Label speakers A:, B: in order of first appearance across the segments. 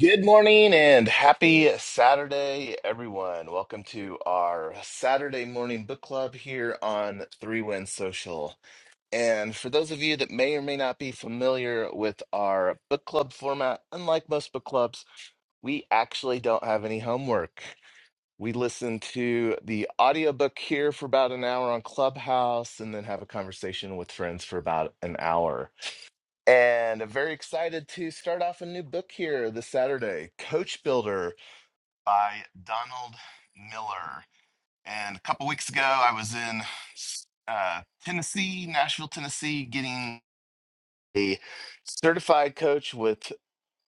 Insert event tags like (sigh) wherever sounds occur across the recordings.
A: Good morning and happy Saturday, everyone. Welcome to our Saturday morning book club here on Three Win Social. And for those of you that may or may not be familiar with our book club format, unlike most book clubs, we actually don't have any homework. We listen to the audiobook here for about an hour on Clubhouse and then have a conversation with friends for about an hour. And I'm very excited to start off a new book here this Saturday Coach Builder by Donald Miller. And a couple weeks ago, I was in uh, Tennessee, Nashville, Tennessee, getting a certified coach with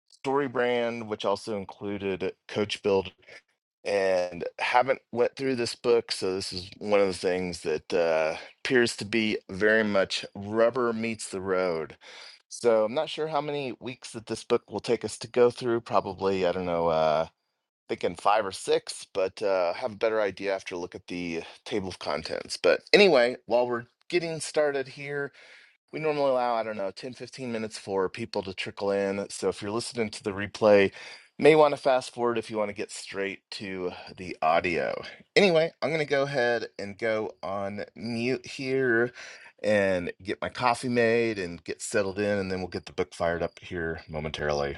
A: Story Brand, which also included Coach Builder and haven't went through this book so this is one of the things that uh, appears to be very much rubber meets the road so i'm not sure how many weeks that this book will take us to go through probably i don't know uh thinking five or six but uh have a better idea after a look at the table of contents but anyway while we're getting started here we normally allow, I don't know, 10, 15 minutes for people to trickle in. So if you're listening to the replay, may want to fast forward if you want to get straight to the audio. Anyway, I'm going to go ahead and go on mute here and get my coffee made and get settled in, and then we'll get the book fired up here momentarily.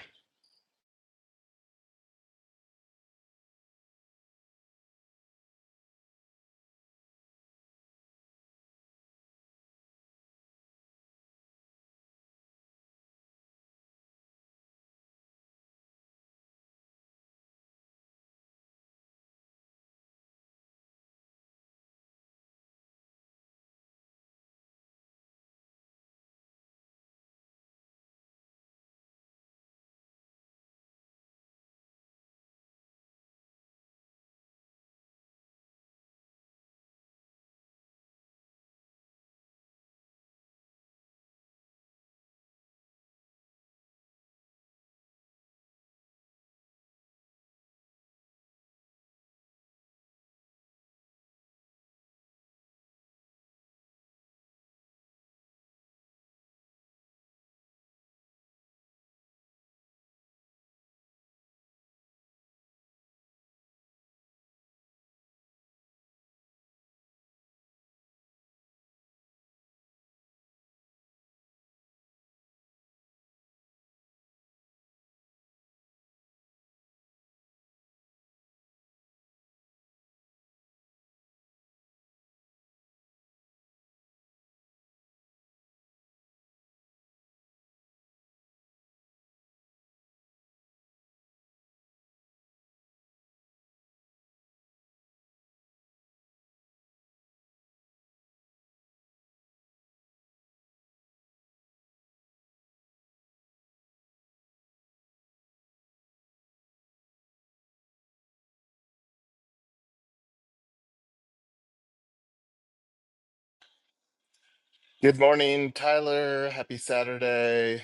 A: Good morning, Tyler. Happy Saturday.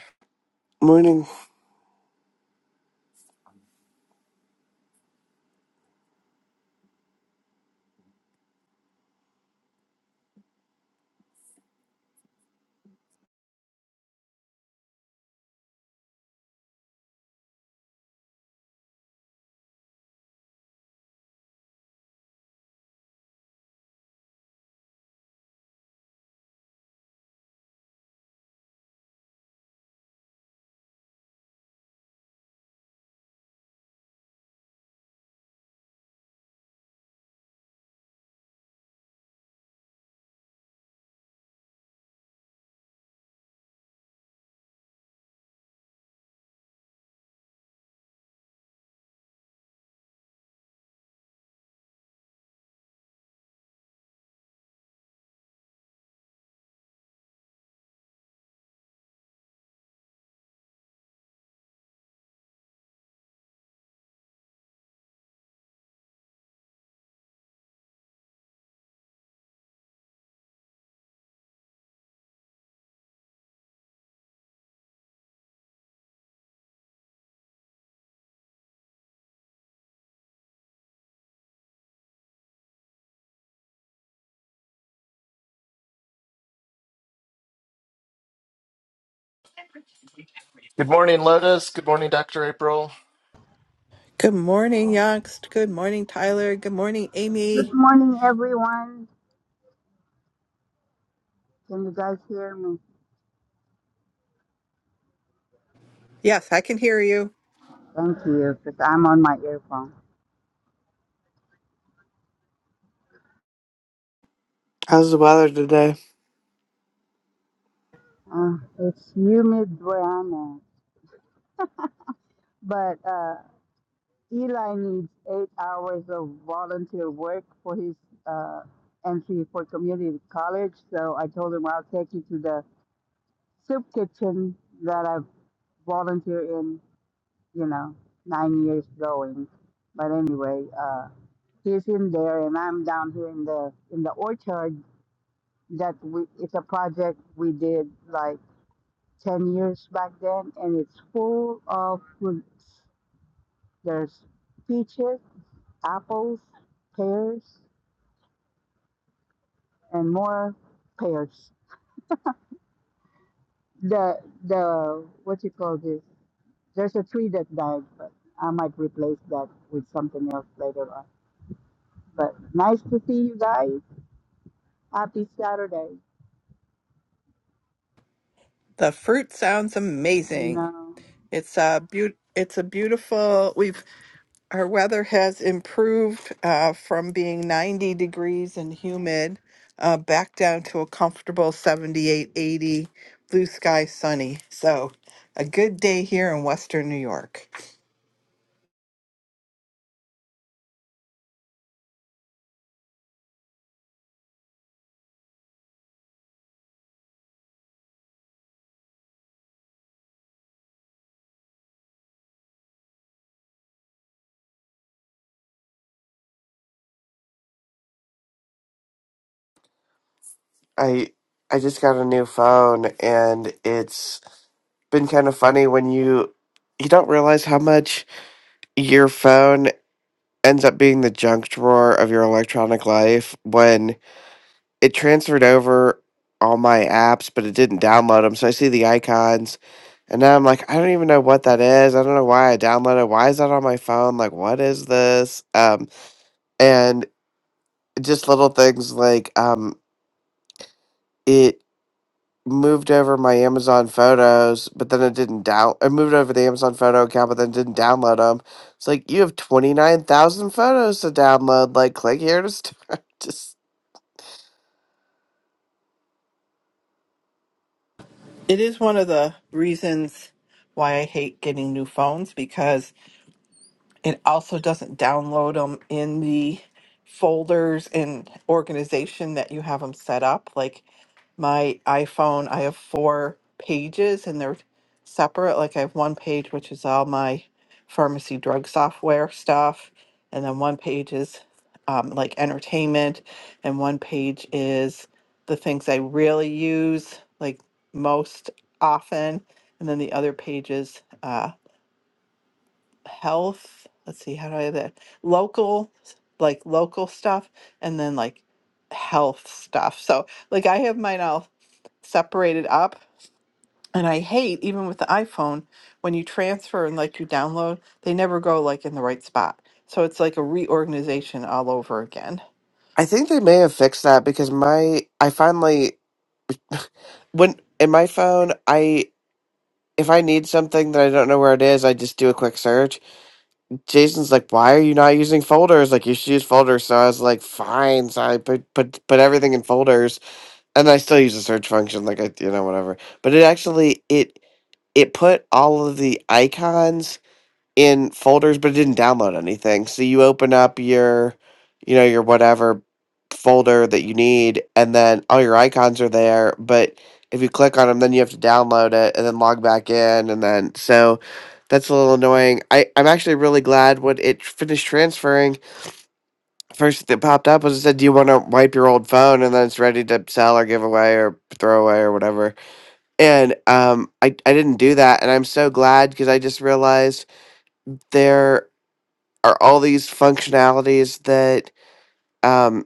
B: Morning.
A: Good morning, Lotus. Good morning, Dr. April.
C: Good morning, Youngst. Good morning, Tyler. Good morning,
D: Good
C: Amy.
D: morning, everyone. Can you guys hear me?
C: Yes, I can hear you.
D: Thank you, because I'm on my earphone.
B: How's the weather today?
D: Uh, it's humid where I'm at. But uh, Eli needs eight hours of volunteer work for his uh, entry for community college. So I told him I'll take you to the soup kitchen that I volunteered in, you know, nine years going. But anyway, uh, he's in there and I'm down here in the in the orchard that we it's a project we did like 10 years back then and it's full of fruits there's peaches apples pears and more pears the the what you call this there's a tree that died but i might replace that with something else later on but nice to see you guys happy saturday
C: The fruit sounds
D: i
C: amazing.
D: know
C: It's a beaut. It's a beautiful. We've our weather has improved uh, from being 90 degrees and humid uh, back down to a comfortable 78, 80, blue sky, sunny. So a good day here in Western New York.
B: I I just got a new phone and it's been kind of funny when you you don't realize how much your phone ends up being the junk drawer of your electronic life when it transferred over all my apps but it didn't download them so i see the icons and now i'm like i don't even know what that is i don't know why i downloaded it. why is that on my phone like what is this um and just little things like um it moved over my Amazon photos, but then it didn't down. I moved over the Amazon photo account, but then didn't download them. It's like you have twenty nine thousand photos to download. Like, click here to start. (laughs) Just,
C: It is one of the reasons why I hate getting new phones because It also doesn't download them in the folders and organization that you have them set up. Like my iPhone, I have four pages and they're separate. Like I have one page, which is all my pharmacy drug software stuff. And then one page is um, like entertainment. And one page is the things I really use, like most often. And then the other pages health. Let's see, how do I have that? Local, like local stuff, and then like health stuff. So, like, I have mine all separated up. And I hate, even with the iPhone, when you transfer and like you download, they never go like in the right spot. So it's like a reorganization all over again.
B: I think they may have fixed that because my I finally when in my phone I. If I need something that I don't know where it is, I just do a quick search. Jason's like, "Why are you not using folders? Like you should use folders." So I was like, "Fine." So I put put put everything in folders, and I still use the search function, like I, you know, whatever. But it actually it it put all of the icons in folders, but it didn't download anything. So you open up your, you know, your whatever folder that you need, and then all your icons are there. But if you click on them, then you have to download it and then log back in, and then so that's a little annoying. I I'm actually really glad when it finished transferring First thing that popped up was it said, "Do you want to wipe your old phone?" And then it's ready to sell or give away or throw away or whatever. And um, I I didn't do that, and I'm so glad because I just realized there are all these functionalities that um,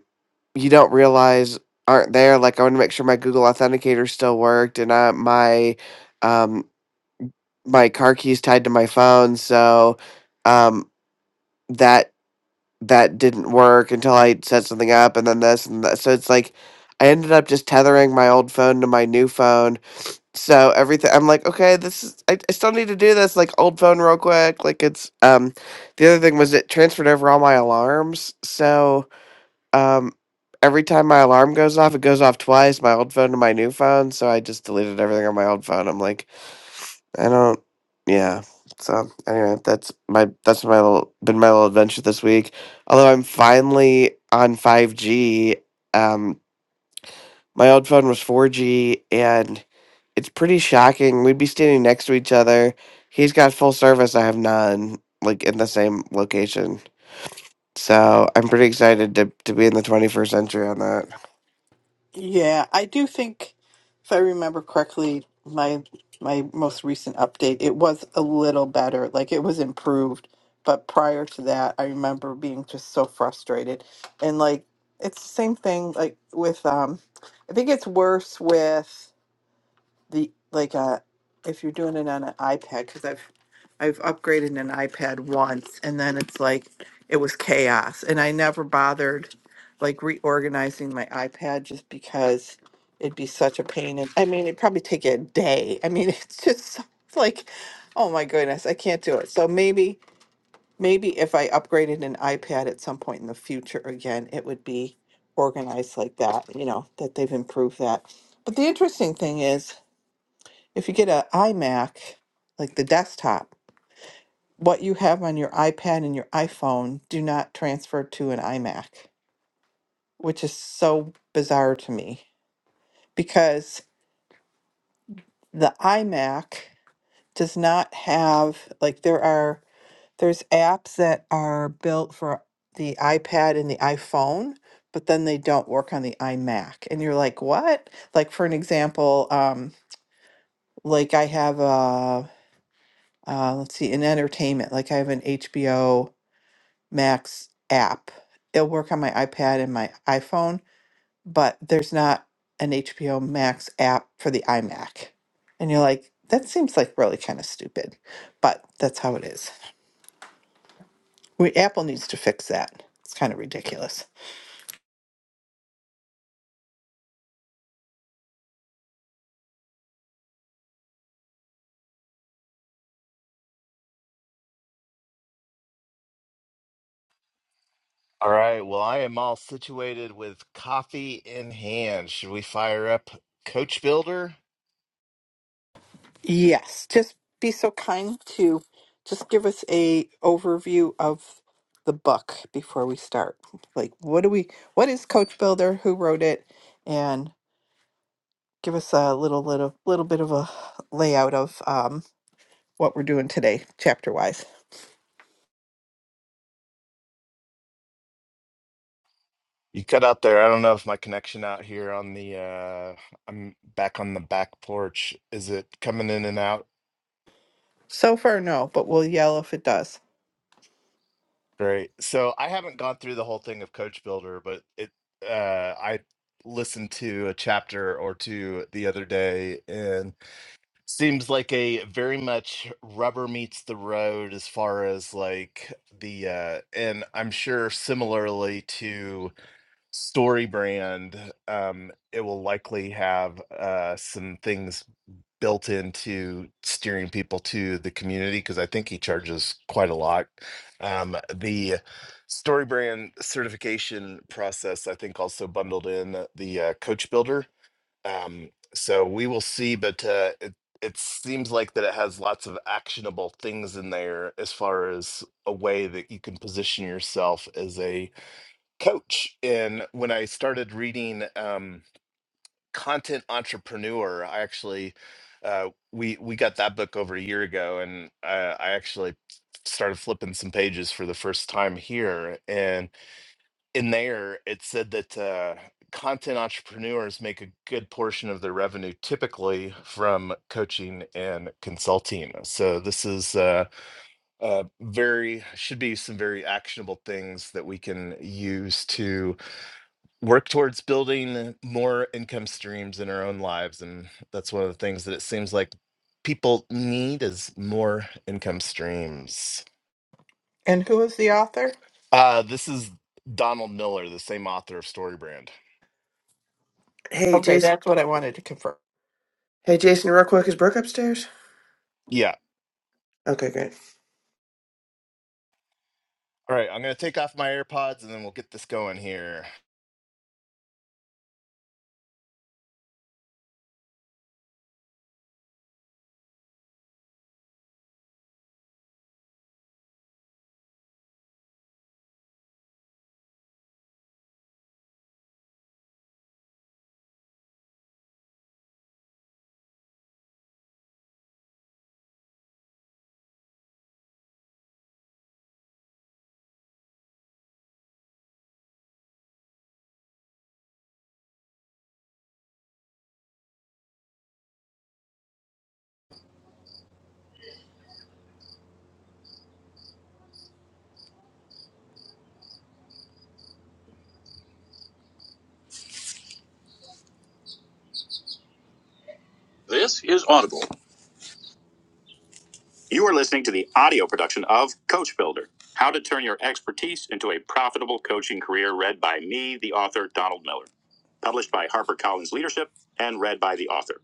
B: you don't realize aren't there. Like I want to make sure my Google Authenticator still worked, and I, my um, my car keys tied to my phone, so um, that that didn't work until I set something up and then this and that. So it's like I ended up just tethering my old phone to my new phone. So everything I'm like, okay, this is I, I still need to do this like old phone real quick. Like it's um the other thing was it transferred over all my alarms. So um every time my alarm goes off, it goes off twice, my old phone to my new phone. So I just deleted everything on my old phone. I'm like I don't. Yeah. So anyway, that's my that's my little been my little adventure this week. Although I'm finally on five G. Um, my old phone was four G, and it's pretty shocking. We'd be standing next to each other. He's got full service. I have none. Like in the same location. So I'm pretty excited to to be in the 21st century on that.
C: Yeah, I do think, if I remember correctly, my my most recent update, it was a little better. Like it was improved, but prior to that, I remember being just so frustrated. And like it's the same thing like with um I think it's worse with the like a if you're doing it on an iPad because I've I've upgraded an iPad once and then it's like it was chaos and I never bothered like reorganizing my iPad just because it'd be such a pain and I mean it'd probably take you a day. I mean (laughs) it's just so- it's like oh my goodness I can't do it. So maybe maybe if I upgraded an iPad at some point in the future again it would be organized like that you know that they've improved that. But the interesting thing is if you get an iMac, like the desktop, what you have on your iPad and your iPhone do not transfer to an iMac, which is so bizarre to me because the iMac does not have like there are there's apps that are built for the iPad and the iPhone, but then they don't work on the iMac. And you're like, "What?" Like for an example, um like I have a uh, let's see, in entertainment, like I have an HBO Max app. It'll work on my iPad and my iPhone, but there's not an HBO Max app for the iMac. And you're like, that seems like really kind of stupid, but that's how it is. We Apple needs to fix that. It's kind of ridiculous.
A: All right, well, I am all situated with coffee in hand. Should we fire up Coach Builder?
C: Yes, just be so kind to just give us a overview of the book before we start. Like, what do we? What is Coach Builder? Who wrote it? And give us a little little little bit of a layout of um, what we're doing today, chapter wise.
A: You cut out there. I don't know if my connection out here on the uh I'm back on the back porch. Is it coming in and out?
C: So far, no, but we'll yell if it does.
A: Great. So I haven't gone through the whole thing of Coach Builder, but it uh I listened to a chapter or two the other day and. Seems like a very much rubber meets the road as far as like the uh and I'm sure similarly to Storybrand, um, it will likely have uh some things built into steering people to the community because I think he charges quite a lot. Um, the Storybrand certification process, I think, also bundled in the uh, Coach Builder um, so we will see, but uh, it it seems like that it has lots of actionable things in there as far as a way that you can position yourself as a coach. And when I started reading um, Content Entrepreneur, I actually uh, we we got that book over a year ago, and uh, I actually started flipping some pages for the first time here, and in there, it said that uh, content entrepreneurs make a good portion of their revenue typically from coaching and consulting. So this is uh, uh, very should be some very actionable things that we can use to work towards building more income streams in our own lives, and that's one of the things that it seems like people need is more income streams.
C: And who is the author?
A: Uh, this is Donald Miller, the same author of Story Brand.
B: Hey,
C: Okay,
B: Jason.
C: that's what I wanted to confirm.
B: Hey, Jason. Real quick, is Brooke upstairs?
A: Yeah,
B: Okay, great.
A: All right, I'm going to take off my AirPods and then we'll get this going here. This is Audible. You are listening to the audio production of Coach Builder How to Turn Your Expertise into a Profitable Coaching Career, read by me, the author, Donald Miller. Published by HarperCollins Leadership and read by the author.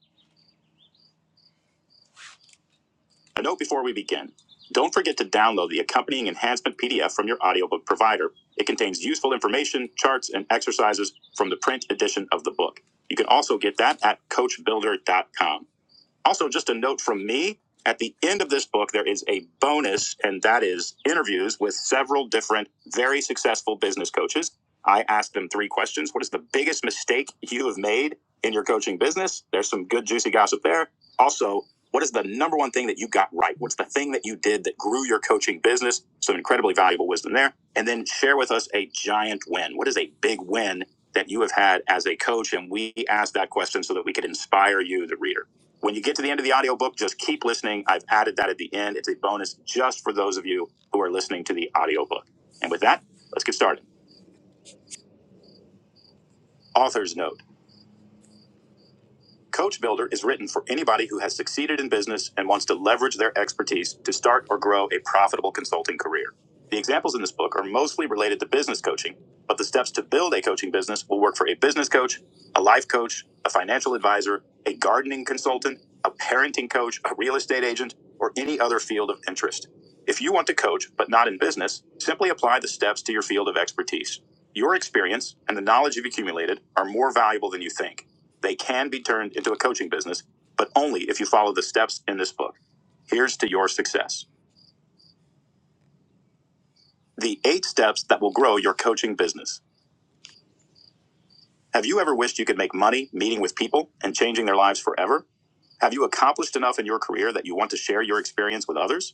A: A note before we begin don't forget to download the accompanying enhancement PDF from your audiobook provider. It contains useful information, charts, and exercises from the print edition of the book. You can also get that at coachbuilder.com. Also, just a note from me at the end of this book, there is a bonus, and that is interviews with several different very successful business coaches. I asked them three questions What is the biggest mistake you have made in your coaching business? There's some good, juicy gossip there. Also, what is the number one thing that you got right? What's the thing that you did that grew your coaching business? Some incredibly valuable wisdom there. And then share with us a giant win. What is a big win that you have had as a coach? And we asked that question so that we could inspire you, the reader. When you get to the end of the audiobook, just keep listening. I've added that at the end. It's a bonus just for those of you who are listening to the audiobook. And with that, let's get started. Author's note. Coach Builder is written for anybody who has succeeded in business and wants to leverage their expertise to start or grow a profitable consulting career. The examples in this book are mostly related to business coaching, but the steps to build a coaching business will work for a business coach, a life coach, a financial advisor, a gardening consultant, a parenting coach, a real estate agent, or any other field of interest. If you want to coach but not in business, simply apply the steps to your field of expertise. Your experience and the knowledge you've accumulated are more valuable than you think. They can be turned into a coaching business, but only if you follow the steps in this book. Here's to your success the eight steps that will grow your coaching business. Have you ever wished you could make money meeting with people and changing their lives forever? Have you accomplished enough in your career that you want to share your experience with others?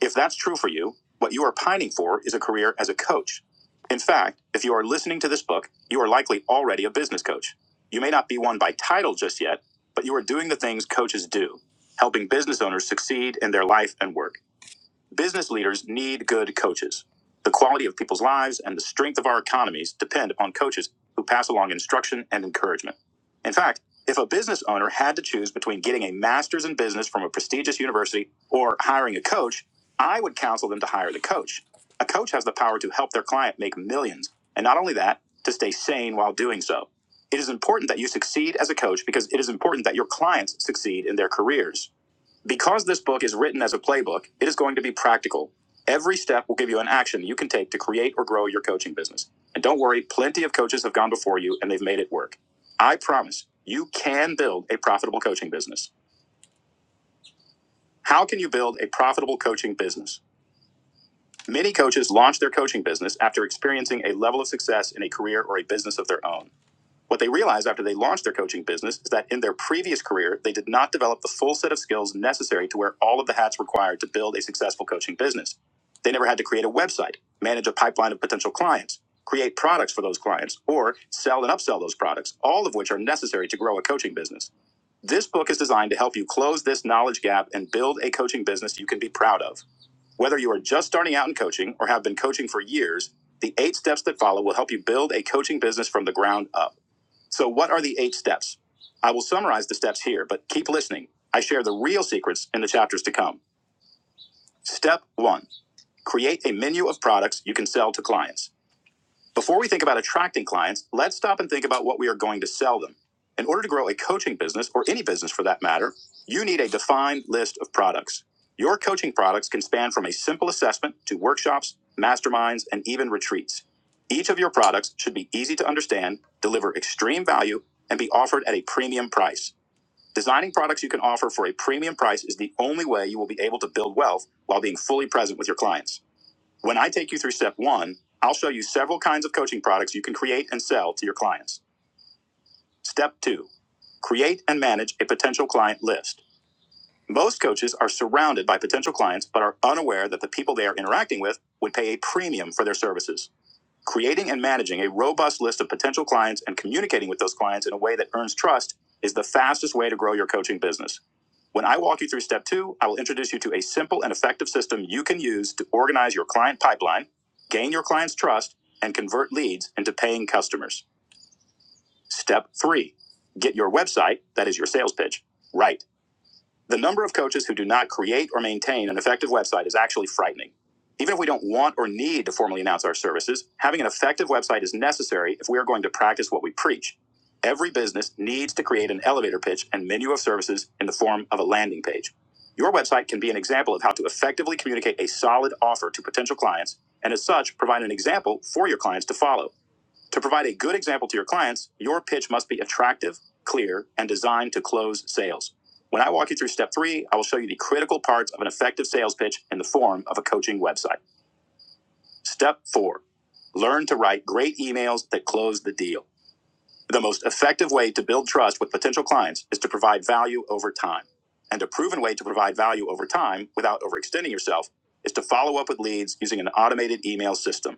A: If that's true for you, what you are pining for is a career as a coach. In fact, if you are listening to this book, you are likely already a business coach. You may not be one by title just yet, but you are doing the things coaches do, helping business owners succeed in their life and work. Business leaders need good coaches. The quality of people's lives and the strength of our economies depend upon coaches who pass along instruction and encouragement. In fact, if a business owner had to choose between getting a master's in business from a prestigious university or hiring a coach, I would counsel them to hire the coach. A coach has the power to help their client make millions, and not only that, to stay sane while doing so. It is important that you succeed as a coach because it is important that your clients succeed in their careers. Because this book is written as a playbook, it is going to be practical. Every step will give you an action you can take to create or grow your coaching business. And don't worry, plenty of coaches have gone before you and they've made it work. I promise you can build a profitable coaching business. How can you build a profitable coaching business? Many coaches launch their coaching business after experiencing a level of success in a career or a business of their own. What they realized after they launched their coaching business is that in their previous career, they did not develop the full set of skills necessary to wear all of the hats required to build a successful coaching business. They never had to create a website, manage a pipeline of potential clients, create products for those clients, or sell and upsell those products, all of which are necessary to grow a coaching business. This book is designed to help you close this knowledge gap and build a coaching business you can be proud of. Whether you are just starting out in coaching or have been coaching for years, the eight steps that follow will help you build a coaching business from the ground up. So, what are the eight steps? I will summarize the steps here, but keep listening. I share the real secrets in the chapters to come. Step one create a menu of products you can sell to clients. Before we think about attracting clients, let's stop and think about what we are going to sell them. In order to grow a coaching business, or any business for that matter, you need a defined list of products. Your coaching products can span from a simple assessment to workshops, masterminds, and even retreats. Each of your products should be easy to understand, deliver extreme value, and be offered at a premium price. Designing products you can offer for a premium price is the only way you will be able to build wealth while being fully present with your clients. When I take you through step one, I'll show you several kinds of coaching products you can create and sell to your clients. Step two, create and manage a potential client list. Most coaches are surrounded by potential clients but are unaware that the people they are interacting with would pay a premium for their services. Creating and managing a robust list of potential clients and communicating with those clients in a way that earns trust is the fastest way to grow your coaching business. When I walk you through step two, I will introduce you to a simple and effective system you can use to organize your client pipeline, gain your clients' trust, and convert leads into paying customers. Step three, get your website, that is your sales pitch, right. The number of coaches who do not create or maintain an effective website is actually frightening. Even if we don't want or need to formally announce our services, having an effective website is necessary if we are going to practice what we preach. Every business needs to create an elevator pitch and menu of services in the form of a landing page. Your website can be an example of how to effectively communicate a solid offer to potential clients, and as such, provide an example for your clients to follow. To provide a good example to your clients, your pitch must be attractive, clear, and designed to close sales. When I walk you through step three, I will show you the critical parts of an effective sales pitch in the form of a coaching website. Step four learn to write great emails that close the deal. The most effective way to build trust with potential clients is to provide value over time. And a proven way to provide value over time without overextending yourself is to follow up with leads using an automated email system.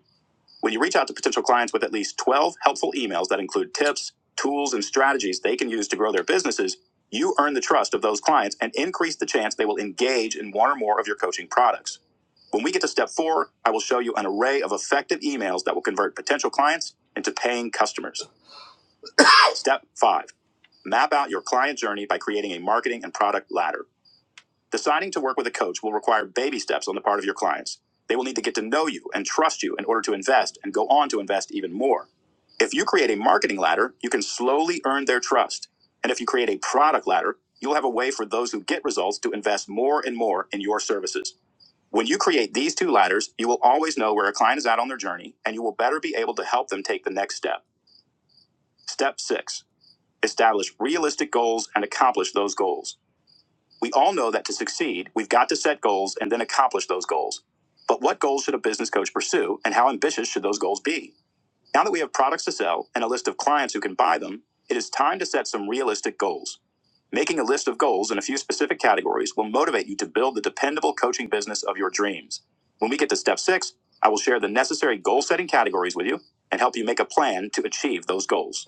A: When you reach out to potential clients with at least 12 helpful emails that include tips, tools, and strategies they can use to grow their businesses, you earn the trust of those clients and increase the chance they will engage in one or more of your coaching products. When we get to step four, I will show you an array of effective emails that will convert potential clients into paying customers. Step five, map out your client journey by creating a marketing and product ladder. Deciding to work with a coach will require baby steps on the part of your clients. They will need to get to know you and trust you in order to invest and go on to invest even more. If you create a marketing ladder, you can slowly earn their trust. And if you create a product ladder, you'll have a way for those who get results to invest more and more in your services. When you create these two ladders, you will always know where a client is at on their journey and you will better be able to help them take the next step. Step six, establish realistic goals and accomplish those goals. We all know that to succeed, we've got to set goals and then accomplish those goals. But what goals should a business coach pursue, and how ambitious should those goals be? Now that we have products to sell and a list of clients who can buy them, it is time to set some realistic goals. Making a list of goals in a few specific categories will motivate you to build the dependable coaching business of your dreams. When we get to step six, I will share the necessary goal setting categories with you and help you make a plan to achieve those goals.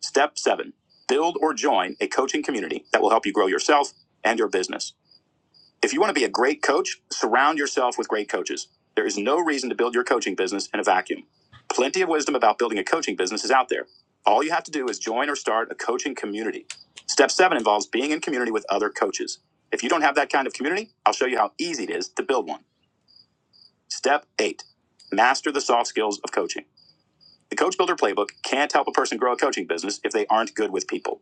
A: Step seven build or join a coaching community that will help you grow yourself and your business. If you want to be a great coach, surround yourself with great coaches. There is no reason to build your coaching business in a vacuum. Plenty of wisdom about building a coaching business is out there. All you have to do is join or start a coaching community. Step seven involves being in community with other coaches. If you don't have that kind of community, I'll show you how easy it is to build one. Step eight master the soft skills of coaching. The Coach Builder Playbook can't help a person grow a coaching business if they aren't good with people.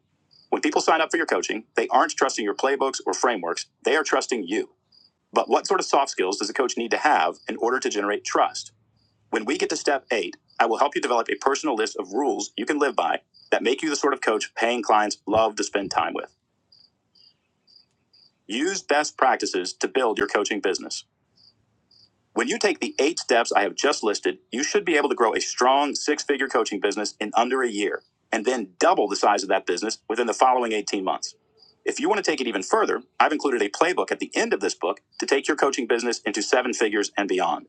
A: When people sign up for your coaching, they aren't trusting your playbooks or frameworks, they are trusting you. But what sort of soft skills does a coach need to have in order to generate trust? When we get to step eight, I will help you develop a personal list of rules you can live by that make you the sort of coach paying clients love to spend time with. Use best practices to build your coaching business. When you take the eight steps I have just listed, you should be able to grow a strong six figure coaching business in under a year and then double the size of that business within the following 18 months. If you want to take it even further, I've included a playbook at the end of this book to take your coaching business into seven figures and beyond.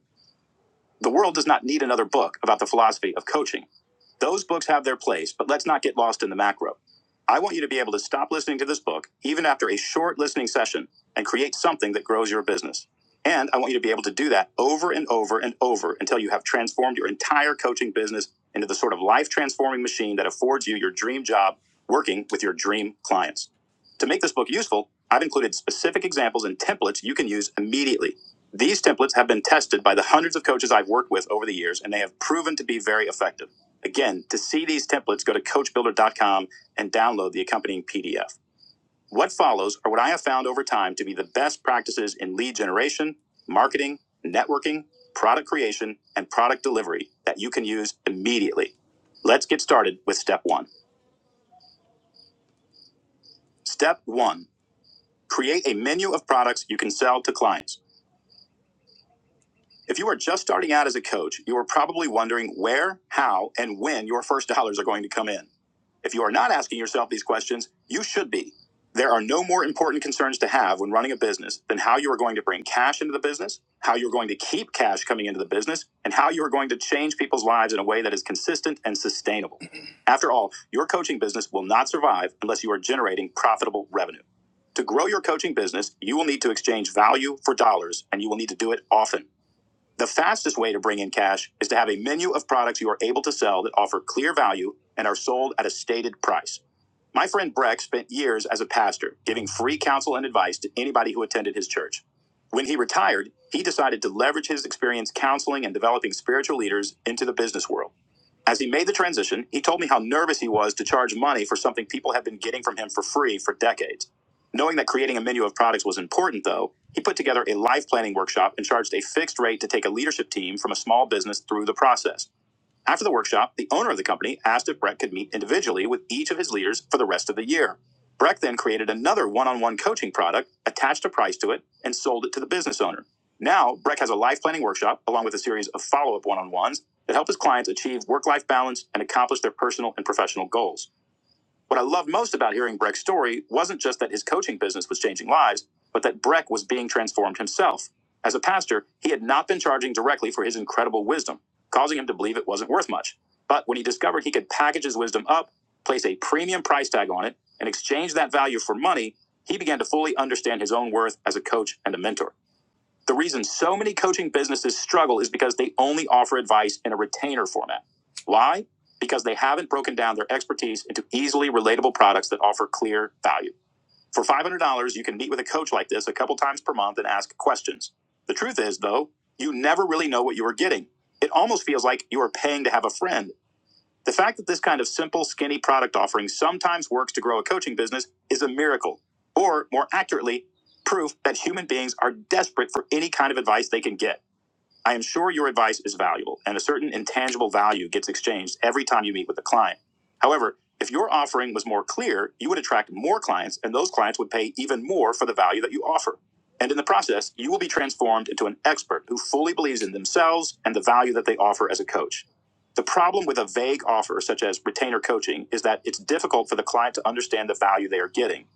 A: The world does not need another book about the philosophy of coaching. Those books have their place, but let's not get lost in the macro. I want you to be able to stop listening to this book, even after a short listening session, and create something that grows your business. And I want you to be able to do that over and over and over until you have transformed your entire coaching business into the sort of life transforming machine that affords you your dream job working with your dream clients. To make this book useful, I've included specific examples and templates you can use immediately these templates have been tested by the hundreds of coaches I've worked with over the years, and they have proven to be very effective. Again, to see these templates, go to coachbuilder.com and download the accompanying PDF. What follows are what I have found over time to be the best practices in lead generation, marketing, networking, product creation, and product delivery that you can use immediately. Let's get started with step one. Step one create a menu of products you can sell to clients. If you are just starting out as a coach, you are probably wondering where, how, and when your first dollars are going to come in. If you are not asking yourself these questions, you should be. There are no more important concerns to have when running a business than how you are going to bring cash into the business, how you're going to keep cash coming into the business, and how you are going to change people's lives in a way that is consistent and sustainable. (clears throat) After all, your coaching business will not survive unless you are generating profitable revenue. To grow your coaching business, you will need to exchange value for dollars, and you will need to do it often. The fastest way to bring in cash is to have a menu of products you are able to sell that offer clear value and are sold at a stated price. My friend Breck spent years as a pastor, giving free counsel and advice to anybody who attended his church. When he retired, he decided to leverage his experience counseling and developing spiritual leaders into the business world. As he made the transition, he told me how nervous he was to charge money for something people had been getting from him for free for decades. Knowing that creating a menu of products was important, though, he put together a life planning workshop and charged a fixed rate to take a leadership team from a small business through the process. After the workshop, the owner of the company asked if Breck could meet individually with each of his leaders for the rest of the year. Breck then created another one on one coaching product, attached a price to it, and sold it to the business owner. Now, Breck has a life planning workshop along with a series of follow up one on ones that help his clients achieve work life balance and accomplish their personal and professional goals. What I loved most about hearing Breck's story wasn't just that his coaching business was changing lives, but that Breck was being transformed himself. As a pastor, he had not been charging directly for his incredible wisdom, causing him to believe it wasn't worth much. But when he discovered he could package his wisdom up, place a premium price tag on it, and exchange that value for money, he began to fully understand his own worth as a coach and a mentor. The reason so many coaching businesses struggle is because they only offer advice in a retainer format. Why? Because they haven't broken down their expertise into easily relatable products that offer clear value. For $500, you can meet with a coach like this a couple times per month and ask questions. The truth is, though, you never really know what you are getting. It almost feels like you are paying to have a friend the fact that this kind of simple, skinny product offering sometimes works to grow a coaching business is a miracle, or more accurately, proof that human beings are desperate for any kind of advice they can get. I am sure your advice is valuable, and a certain intangible value gets exchanged every time you meet with a client. However, if your offering was more clear, you would attract more clients, and those clients would pay even more for the value that you offer. And in the process, you will be transformed into an expert who fully believes in themselves and the value that they offer as a coach. The problem with a vague offer, such as retainer coaching, is that it's difficult for the client to understand the value they are getting.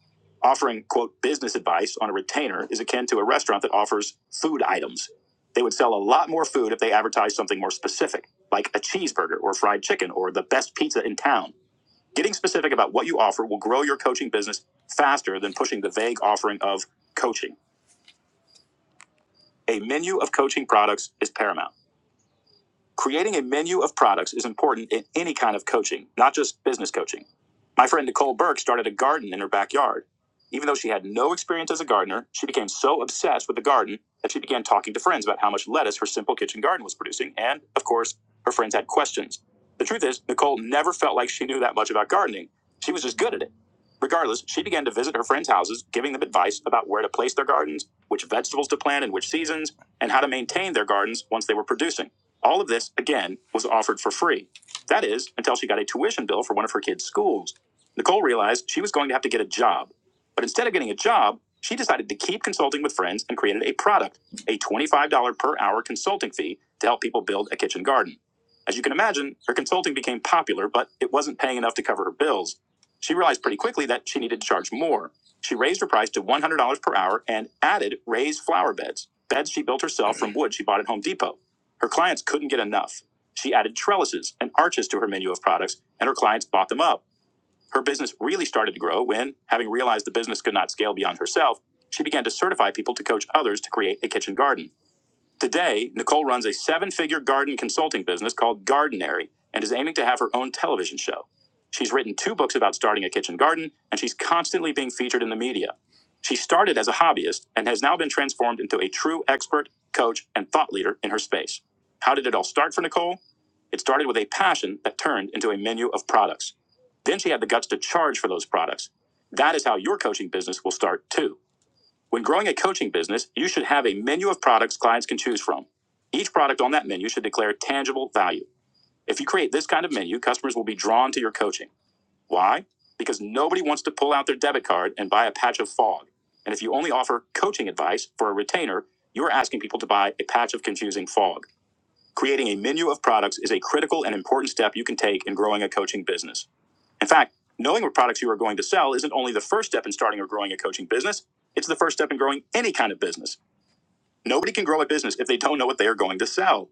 A: Offering, quote, business advice on a retainer is akin to a restaurant that offers food items they would sell a lot more food if they advertised something more specific, like a cheeseburger or fried chicken or the best pizza in town. Getting specific about what you offer will grow your coaching business faster than pushing the vague offering of coaching. A menu of coaching products is paramount. Creating a menu of products is important in any kind of coaching, not just business coaching. My friend Nicole Burke started a garden in her backyard. Even though she had no experience as a gardener, she became so obsessed with the garden that she began talking to friends about how much lettuce her simple kitchen garden was producing. And, of course, her friends had questions. The truth is, Nicole never felt like she knew that much about gardening. She was just good at it. Regardless, she began to visit her friends' houses, giving them advice about where to place their gardens, which vegetables to plant in which seasons, and how to maintain their gardens once they were producing. All of this, again, was offered for free. That is, until she got a tuition bill for one of her kids' schools. Nicole realized she was going to have to get a job. But instead of getting a job, she decided to keep consulting with friends and created a product, a $25 per hour consulting fee to help people build a kitchen garden. As you can imagine, her consulting became popular, but it wasn't paying enough to cover her bills. She realized pretty quickly that she needed to charge more. She raised her price to $100 per hour and added raised flower beds, beds she built herself from wood she bought at Home Depot. Her clients couldn't get enough. She added trellises and arches to her menu of products, and her clients bought them up. Her business really started to grow when, having realized the business could not scale beyond herself, she began to certify people to coach others to create a kitchen garden. Today, Nicole runs a seven figure garden consulting business called Gardenary and is aiming to have her own television show. She's written two books about starting a kitchen garden, and she's constantly being featured in the media. She started as a hobbyist and has now been transformed into a true expert, coach, and thought leader in her space. How did it all start for Nicole? It started with a passion that turned into a menu of products. Then she had the guts to charge for those products. That is how your coaching business will start too. When growing a coaching business, you should have a menu of products clients can choose from. Each product on that menu should declare tangible value. If you create this kind of menu, customers will be drawn to your coaching. Why? Because nobody wants to pull out their debit card and buy a patch of fog. And if you only offer coaching advice for a retainer, you're asking people to buy a patch of confusing fog. Creating a menu of products is a critical and important step you can take in growing a coaching business. In fact, knowing what products you are going to sell isn't only the first step in starting or growing a coaching business, it's the first step in growing any kind of business. Nobody can grow a business if they don't know what they are going to sell.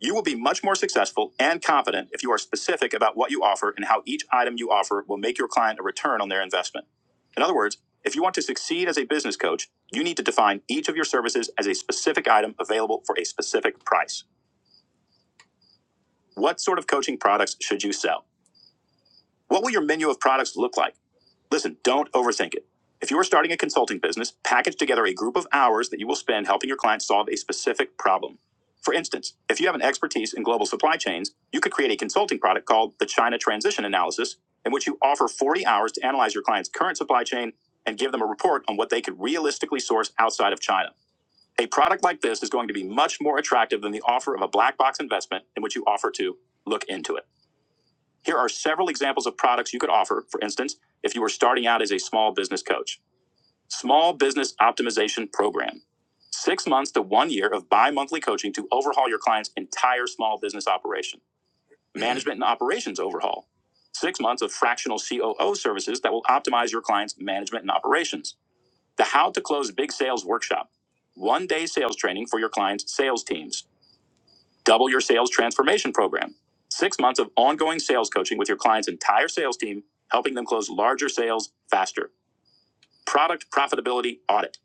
A: You will be much more successful and confident if you are specific about what you offer and how each item you offer will make your client a return on their investment. In other words, if you want to succeed as a business coach, you need to define each of your services as a specific item available for a specific price. What sort of coaching products should you sell? What will your menu of products look like? Listen, don't overthink it. If you are starting a consulting business, package together a group of hours that you will spend helping your clients solve a specific problem. For instance, if you have an expertise in global supply chains, you could create a consulting product called the China Transition Analysis, in which you offer 40 hours to analyze your client's current supply chain and give them a report on what they could realistically source outside of China. A product like this is going to be much more attractive than the offer of a black box investment in which you offer to look into it. Here are several examples of products you could offer, for instance, if you were starting out as a small business coach. Small Business Optimization Program. Six months to one year of bi monthly coaching to overhaul your client's entire small business operation. Management and operations overhaul. Six months of fractional COO services that will optimize your client's management and operations. The How to Close Big Sales Workshop. One day sales training for your client's sales teams. Double your sales transformation program. Six months of ongoing sales coaching with your client's entire sales team, helping them close larger sales faster. Product profitability audit.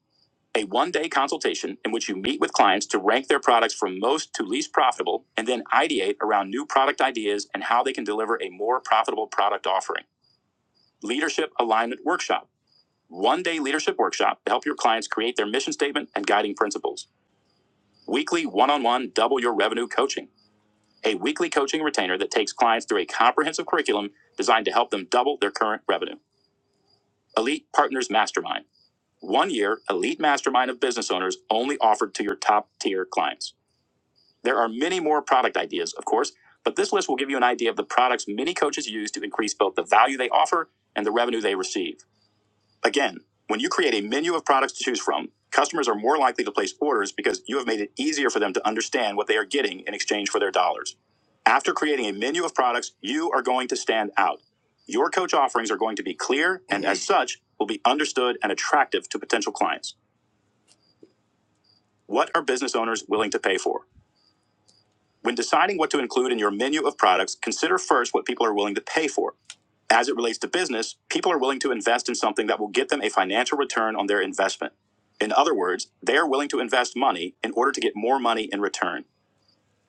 A: A one day consultation in which you meet with clients to rank their products from most to least profitable and then ideate around new product ideas and how they can deliver a more profitable product offering. Leadership Alignment Workshop. One day leadership workshop to help your clients create their mission statement and guiding principles. Weekly one on one double your revenue coaching a weekly coaching retainer that takes clients through a comprehensive curriculum designed to help them double their current revenue. Elite Partners Mastermind. One year, Elite Mastermind of business owners only offered to your top tier clients. There are many more product ideas, of course, but this list will give you an idea of the products many coaches use to increase both the value they offer and the revenue they receive. Again, when you create a menu of products to choose from, customers are more likely to place orders because you have made it easier for them to understand what they are getting in exchange for their dollars. After creating a menu of products, you are going to stand out. Your coach offerings are going to be clear and, as such, will be understood and attractive to potential clients. What are business owners willing to pay for? When deciding what to include in your menu of products, consider first what people are willing to pay for. As it relates to business, people are willing to invest in something that will get them a financial return on their investment. In other words, they are willing to invest money in order to get more money in return.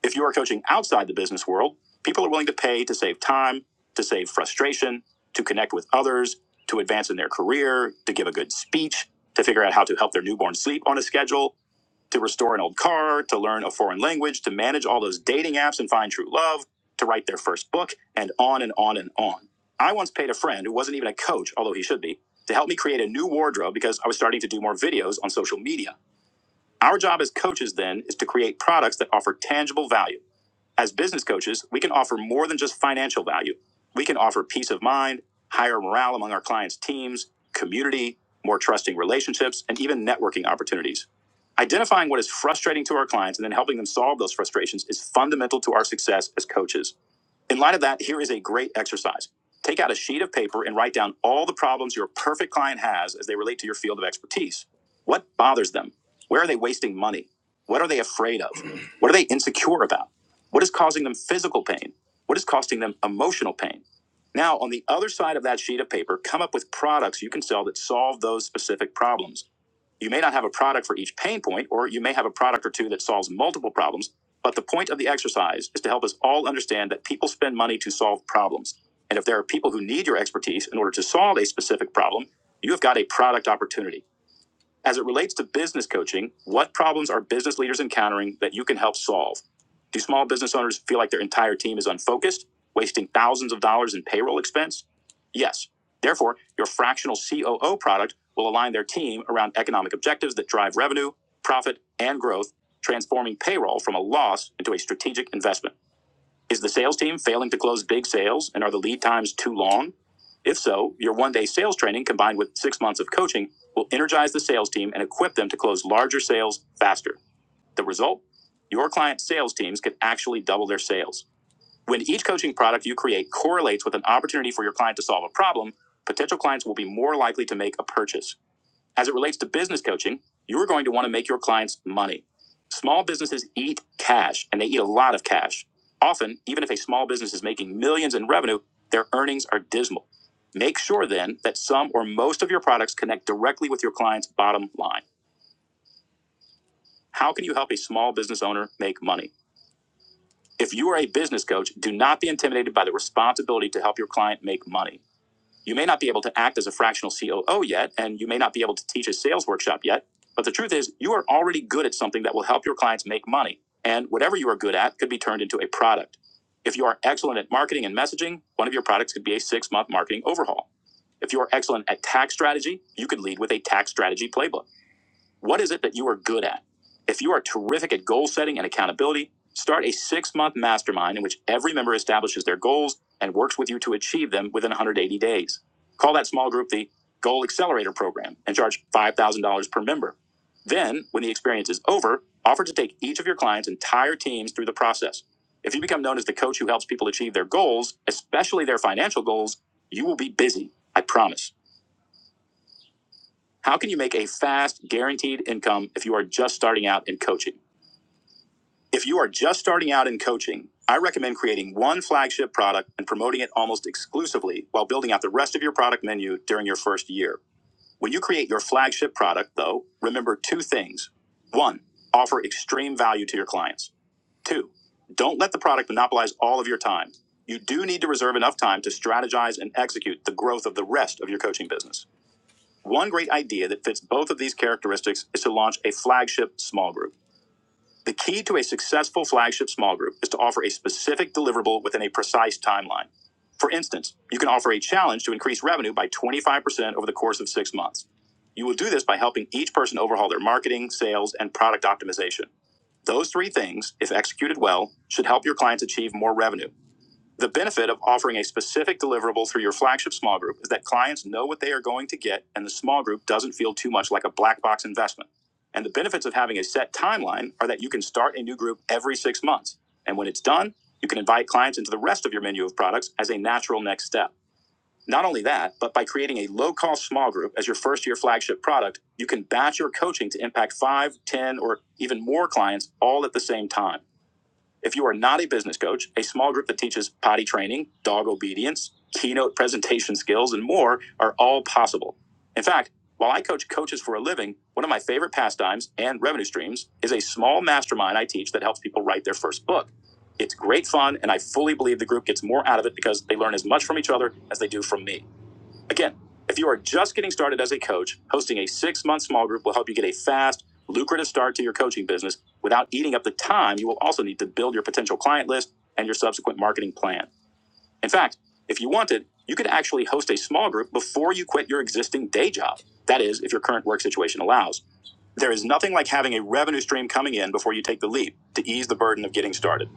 A: If you are coaching outside the business world, people are willing to pay to save time, to save frustration, to connect with others, to advance in their career, to give a good speech, to figure out how to help their newborn sleep on a schedule, to restore an old car, to learn a foreign language, to manage all those dating apps and find true love, to write their first book, and on and on and on. I once paid a friend who wasn't even a coach, although he should be, to help me create a new wardrobe because I was starting to do more videos on social media. Our job as coaches then is to create products that offer tangible value as business coaches, we can offer more than just financial value. We can offer peace of mind, higher morale among our clients' teams, community, more trusting relationships, and even networking opportunities. Identifying what is frustrating to our clients and then helping them solve those frustrations is fundamental to our success as coaches. In light of that, here is a great exercise. Take out a sheet of paper and write down all the problems your perfect client has as they relate to your field of expertise. What bothers them? Where are they wasting money? What are they afraid of? What are they insecure about? What is causing them physical pain? What is costing them emotional pain? Now, on the other side of that sheet of paper, come up with products you can sell that solve those specific problems. You may not have a product for each pain point, or you may have a product or two that solves multiple problems. But the point of the exercise is to help us all understand that people spend money to solve problems. And if there are people who need your expertise in order to solve a specific problem, you have got a product opportunity. As it relates to business coaching, what problems are business leaders encountering that you can help solve? Do small business owners feel like their entire team is unfocused, wasting thousands of dollars in payroll expense? Yes. Therefore, your fractional COO product will align their team around economic objectives that drive revenue, profit, and growth, transforming payroll from a loss into a strategic investment. Is the sales team failing to close big sales and are the lead times too long? If so, your one day sales training combined with six months of coaching will energize the sales team and equip them to close larger sales faster. The result? Your client's sales teams can actually double their sales. When each coaching product you create correlates with an opportunity for your client to solve a problem, potential clients will be more likely to make a purchase. As it relates to business coaching, you are going to want to make your clients money. Small businesses eat cash and they eat a lot of cash. Often, even if a small business is making millions in revenue, their earnings are dismal. Make sure then that some or most of your products connect directly with your client's bottom line. How can you help a small business owner make money? If you are a business coach, do not be intimidated by the responsibility to help your client make money. You may not be able to act as a fractional COO yet, and you may not be able to teach a sales workshop yet. But the truth is, you are already good at something that will help your clients make money. And whatever you are good at could be turned into a product. If you are excellent at marketing and messaging, one of your products could be a six month marketing overhaul. If you are excellent at tax strategy, you could lead with a tax strategy playbook. What is it that you are good at? If you are terrific at goal setting and accountability, start a six month mastermind in which every member establishes their goals and works with you to achieve them within 180 days. Call that small group the Goal Accelerator Program and charge $5,000 per member. Then, when the experience is over, offer to take each of your clients' entire teams through the process. If you become known as the coach who helps people achieve their goals, especially their financial goals, you will be busy. I promise. How can you make a fast, guaranteed income if you are just starting out in coaching? If you are just starting out in coaching, I recommend creating one flagship product and promoting it almost exclusively while building out the rest of your product menu during your first year. When you create your flagship product, though, remember two things. One, offer extreme value to your clients. Two, don't let the product monopolize all of your time. You do need to reserve enough time to strategize and execute the growth of the rest of your coaching business. One great idea that fits both of these characteristics is to launch a flagship small group. The key to a successful flagship small group is to offer a specific deliverable within a precise timeline. For instance, you can offer a challenge to increase revenue by 25% over the course of six months. You will do this by helping each person overhaul their marketing, sales, and product optimization. Those three things, if executed well, should help your clients achieve more revenue. The benefit of offering a specific deliverable through your flagship small group is that clients know what they are going to get, and the small group doesn't feel too much like a black box investment. And the benefits of having a set timeline are that you can start a new group every six months. And when it's done, you can invite clients into the rest of your menu of products as a natural next step. Not only that, but by creating a low cost small group as your first year flagship product, you can batch your coaching to impact 5, 10, or even more clients all at the same time. If you are not a business coach, a small group that teaches potty training, dog obedience, keynote presentation skills, and more are all possible. In fact, while I coach coaches for a living, one of my favorite pastimes and revenue streams is a small mastermind I teach that helps people write their first book. It's great fun, and I fully believe the group gets more out of it because they learn as much from each other as they do from me. Again, if you are just getting started as a coach, hosting a six month small group will help you get a fast, lucrative start to your coaching business without eating up the time you will also need to build your potential client list and your subsequent marketing plan. In fact, if you wanted, you could actually host a small group before you quit your existing day job. That is, if your current work situation allows. There is nothing like having a revenue stream coming in before you take the leap to ease the burden of getting started.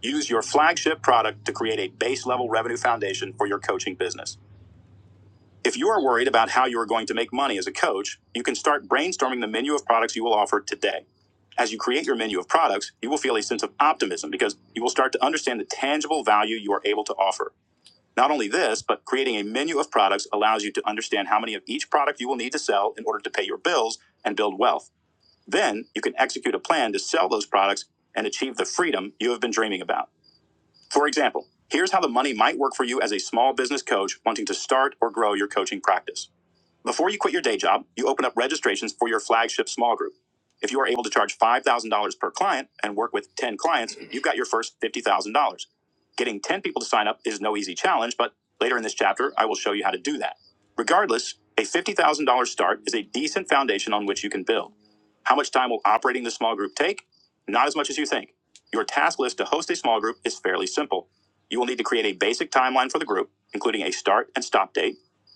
A: Use your flagship product to create a base level revenue foundation for your coaching business. If you are worried about how you are going to make money as a coach, you can start brainstorming the menu of products you will offer today. As you create your menu of products, you will feel a sense of optimism because you will start to understand the tangible value you are able to offer. Not only this, but creating a menu of products allows you to understand how many of each product you will need to sell in order to pay your bills and build wealth. Then you can execute a plan to sell those products and achieve the freedom you have been dreaming about. For example, here's how the money might work for you as a small business coach wanting to start or grow your coaching practice. Before you quit your day job, you open up registrations for your flagship small group. If you are able to charge $5,000 per client and work with 10 clients, you've got your first $50,000. Getting 10 people to sign up is no easy challenge, but later in this chapter, I will show you how to do that. Regardless, a $50,000 start is a decent foundation on which you can build. How much time will operating the small group take? Not as much as you think. Your task list to host a small group is fairly simple. You will need to create a basic timeline for the group, including a start and stop date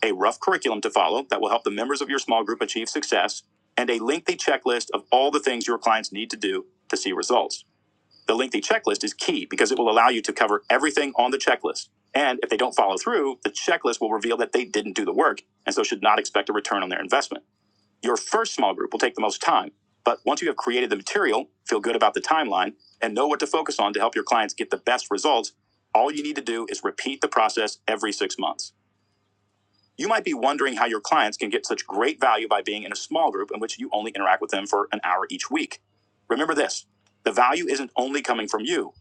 A: a rough curriculum to follow that will help the members of your small group achieve success, and a lengthy checklist of all the things your clients need to do to see results. The lengthy checklist is key because it will allow you to cover everything on the checklist. And if they don't follow through, the checklist will reveal that they didn't do the work and so should not expect a return on their investment. Your first small group will take the most time, but once you have created the material, feel good about the timeline, and know what to focus on to help your clients get the best results, all you need to do is repeat the process every six months. You might be wondering how your clients can get such great value by being in a small group in which you only interact with them for an hour each week. Remember this the value isn't only coming from you.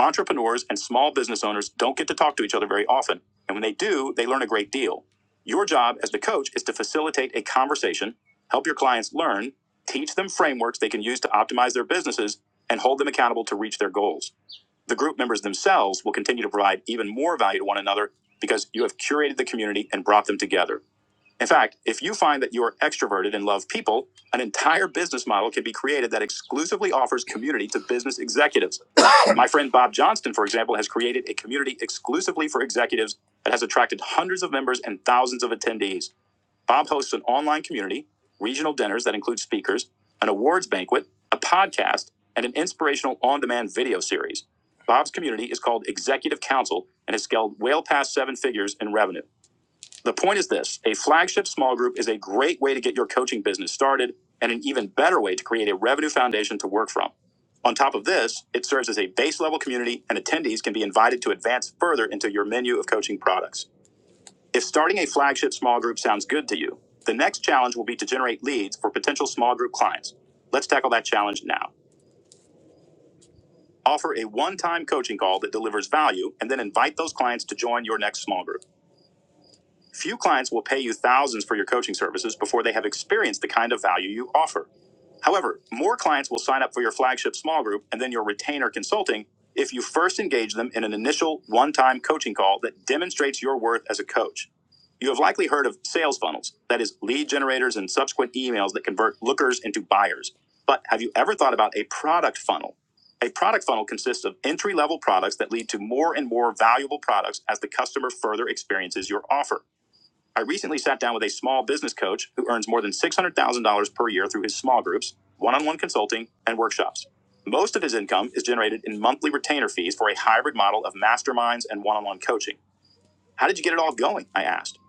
A: Entrepreneurs and small business owners don't get to talk to each other very often, and when they do, they learn a great deal. Your job as the coach is to facilitate a conversation, help your clients learn, teach them frameworks they can use to optimize their businesses, and hold them accountable to reach their goals. The group members themselves will continue to provide even more value to one another because you have curated the community and brought them together. In fact, if you find that you are extroverted and love people, an entire business model can be created that exclusively offers community to business executives. (coughs) My friend Bob Johnston, for example, has created a community exclusively for executives that has attracted hundreds of members and thousands of attendees. Bob hosts an online community, regional dinners that include speakers, an awards banquet, a podcast, and an inspirational on demand video series. Bob's community is called Executive Council and has scaled well past seven figures in revenue. The point is this a flagship small group is a great way to get your coaching business started and an even better way to create a revenue foundation to work from. On top of this, it serves as a base level community, and attendees can be invited to advance further into your menu of coaching products. If starting a flagship small group sounds good to you, the next challenge will be to generate leads for potential small group clients. Let's tackle that challenge now. Offer a one time coaching call that delivers value and then invite those clients to join your next small group. Few clients will pay you thousands for your coaching services before they have experienced the kind of value you offer. However, more clients will sign up for your flagship small group and then your retainer consulting if you first engage them in an initial one time coaching call that demonstrates your worth as a coach. You have likely heard of sales funnels, that is, lead generators and subsequent emails that convert lookers into buyers. But have you ever thought about a product funnel? A product funnel consists of entry level products that lead to more and more valuable products as the customer further experiences your offer. I recently sat down with a small business coach who earns more than $600,000 per year through his small groups, one on one consulting, and workshops. Most of his income is generated in monthly retainer fees for a hybrid model of masterminds and one on one coaching. How did you get it all going? I asked.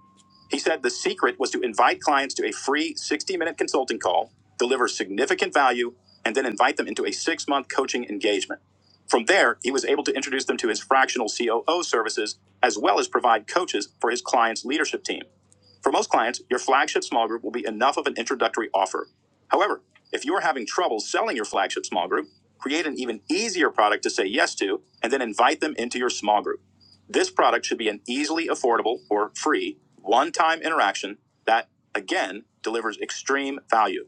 A: He said the secret was to invite clients to a free 60 minute consulting call, deliver significant value, and then invite them into a six month coaching engagement. From there, he was able to introduce them to his fractional COO services, as well as provide coaches for his clients' leadership team. For most clients, your flagship small group will be enough of an introductory offer. However, if you are having trouble selling your flagship small group, create an even easier product to say yes to and then invite them into your small group. This product should be an easily affordable or free one time interaction that, again, delivers extreme value.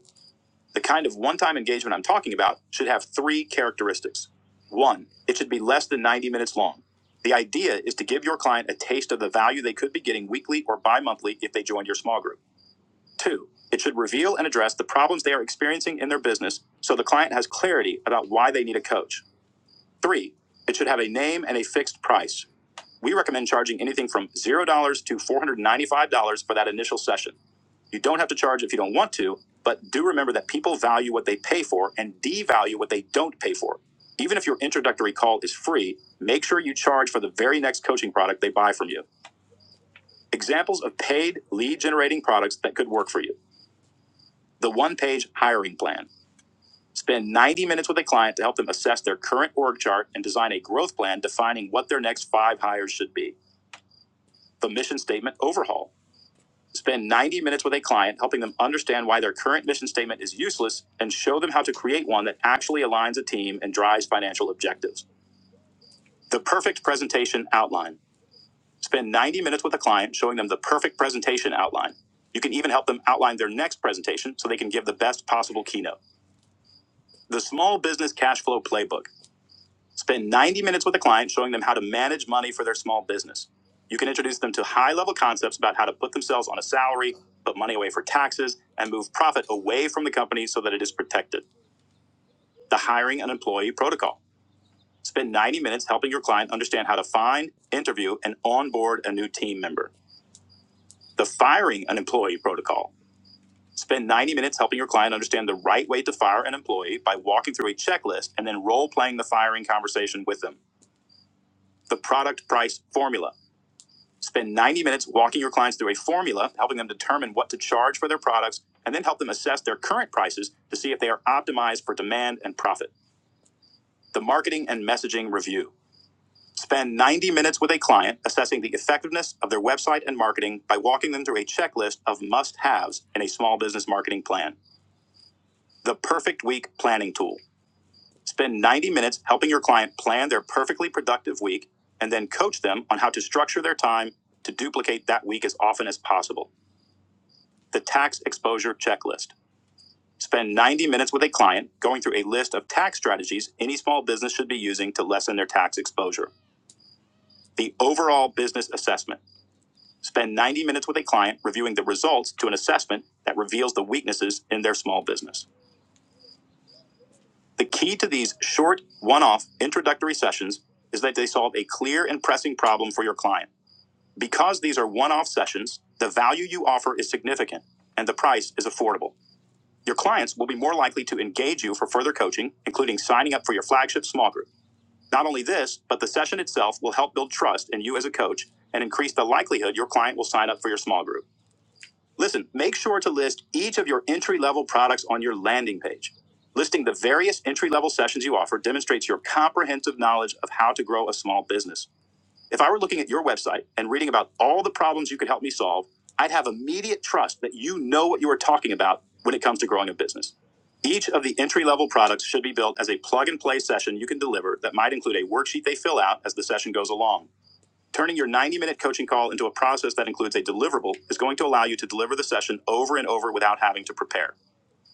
A: The kind of one time engagement I'm talking about should have three characteristics. One, it should be less than 90 minutes long. The idea is to give your client a taste of the value they could be getting weekly or bi monthly if they joined your small group. Two, it should reveal and address the problems they are experiencing in their business so the client has clarity about why they need a coach. Three, it should have a name and a fixed price. We recommend charging anything from $0 to $495 for that initial session. You don't have to charge if you don't want to, but do remember that people value what they pay for and devalue what they don't pay for. Even if your introductory call is free, make sure you charge for the very next coaching product they buy from you. Examples of paid lead generating products that could work for you the one page hiring plan. Spend 90 minutes with a client to help them assess their current org chart and design a growth plan defining what their next five hires should be. The mission statement overhaul. Spend 90 minutes with a client, helping them understand why their current mission statement is useless and show them how to create one that actually aligns a team and drives financial objectives. The perfect presentation outline. Spend 90 minutes with a client showing them the perfect presentation outline. You can even help them outline their next presentation so they can give the best possible keynote. The small business cash flow playbook. Spend 90 minutes with a client showing them how to manage money for their small business. You can introduce them to high level concepts about how to put themselves on a salary, put money away for taxes, and move profit away from the company so that it is protected. The hiring an employee protocol. Spend 90 minutes helping your client understand how to find, interview, and onboard a new team member. The firing an employee protocol. Spend 90 minutes helping your client understand the right way to fire an employee by walking through a checklist and then role playing the firing conversation with them. The product price formula. Spend 90 minutes walking your clients through a formula, helping them determine what to charge for their products, and then help them assess their current prices to see if they are optimized for demand and profit. The marketing and messaging review. Spend 90 minutes with a client assessing the effectiveness of their website and marketing by walking them through a checklist of must haves in a small business marketing plan. The perfect week planning tool. Spend 90 minutes helping your client plan their perfectly productive week and then coach them on how to structure their time to duplicate that week as often as possible. the tax exposure checklist. Spend 90 minutes with a client going through a list of tax strategies any small business should be using to lessen their tax exposure. The overall business assessment. Spend 90 minutes with a client reviewing the results to an assessment that reveals the weaknesses in their small business. The key to these short, one off introductory sessions is that they solve a clear and pressing problem for your client. Because these are one off sessions, the value you offer is significant and the price is affordable. Your clients will be more likely to engage you for further coaching, including signing up for your flagship small group. Not only this, but the session itself will help build trust in you as a coach and increase the likelihood your client will sign up for your small group. Listen, make sure to list each of your entry level products on your landing page. Listing the various entry level sessions you offer demonstrates your comprehensive knowledge of how to grow a small business. If I were looking at your website and reading about all the problems you could help me solve, I'd have immediate trust that you know what you are talking about when it comes to growing a business. Each of the entry level products should be built as a plug and play session you can deliver that might include a worksheet they fill out as the session goes along. Turning your 90 minute coaching call into a process that includes a deliverable is going to allow you to deliver the session over and over without having to prepare.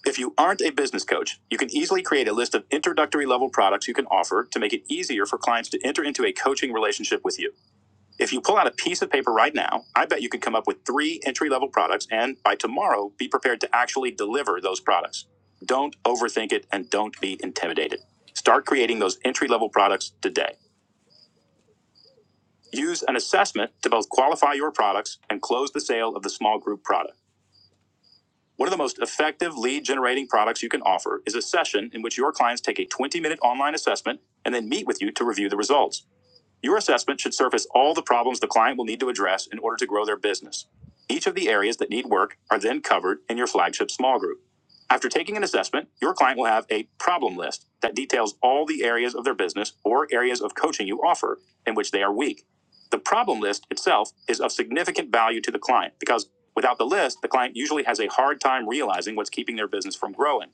A: If you aren't a business coach, you can easily create a list of introductory level products you can offer to make it easier for clients to enter into a coaching relationship with you. If you pull out a piece of paper right now, I bet you could come up with three entry level products and by tomorrow be prepared to actually deliver those products. Don't overthink it and don't be intimidated. Start creating those entry level products today. Use an assessment to both qualify your products and close the sale of the small group product. One of the most effective lead generating products you can offer is a session in which your clients take a 20 minute online assessment and then meet with you to review the results. Your assessment should surface all the problems the client will need to address in order to grow their business. Each of the areas that need work are then covered in your flagship small group. After taking an assessment, your client will have a problem list that details all the areas of their business or areas of coaching you offer in which they are weak. The problem list itself is of significant value to the client because without the list, the client usually has a hard time realizing what's keeping their business from growing.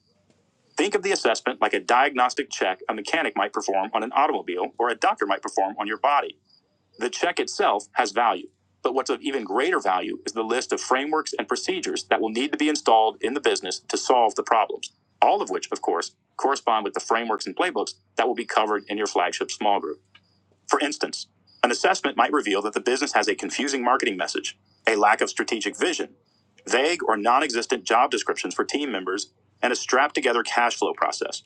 A: Think of the assessment like a diagnostic check a mechanic might perform on an automobile or a doctor might perform on your body. The check itself has value, but what's of even greater value is the list of frameworks and procedures that will need to be installed in the business to solve the problems, all of which, of course, correspond with the frameworks and playbooks that will be covered in your flagship small group. For instance, an assessment might reveal that the business has a confusing marketing message, a lack of strategic vision, vague or non existent job descriptions for team members, and a strapped together cash flow process.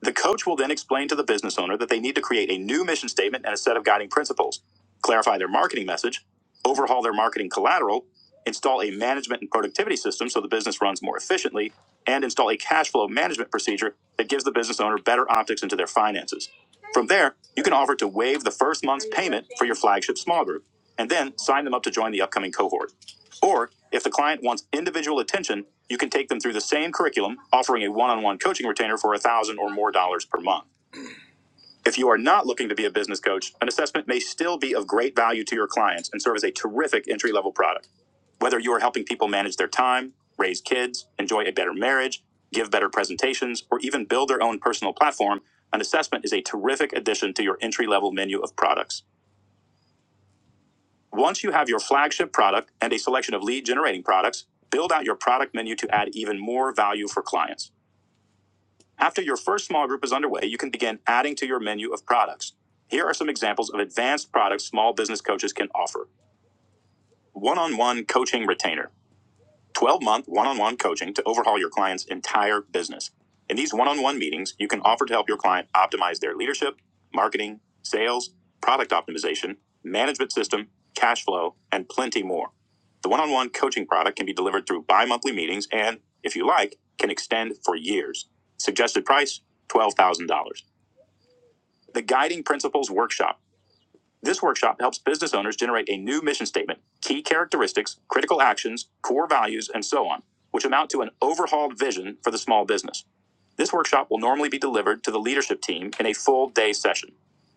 A: The coach will then explain to the business owner that they need to create a new mission statement and a set of guiding principles, clarify their marketing message, overhaul their marketing collateral, install a management and productivity system so the business runs more efficiently, and install a cash flow management procedure that gives the business owner better optics into their finances. From there, you can offer to waive the first month's payment for your flagship small group and then sign them up to join the upcoming cohort. Or if the client wants individual attention, you can take them through the same curriculum, offering a one-on-one coaching retainer for a thousand dollars or more dollars per month. If you are not looking to be a business coach, an assessment may still be of great value to your clients and serve as a terrific entry-level product. Whether you are helping people manage their time, raise kids, enjoy a better marriage, give better presentations, or even build their own personal platform, an assessment is a terrific addition to your entry level menu of products. Once you have your flagship product and a selection of lead generating products, build out your product menu to add even more value for clients. After your first small group is underway, you can begin adding to your menu of products. Here are some examples of advanced products small business coaches can offer one on one coaching retainer. 12 month one on one coaching to overhaul your client's entire business. In these one on one meetings, you can offer to help your client optimize their leadership, marketing, sales, product optimization, management system, cash flow, and plenty more. The one on one coaching product can be delivered through bi monthly meetings and, if you like, can extend for years. Suggested price $12,000. The Guiding Principles Workshop. This workshop helps business owners generate a new mission statement, key characteristics, critical actions, core values, and so on, which amount to an overhauled vision for the small business. This workshop will normally be delivered to the leadership team in a full day session.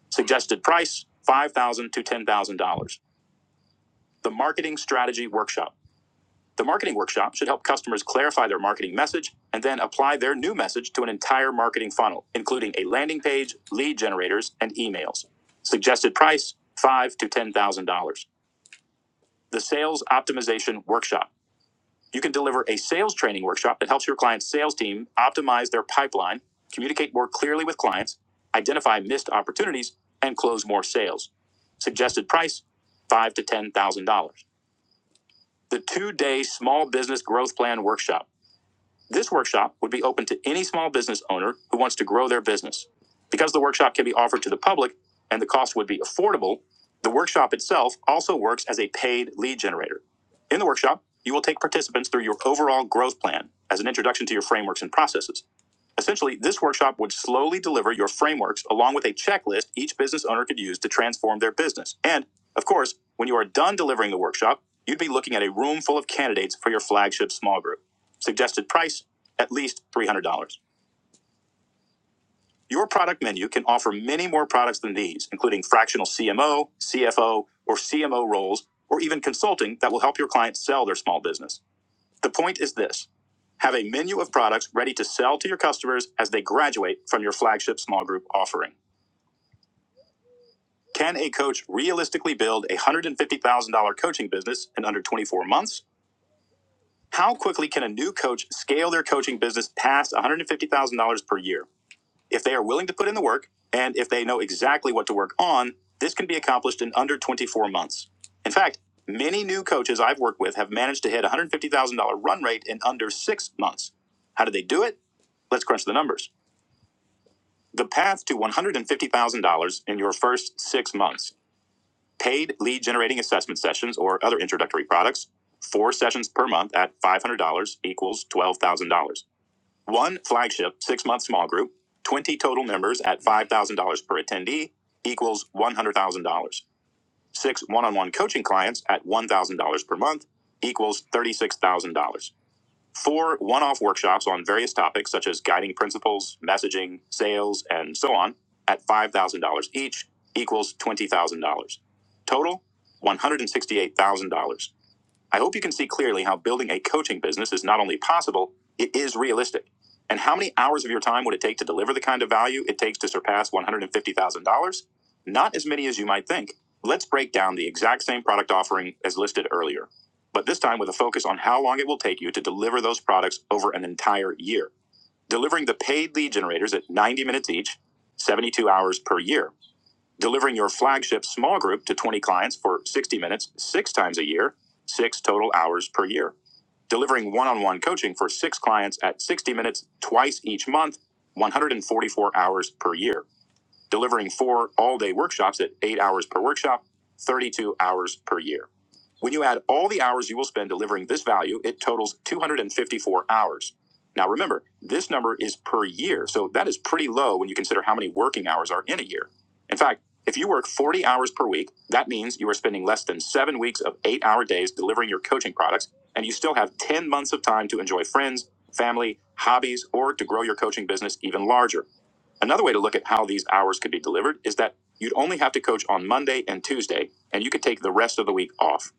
A: Suggested price $5,000 to $10,000. The Marketing Strategy Workshop. The marketing workshop should help customers clarify their marketing message and then apply their new message to an entire marketing funnel, including a landing page, lead generators, and emails. Suggested price five thousand dollars to $10,000 the Sales Optimization Workshop. You can deliver a sales training workshop that helps your client's sales team optimize their pipeline, communicate more clearly with clients, identify missed opportunities, and close more sales. Suggested price five thousand dollars to ten thousand dollars. The two-day small business growth plan workshop. This workshop would be open to any small business owner who wants to grow their business. Because the workshop can be offered to the public and the cost would be affordable, the workshop itself also works as a paid lead generator. In the workshop, you will take participants through your overall growth plan as an introduction to your frameworks and processes. Essentially, this workshop would slowly deliver your frameworks along with a checklist each business owner could use to transform their business. And, of course, when you are done delivering the workshop, you'd be looking at a room full of candidates for your flagship small group. Suggested price at least $300. Your product menu can offer many more products than these, including fractional CMO, CFO, or CMO roles, or even consulting that will help your clients sell their small business. The point is this have a menu of products ready to sell to your customers as they graduate from your flagship small group offering. Can a coach realistically build a $150,000 coaching business in under 24 months? How quickly can a new coach scale their coaching business past $150,000 per year? If they are willing to put in the work, and if they know exactly what to work on, this can be accomplished in under 24 months. In fact, many new coaches I've worked with have managed to hit $150,000 run rate in under six months. How did they do it? Let's crunch the numbers. The path to $150,000 in your first six months paid lead generating assessment sessions or other introductory products, four sessions per month at $500 equals $12,000. One flagship six month small group, 20 total members at $5,000 per attendee equals $100,000. Six one on one coaching clients at $1,000 per month equals $36,000. Four one off workshops on various topics such as guiding principles, messaging, sales, and so on at $5,000 each equals $20,000. Total $168,000. I hope you can see clearly how building a coaching business is not only possible, it is realistic. And how many hours of your time would it take to deliver the kind of value it takes to surpass $150,000? Not as many as you might think. Let's break down the exact same product offering as listed earlier, but this time with a focus on how long it will take you to deliver those products over an entire year. Delivering the paid lead generators at 90 minutes each, 72 hours per year delivering your flagship small group to 20 clients for 60 minutes six times a year, six total hours per year. Delivering one on one coaching for six clients at 60 minutes twice each month, 144 hours per year delivering four all day workshops at eight hours per workshop, 32 hours per year. When you add all the hours you will spend delivering this value, it totals 254 hours. Now remember, this number is per year, so that is pretty low when you consider how many working hours are in a year. In fact, if you work 40 hours per week, that means you are spending less than seven weeks of eight hour days delivering your coaching products, and you still have 10 months of time to enjoy friends, family, hobbies, or to grow your coaching business even larger. Another way to look at how these hours could be delivered is that you'd only have to coach on Monday and Tuesday, and you could take the rest of the week off.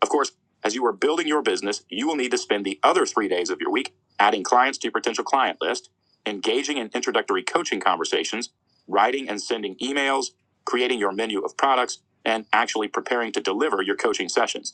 A: Of course, as you are building your business, you will need to spend the other three days of your week adding clients to your potential client list, engaging in introductory coaching conversations, writing and sending emails, creating your menu of products, and actually preparing to deliver your coaching sessions.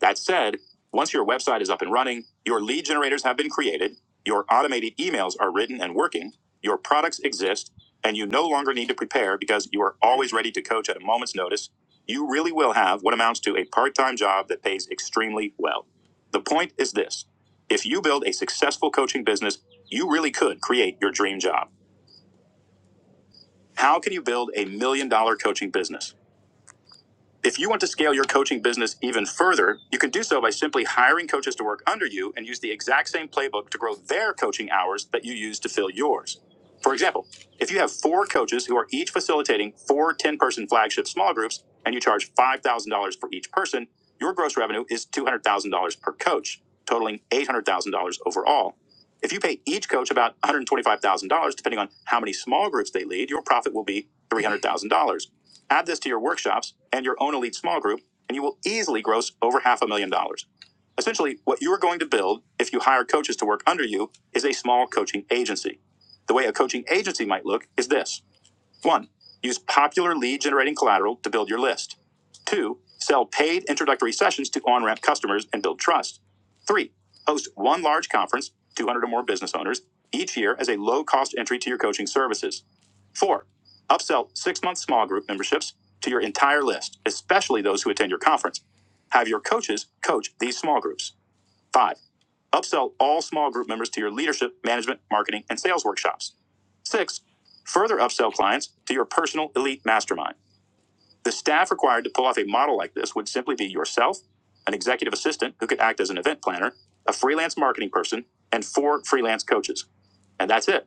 A: That said, once your website is up and running, your lead generators have been created, your automated emails are written and working, your products exist, and you no longer need to prepare because you are always ready to coach at a moment's notice, you really will have what amounts to a part time job that pays extremely well. The point is this if you build a successful coaching business, you really could create your dream job. How can you build a million dollar coaching business? If you want to scale your coaching business even further, you can do so by simply hiring coaches to work under you and use the exact same playbook to grow their coaching hours that you use to fill yours. For example, if you have four coaches who are each facilitating four person flagship small groups and you charge $5,000 for each person, your gross revenue is $200,000 per coach, totaling $800,000 overall. If you pay each coach about $125,000, depending on how many small groups they lead, your profit will be $300,000. Add this to your workshops and your own elite small group, and you will easily gross over half a million dollars. Essentially, what you are going to build if you hire coaches to work under you is a small coaching agency. The way a coaching agency might look is this. One, use popular lead generating collateral to build your list. Two, sell paid introductory sessions to on ramp customers and build trust. Three, host one large conference, 200 or more business owners, each year as a low cost entry to your coaching services. Four, upsell six month small group memberships to your entire list, especially those who attend your conference. Have your coaches coach these small groups. Five, upsell all small group members to your leadership, management, marketing, and sales workshops. Six, further upsell clients to your personal elite mastermind. The staff required to pull off a model like this would simply be yourself, an executive assistant who could act as an event planner, a freelance marketing person, and four freelance coaches. And that's it.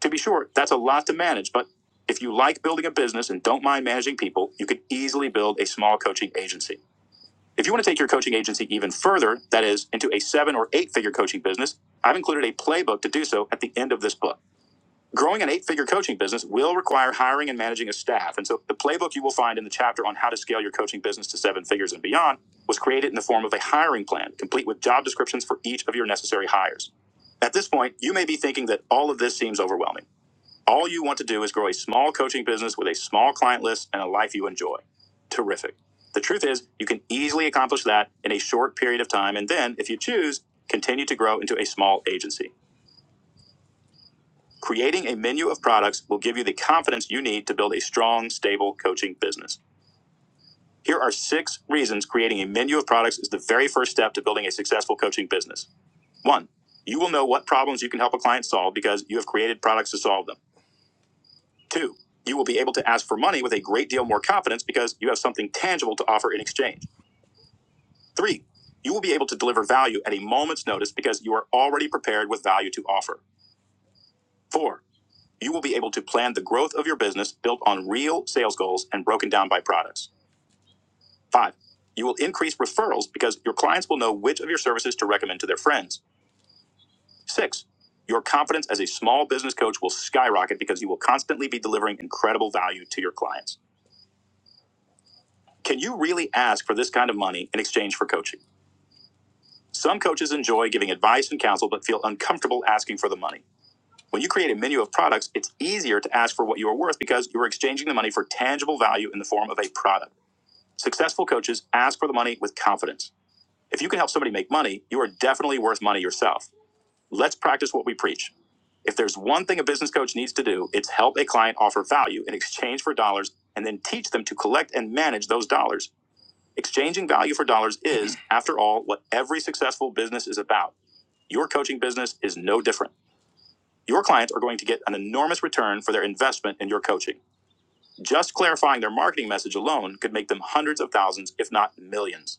A: To be sure, that's a lot to manage, but if you like building a business and don't mind managing people, you could easily build a small coaching agency. If you want to take your coaching agency even further, that is, into a seven or eight figure coaching business, I've included a playbook to do so at the end of this book. Growing an eight figure coaching business will require hiring and managing a staff. And so the playbook you will find in the chapter on how to scale your coaching business to seven figures and beyond was created in the form of a hiring plan, complete with job descriptions for each of your necessary hires. At this point, you may be thinking that all of this seems overwhelming. All you want to do is grow a small coaching business with a small client list and a life you enjoy. Terrific. The truth is, you can easily accomplish that in a short period of time, and then, if you choose, continue to grow into a small agency. Creating a menu of products will give you the confidence you need to build a strong, stable coaching business. Here are six reasons creating a menu of products is the very first step to building a successful coaching business. One, you will know what problems you can help a client solve because you have created products to solve them. Two, you will be able to ask for money with a great deal more confidence because you have something tangible to offer in exchange. Three, you will be able to deliver value at a moment's notice because you are already prepared with value to offer. Four, you will be able to plan the growth of your business built on real sales goals and broken down by products. Five, you will increase referrals because your clients will know which of your services to recommend to their friends. Six, your confidence as a small business coach will skyrocket because you will constantly be delivering incredible value to your clients. Can you really ask for this kind of money in exchange for coaching? Some coaches enjoy giving advice and counsel, but feel uncomfortable asking for the money. When you create a menu of products, it's easier to ask for what you are worth because you are exchanging the money for tangible value in the form of a product. Successful coaches ask for the money with confidence. If you can help somebody make money, you are definitely worth money yourself. Let's practice what we preach. If there's one thing a business coach needs to do, it's help a client offer value in exchange for dollars and then teach them to collect and manage those dollars. Exchanging value for dollars is, after all, what every successful business is about. Your coaching business is no different. Your clients are going to get an enormous return for their investment in your coaching. Just clarifying their marketing message alone could make them hundreds of thousands, if not millions.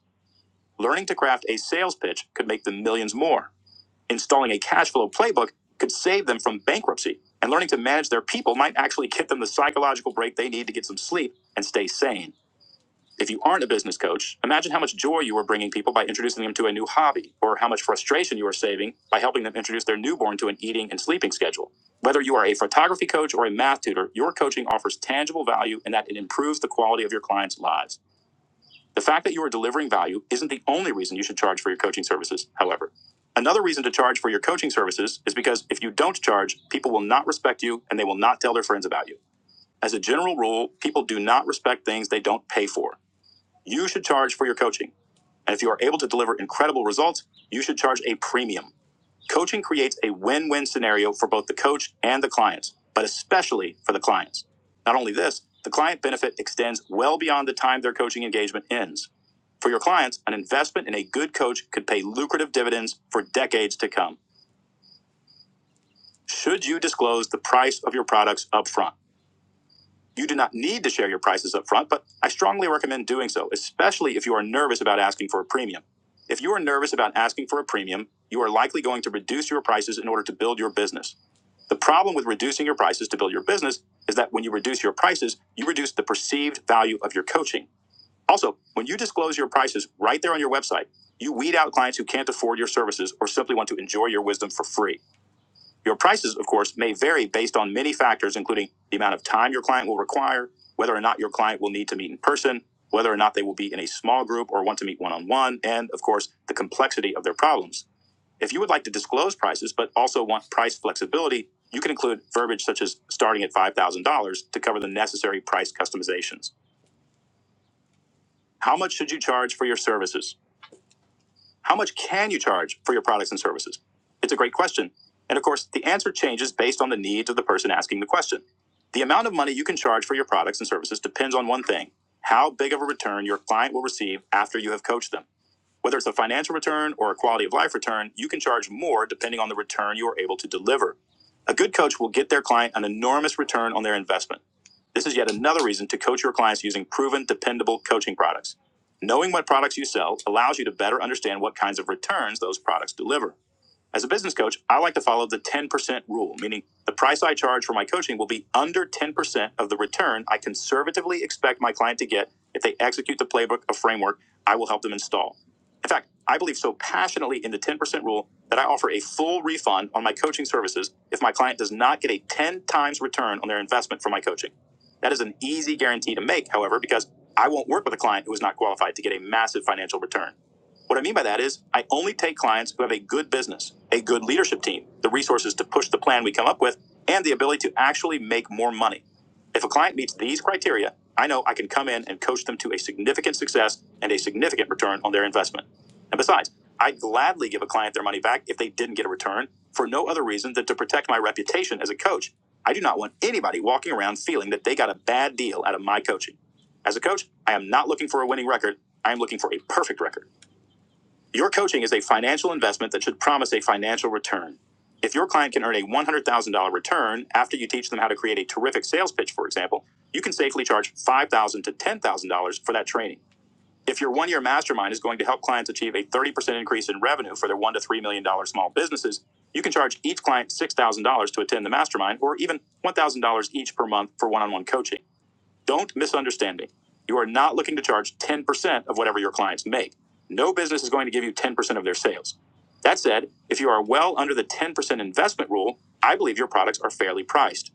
A: Learning to craft a sales pitch could make them millions more. Installing a cash flow playbook could save them from bankruptcy. And learning to manage their people might actually get them the psychological break they need to get some sleep and stay sane. If you aren't a business coach, imagine how much joy you are bringing people by introducing them to a new hobby, or how much frustration you are saving by helping them introduce their newborn to an eating and sleeping schedule. Whether you are a photography coach or a math tutor, your coaching offers tangible value in that it improves the quality of your clients' lives. The fact that you are delivering value isn't the only reason you should charge for your coaching services, however. Another reason to charge for your coaching services is because if you don't charge, people will not respect you and they will not tell their friends about you. As a general rule, people do not respect things they don't pay for. You should charge for your coaching. And if you are able to deliver incredible results, you should charge a premium. Coaching creates a win win scenario for both the coach and the clients, but especially for the clients. Not only this, the client benefit extends well beyond the time their coaching engagement ends. For your clients, an investment in a good coach could pay lucrative dividends for decades to come. Should you disclose the price of your products upfront? You do not need to share your prices up front, but I strongly recommend doing so, especially if you are nervous about asking for a premium. If you are nervous about asking for a premium, you are likely going to reduce your prices in order to build your business. The problem with reducing your prices to build your business is that when you reduce your prices, you reduce the perceived value of your coaching. Also, when you disclose your prices right there on your website, you weed out clients who can't afford your services or simply want to enjoy your wisdom for free. Your prices, of course, may vary based on many factors, including the amount of time your client will require, whether or not your client will need to meet in person, whether or not they will be in a small group or want to meet one on one, and of course, the complexity of their problems. If you would like to disclose prices but also want price flexibility, you can include verbiage such as starting at $5,000 to cover the necessary price customizations. How much should you charge for your services? How much can you charge for your products and services? It's a great question. And of course, the answer changes based on the needs of the person asking the question. The amount of money you can charge for your products and services depends on one thing how big of a return your client will receive after you have coached them. Whether it's a financial return or a quality of life return, you can charge more depending on the return you are able to deliver. A good coach will get their client an enormous return on their investment. This is yet another reason to coach your clients using proven, dependable coaching products. Knowing what products you sell allows you to better understand what kinds of returns those products deliver. As a business coach, I like to follow the 10% rule, meaning the price I charge for my coaching will be under 10% of the return I conservatively expect my client to get if they execute the playbook or framework I will help them install. In fact, I believe so passionately in the 10% rule that I offer a full refund on my coaching services if my client does not get a 10 times return on their investment for my coaching. That is an easy guarantee to make, however, because I won't work with a client who is not qualified to get a massive financial return. What I mean by that is, I only take clients who have a good business, a good leadership team, the resources to push the plan we come up with, and the ability to actually make more money. If a client meets these criteria, I know I can come in and coach them to a significant success and a significant return on their investment. And besides, I'd gladly give a client their money back if they didn't get a return for no other reason than to protect my reputation as a coach. I do not want anybody walking around feeling that they got a bad deal out of my coaching. As a coach, I am not looking for a winning record. I am looking for a perfect record. Your coaching is a financial investment that should promise a financial return. If your client can earn a $100,000 return after you teach them how to create a terrific sales pitch, for example, you can safely charge $5,000 to $10,000 for that training. If your one year mastermind is going to help clients achieve a 30% increase in revenue for their $1 to $3 million dollars small businesses, you can charge each client $6,000 to attend the mastermind or even $1,000 each per month for one on one coaching. Don't misunderstand me. You are not looking to charge 10% of whatever your clients make. No business is going to give you 10% of their sales. That said, if you are well under the 10% investment rule, I believe your products are fairly priced.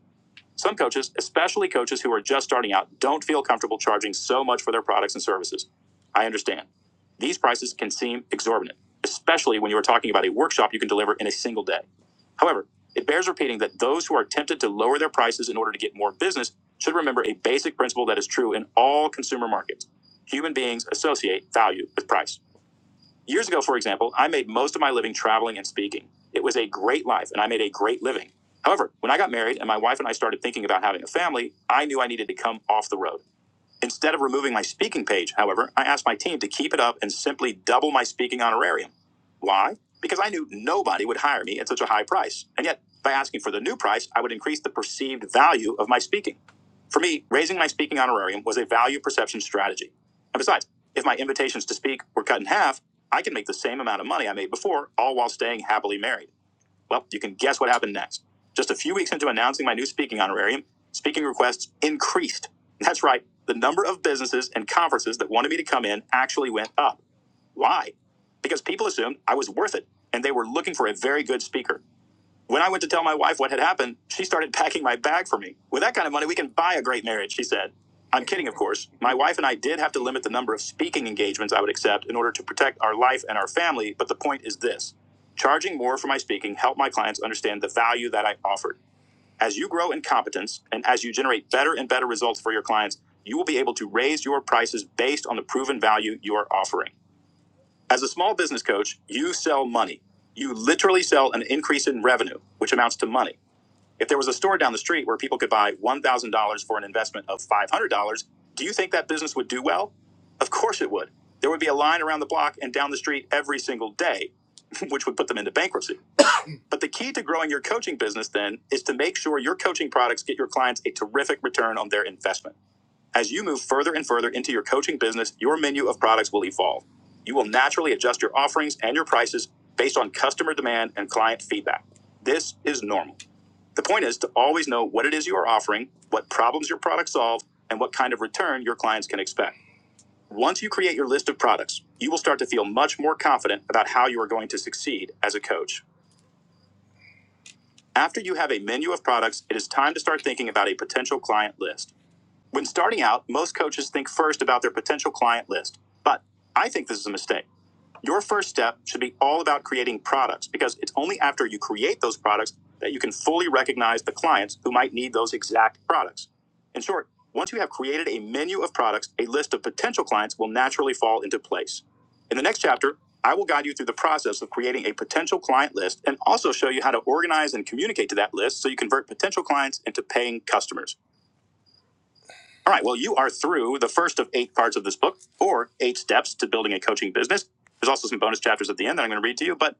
A: Some coaches, especially coaches who are just starting out, don't feel comfortable charging so much for their products and services. I understand. These prices can seem exorbitant, especially when you are talking about a workshop you can deliver in a single day. However, it bears repeating that those who are tempted to lower their prices in order to get more business should remember a basic principle that is true in all consumer markets. Human beings associate value with price. Years ago, for example, I made most of my living traveling and speaking. It was a great life, and I made a great living. However, when I got married and my wife and I started thinking about having a family, I knew I needed to come off the road. Instead of removing my speaking page, however, I asked my team to keep it up and simply double my speaking honorarium. Why? Because I knew nobody would hire me at such a high price. And yet, by asking for the new price, I would increase the perceived value of my speaking. For me, raising my speaking honorarium was a value perception strategy. And besides, if my invitations to speak were cut in half, I can make the same amount of money I made before, all while staying happily married. Well, you can guess what happened next. Just a few weeks into announcing my new speaking honorarium, speaking requests increased. That's right, the number of businesses and conferences that wanted me to come in actually went up. Why? Because people assumed I was worth it and they were looking for a very good speaker. When I went to tell my wife what had happened, she started packing my bag for me. With that kind of money, we can buy a great marriage, she said. I'm kidding, of course. My wife and I did have to limit the number of speaking engagements I would accept in order to protect our life and our family, but the point is this charging more for my speaking helped my clients understand the value that I offered. As you grow in competence and as you generate better and better results for your clients, you will be able to raise your prices based on the proven value you are offering. As a small business coach, you sell money. You literally sell an increase in revenue, which amounts to money. If there was a store down the street where people could buy $1,000 for an investment of $500, do you think that business would do well? Of course it would. There would be a line around the block and down the street every single day, (laughs) which would put them into bankruptcy. But the key to growing your coaching business then is to make sure your coaching products get your clients a terrific return on their investment. As you move further and further into your coaching business, your menu of products will evolve. You will naturally adjust your offerings and your prices based on customer demand and client feedback. This is normal. The point is to always know what it is you are offering, what problems your products solve, and what kind of return your clients can expect. Once you create your list of products, you will start to feel much more confident about how you are going to succeed as a coach. After you have a menu of products, it is time to start thinking about a potential client list. When starting out, most coaches think first about their potential client list, but I think this is a mistake. Your first step should be all about creating products because it's only after you create those products that you can fully recognize the clients who might need those exact products. In short, once you have created a menu of products, a list of potential clients will naturally fall into place. In the next chapter, I will guide you through the process of creating a potential client list and also show you how to organize and communicate to that list so you convert potential clients into paying customers. All right. Well, you are through the first of eight parts of this book, or eight steps to building a coaching business. There's also some bonus chapters at the end that I'm going to read to you. But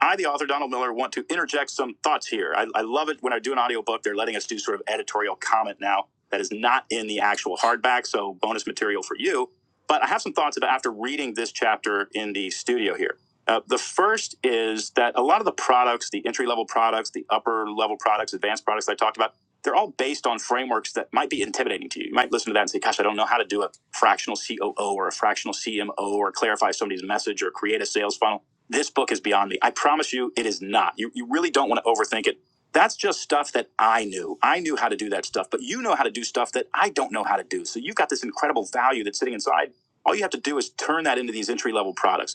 A: I, the author Donald Miller, want to interject some thoughts here. I, I love it when I do an audiobook, they're letting us do sort of editorial comment now that is not in the actual hardback. So, bonus material for you. But I have some thoughts about after reading this chapter in the studio here. Uh, the first is that a lot of the products, the entry level products, the upper level products, advanced products I talked about, they're all based on frameworks that might be intimidating to you. You might listen to that and say, gosh, I don't know how to do a fractional COO or a fractional CMO or clarify somebody's message or create a sales funnel. This book is beyond me. I promise you, it is not. You, you really don't want to overthink it. That's just stuff that I knew. I knew how to do that stuff, but you know how to do stuff that I don't know how to do. So you've got this incredible value that's sitting inside. All you have to do is turn that into these entry level products.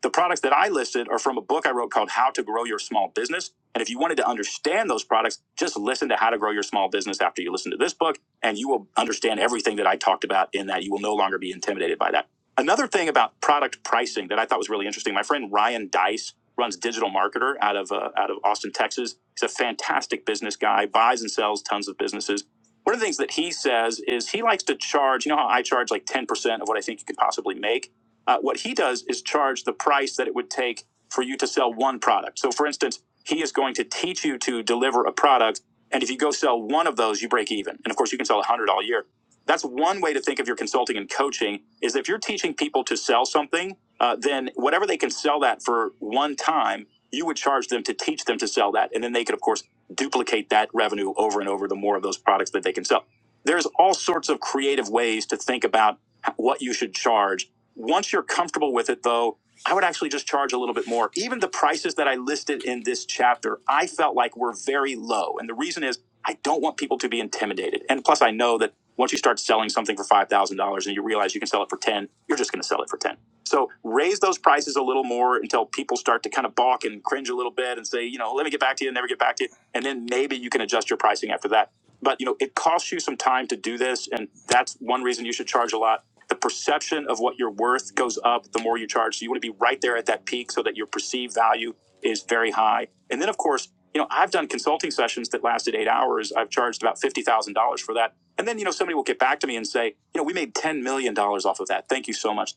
A: The products that I listed are from a book I wrote called How to Grow Your Small Business. And if you wanted to understand those products, just listen to How to Grow Your Small Business after you listen to this book, and you will understand everything that I talked about in that. You will no longer be intimidated by that. Another thing about product pricing that I thought was really interesting, my friend Ryan Dice runs Digital Marketer out of, uh, out of Austin, Texas. He's a fantastic business guy, buys and sells tons of businesses. One of the things that he says is he likes to charge, you know how I charge like 10% of what I think you could possibly make? Uh, what he does is charge the price that it would take for you to sell one product. So, for instance, he is going to teach you to deliver a product, and if you go sell one of those, you break even. And of course, you can sell a hundred all year. That's one way to think of your consulting and coaching is if you're teaching people to sell something, uh, then whatever they can sell that for one time, you would charge them to teach them to sell that, and then they could, of course, duplicate that revenue over and over the more of those products that they can sell there's all sorts of creative ways to think about what you should charge once you're comfortable with it, though, I would actually just charge a little bit more. Even the prices that I listed in this chapter, I felt like were very low. And the reason is I don't want people to be intimidated. And plus, I know that once you start selling something for $5,000 and you realize you can sell it for 10, you're just going to sell it for 10. So raise those prices a little more until people start to kind of balk and cringe a little bit and say, you know, let me get back to you, and never get back to you and then maybe you can adjust your pricing after that. But you know, it costs you some time to do this, and that's one reason you should charge a lot. The perception of what you're worth goes up the more you charge. So you want to be right there at that peak so that your perceived value is very high. And then of course, you know, I've done consulting sessions that lasted eight hours. I've charged about fifty thousand dollars for that. And then, you know, somebody will get back to me and say, you know, we made $10 million dollars off of that. Thank you so much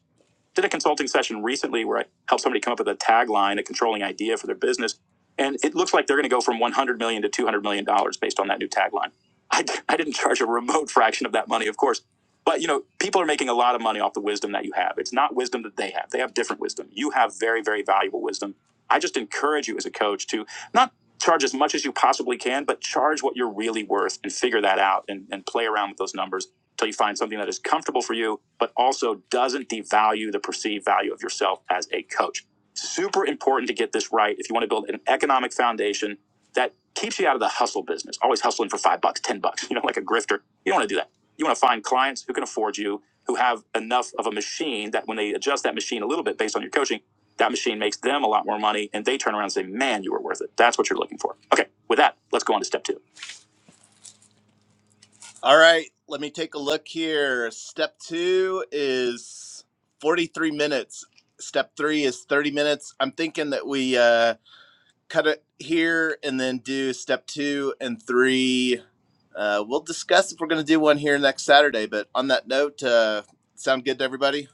A: did a consulting session recently where I helped somebody come up with a tagline, a controlling idea for their business, and it looks like they're going to go from 100 million dollars to 200 million dollars based on that new tagline. I, I didn't charge a remote fraction of that money, of course, but you know, people are making a lot of money off the wisdom that you have. It's not wisdom that they have; they have different wisdom. You have very, very valuable wisdom. I just encourage you as a coach to not charge as much as you possibly can, but charge what you're really worth and figure that out and, and play around with those numbers till you find something that is comfortable for you, but also doesn't devalue the perceived value of yourself as a coach. Super important to get this right if you want to build an economic foundation that keeps you out of the hustle business, always hustling for five bucks, 10 bucks, (laughs) you know, like a grifter. You don't want to do that. You want to find clients who can afford you, who have enough of a machine that when they adjust that machine a little bit based on your coaching, that machine makes them a lot more money and they turn around and say, man, you were worth it. That's what you're looking for. Okay, with that, let's go on to step two. All right, let me take a look here. Step two is 43 minutes. Step three is 30 minutes. I'm thinking that we uh, cut it here and then do step two and three. Uh, we'll discuss if we're going to do one here next Saturday. But on that note, uh, sound good to everybody?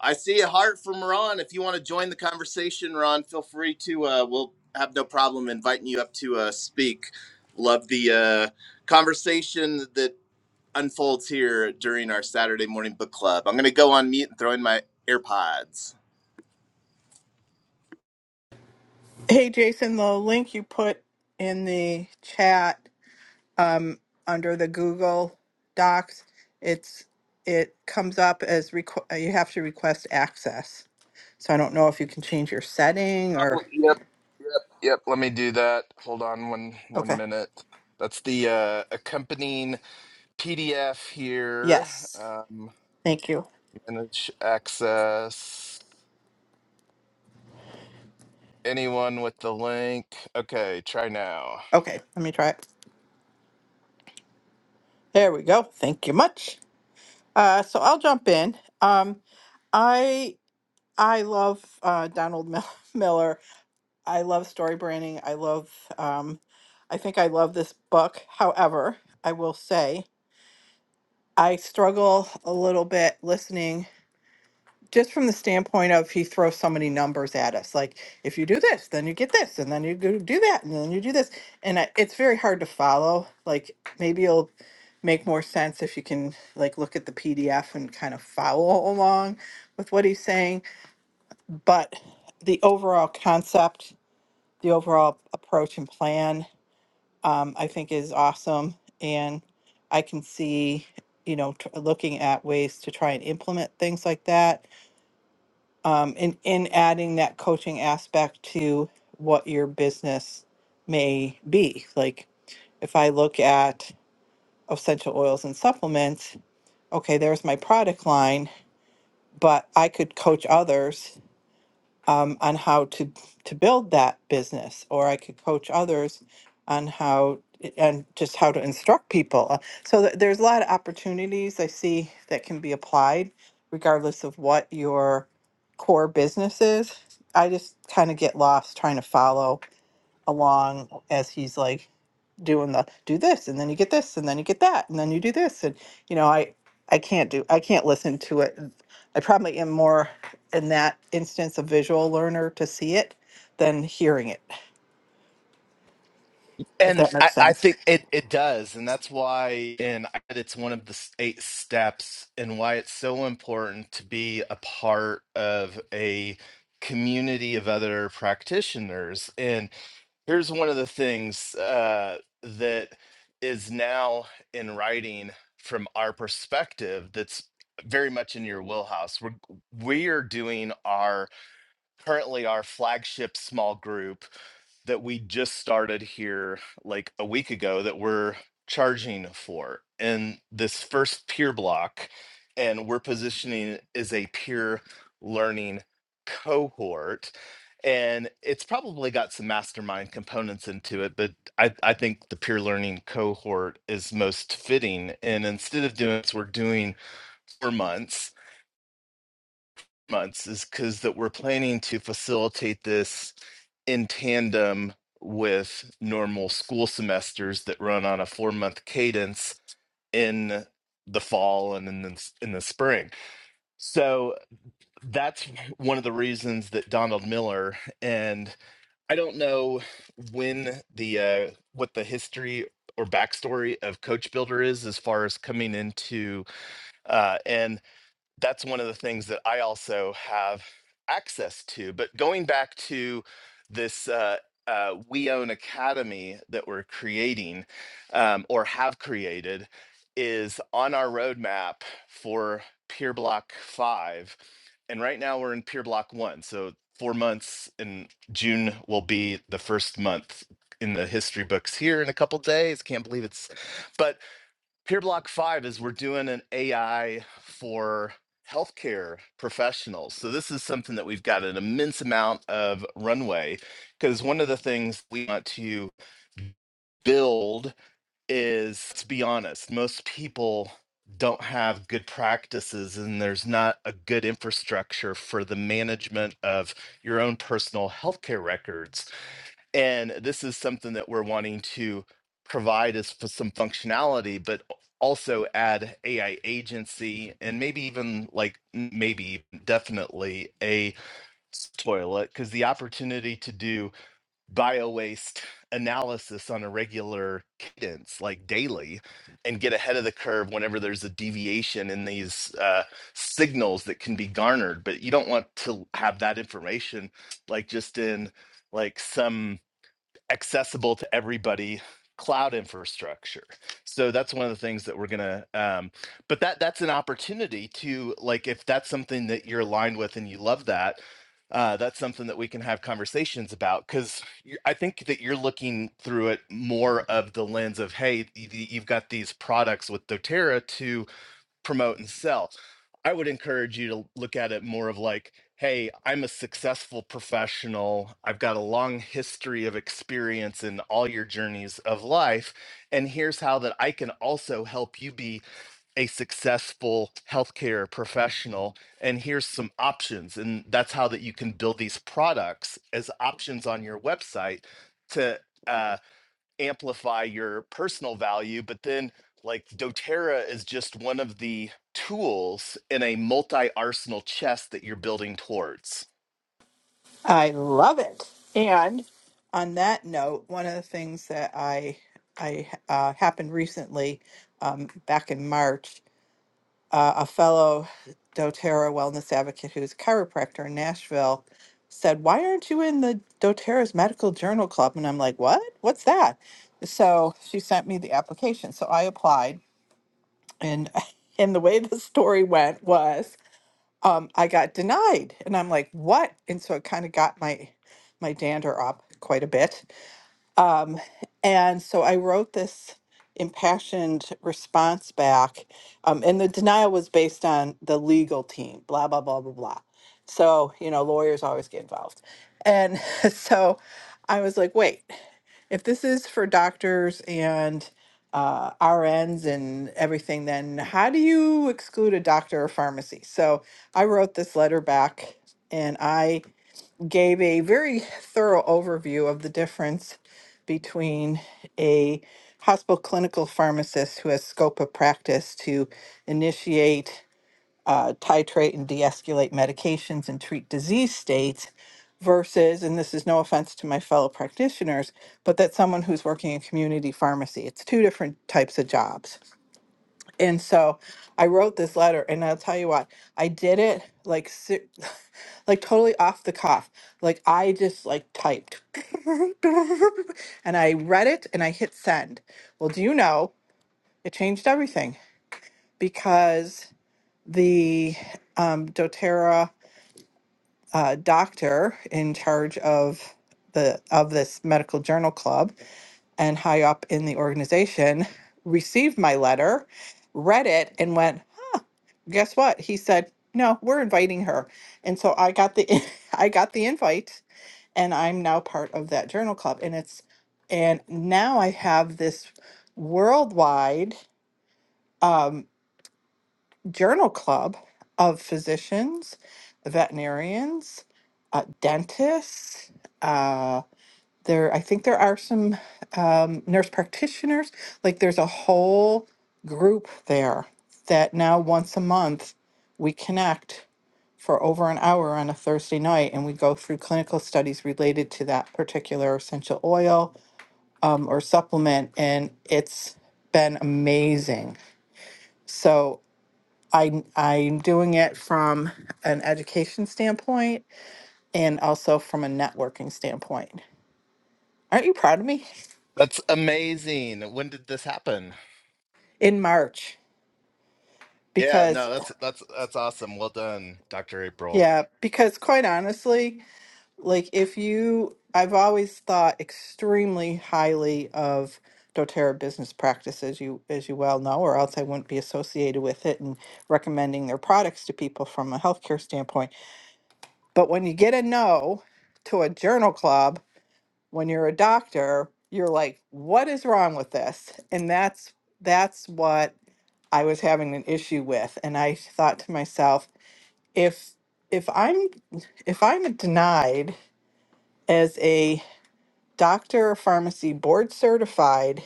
A: I see a heart from Ron. If you want to join the conversation, Ron, feel free to. Uh, we'll have no problem inviting you up to uh, speak. Love the. Uh, conversation that unfolds here during our Saturday morning book club. I'm going to go on mute and throw in my AirPods.
C: Hey, Jason, the link you put in the chat um, under the Google Docs, it's it comes up as requ- uh, you have to request access. So I don't know if you can change your setting or
A: Yep, yep. Let me do that. Hold on one one
C: okay.
A: minute. That's the uh, accompanying PDF here.
C: Yes,
A: Um,
C: thank you.
A: manage access. Anyone with the link? Okay, try now.
C: Okay, let me try it. There we go. Thank you much. Uh, so I'll jump in. Um, I I love uh, Donald Mil- (laughs) Miller. I love story branding. I love. Um, I think I love this book. However, I will say I struggle a little bit listening. just from the standpoint of he throws so many numbers at us like if you do this then you get this and then you go do that and then you do this and I, it's very hard to follow like maybe it'll make more sense if you can like look at the pdf and kind of follow along with what he's saying but the overall concept the overall approach and plan um, i think is awesome and i can see you know t- looking at ways to try and implement things like that um, and in adding that coaching aspect to what your business may be. Like if I look at essential oils and supplements, okay, there's my product line, but I could coach others um, on how to to build that business, or I could coach others on how and just how to instruct people. Uh, So th- there's a lot of opportunities I see that can be applied, regardless of what your core business is. I just kind of get lost trying to follow along as he's like doing the do this and then you get this and then you get that and then you do this and you know i i can't do i can't listen to it i probably am more in that instance a visual learner to see it than hearing it if that
A: And
C: makes
A: I, I
C: sense
A: think it, it does. And that's why, and I said it's one of the s- eight steps, and why it's so important to be a part of a community of other practitioners. And here's one of the things uh, that is now in writing from our perspective that's very much in your wheelhouse. We're, we are doing our currently our flagship small group that we just started here like a week ago that we're charging for in this first peer block and we're positioning it as a peer learning cohort and it's probably got some mastermind components into it but I, I think the peer learning cohort is most fitting and instead of doing this we're doing four months months is because that we're planning to facilitate this in tandem with normal school semesters that run on a four month cadence in the fall and in the, in the spring. So that's one of the reasons that Donald Miller and I don't know when the uh, what the history or backstory of Coach Builder is as far as coming into uh, and that's one of the things that I also have access to. But going back to this uh, uh, We Own Academy that we're creating um, or have created is on our roadmap for Peer Block 5. And right now we're in Peer Block 1. So four months in June will be the first month in the history books here in a couple days. Can't believe it's, but Peer Block 5 is we're doing an AI for healthcare professionals. So this is something that we've got an immense amount of runway because one of the things we want to build is to be honest, most people don't have good practices and there's not a good infrastructure for the management of your own personal healthcare records and this is something that we're wanting to provide as for some functionality, but also add AI agency and maybe even like n- maybe definitely a s- toilet because the opportunity to do bio waste analysis on a regular cadence, like daily, and get ahead of the curve whenever there's a deviation in these uh, signals that can be garnered. But you don't want to have that information like just in like some accessible to everybody cloud infrastructure so that's one of the things that we're gonna um, but that that's an opportunity to like if that's something that you're aligned with and you love that uh, that's something that we can have conversations about because i think that you're looking through it more of the lens of hey y- y- you've got these products with doterra to promote and sell. I would encourage you to look at it more of like, hey, I'm a successful professional. I've got a long history of experience in all your journeys of life. And here's how that I can also help you be a successful healthcare professional. And here's some options. And that's how that you can build these products as options on your website to. uh, amplify your personal value but then like doterra is just one of the tools in a multi-arsenal chest that you're building towards
C: i love it on that note one of the things that i i uh, happened recently um, back in march uh, a fellow doTERRA wellness advocate who's a chiropractor in Nashville said, Why aren't you in the doTERRA's medical journal club? And I'm like, What? What's that? So she sent me the application. So I applied. And, (laughs) and the way the story went was um, I got denied. And I'm like, What? And so it kind of got my, my dander up quite a bit. Um, and so I wrote this impassioned response back. Um, and the denial was based on the legal team, blah, blah, blah, blah, blah. So, you know, lawyers always get involved. And (laughs) so I was like, wait, if this is for doctors and uh, RNs and everything, then how do you exclude a doctor or pharmacy? So I wrote this letter back and I gave a very thorough overview of the difference between a hospital clinical pharmacist who has scope of practice to initiate, uh, titrate, and de escalate medications and treat disease states versus, and this is no offense to my fellow practitioners, but that's someone who's working in community pharmacy. It's two different types of jobs. And so I wrote this letter, and I'll tell you what, I did it like, se- (laughs) like totally off the cuff. Like I just like typed, (laughs) and I read it, and I hit send. Well, do you know it changed everything because the um, DoTerra uh, doctor in charge of the of this medical journal club and high up in the organization received my letter, read it, and went. guess what? He said, "No, we're inviting her." And so I got the (laughs) I got the invite and I'm now part of that journal club and it's and now I have this worldwide um, journal club of physicians, veterinarians, uh, dentists, uh, there I think there are some um, nurse practitioners. Like there's a whole group there that now once a month we connect for over an hour on a Thursday night, and we go through clinical studies related to that particular essential oil um, or supplement, and it's been amazing. So I I'm doing it from an education standpoint and also from a networking standpoint. Aren't you proud of me?
A: that's amazing when did this happen
C: In March,
A: yeah
C: because
A: no that's that's that's awesome well done dr april
C: yeah, because quite honestly, Like if you, I've always thought extremely highly of doTERRA business practice, as you as you well know, or else I wouldn't be associated with it and recommending their products to people from a healthcare standpoint. But when you get a no to a journal club, when you're a doctor, you're like, what is wrong with this? And that's that's what I was having an issue with. And I thought to myself, if if I'm if I'm denied as a doctor of pharmacy board certified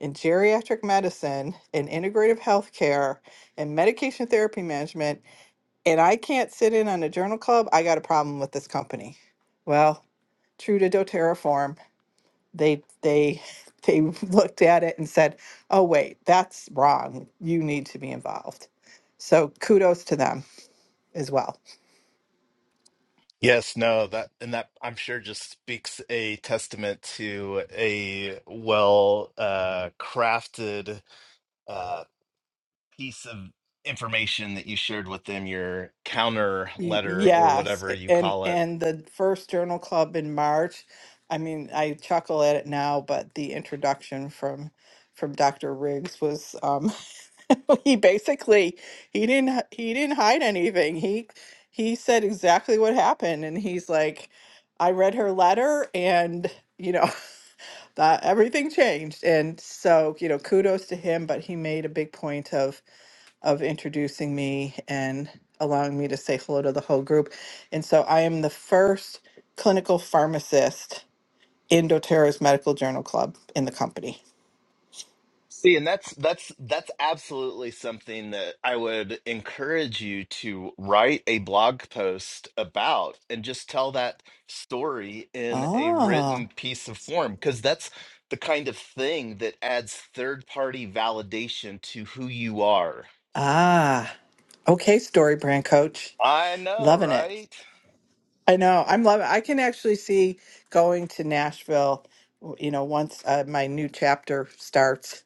C: in geriatric medicine and integrative health care and medication therapy management and i can't sit in on a journal club i got a problem with this company well true to doterra form they they (laughs) they looked at it and said oh wait that's wrong you need to be involved so kudos to them as well
A: yes no that and that i'm sure just speaks a testament to a well uh crafted uh piece of information that you shared with them your counter
C: Y-
A: letter or
C: Yes,
A: whatever
C: a-
A: you
C: and
A: call it
C: and the first journal club in March, I mean, I chuckle at it now, but the introduction from from Dr. Riggs was um (laughs) he basically he didn't h- he didn't hide anything. He he said exactly what happened and he's like I read her letter and you know (laughs) that everything changed and so you know kudos to him but he made a big point of of introducing me and allowing me to say hello to the whole group. And so I am the first clinical pharmacist in doTERRA's Medical Journal Club in the company.
A: see and that's that's that's absolutely something that i would encourage you to write a blog post about and just tell that story in a
C: Oh,
A: written piece of form because that's the kind of thing that adds third party validation to who you are
C: ah, okay, story brand coach.
A: i know
C: Loving it.
A: right
C: I know. I'm loving I can actually see going to Nashville, w- you know, once uh, my new chapter starts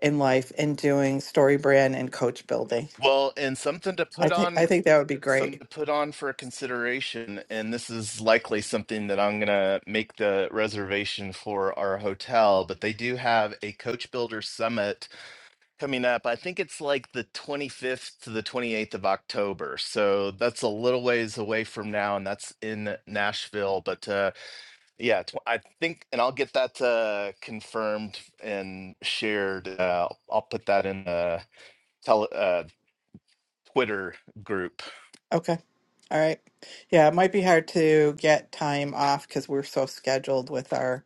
C: in life and doing story brand and coach building.
A: well and something to
C: I
A: put
C: think
A: on
C: I think that would be
A: something
C: great.
A: to put on for consideration, and this is likely something that I'm gonna make the reservation for our hotel, but they do have a Coach Builder Summit coming up. I think it's like the 25th to the 28th of October. So that's a little ways away from now, and that's in Nashville. But uh yeah, tw- I think, and I'll get that uh confirmed and shared. Uh, I'll put that in the tele uh Twitter group
C: Okay. All right. Yeah, it might be hard to get time off because we're so scheduled with our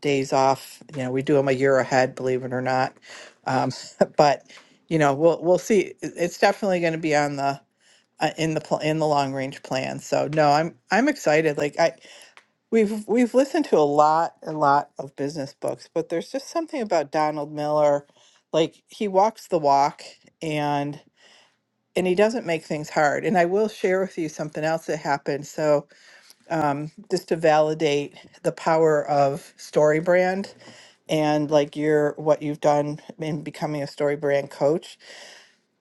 C: days off. You know, we do them a year ahead, believe it or not. Um, (laughs) but you know, we'll we'll see. It- It's definitely going to be on the uh, in the pl- in the long range plan. So no, I'm I'm excited. Like I we've we've listened to a lot a lot of business books, but there's just something about Donald Miller. Like he walks the walk, and he doesn't make things hard. And I will share with you something else that happened. So, um, just to validate the power of story brand and like your what you've done in becoming a story brand coach.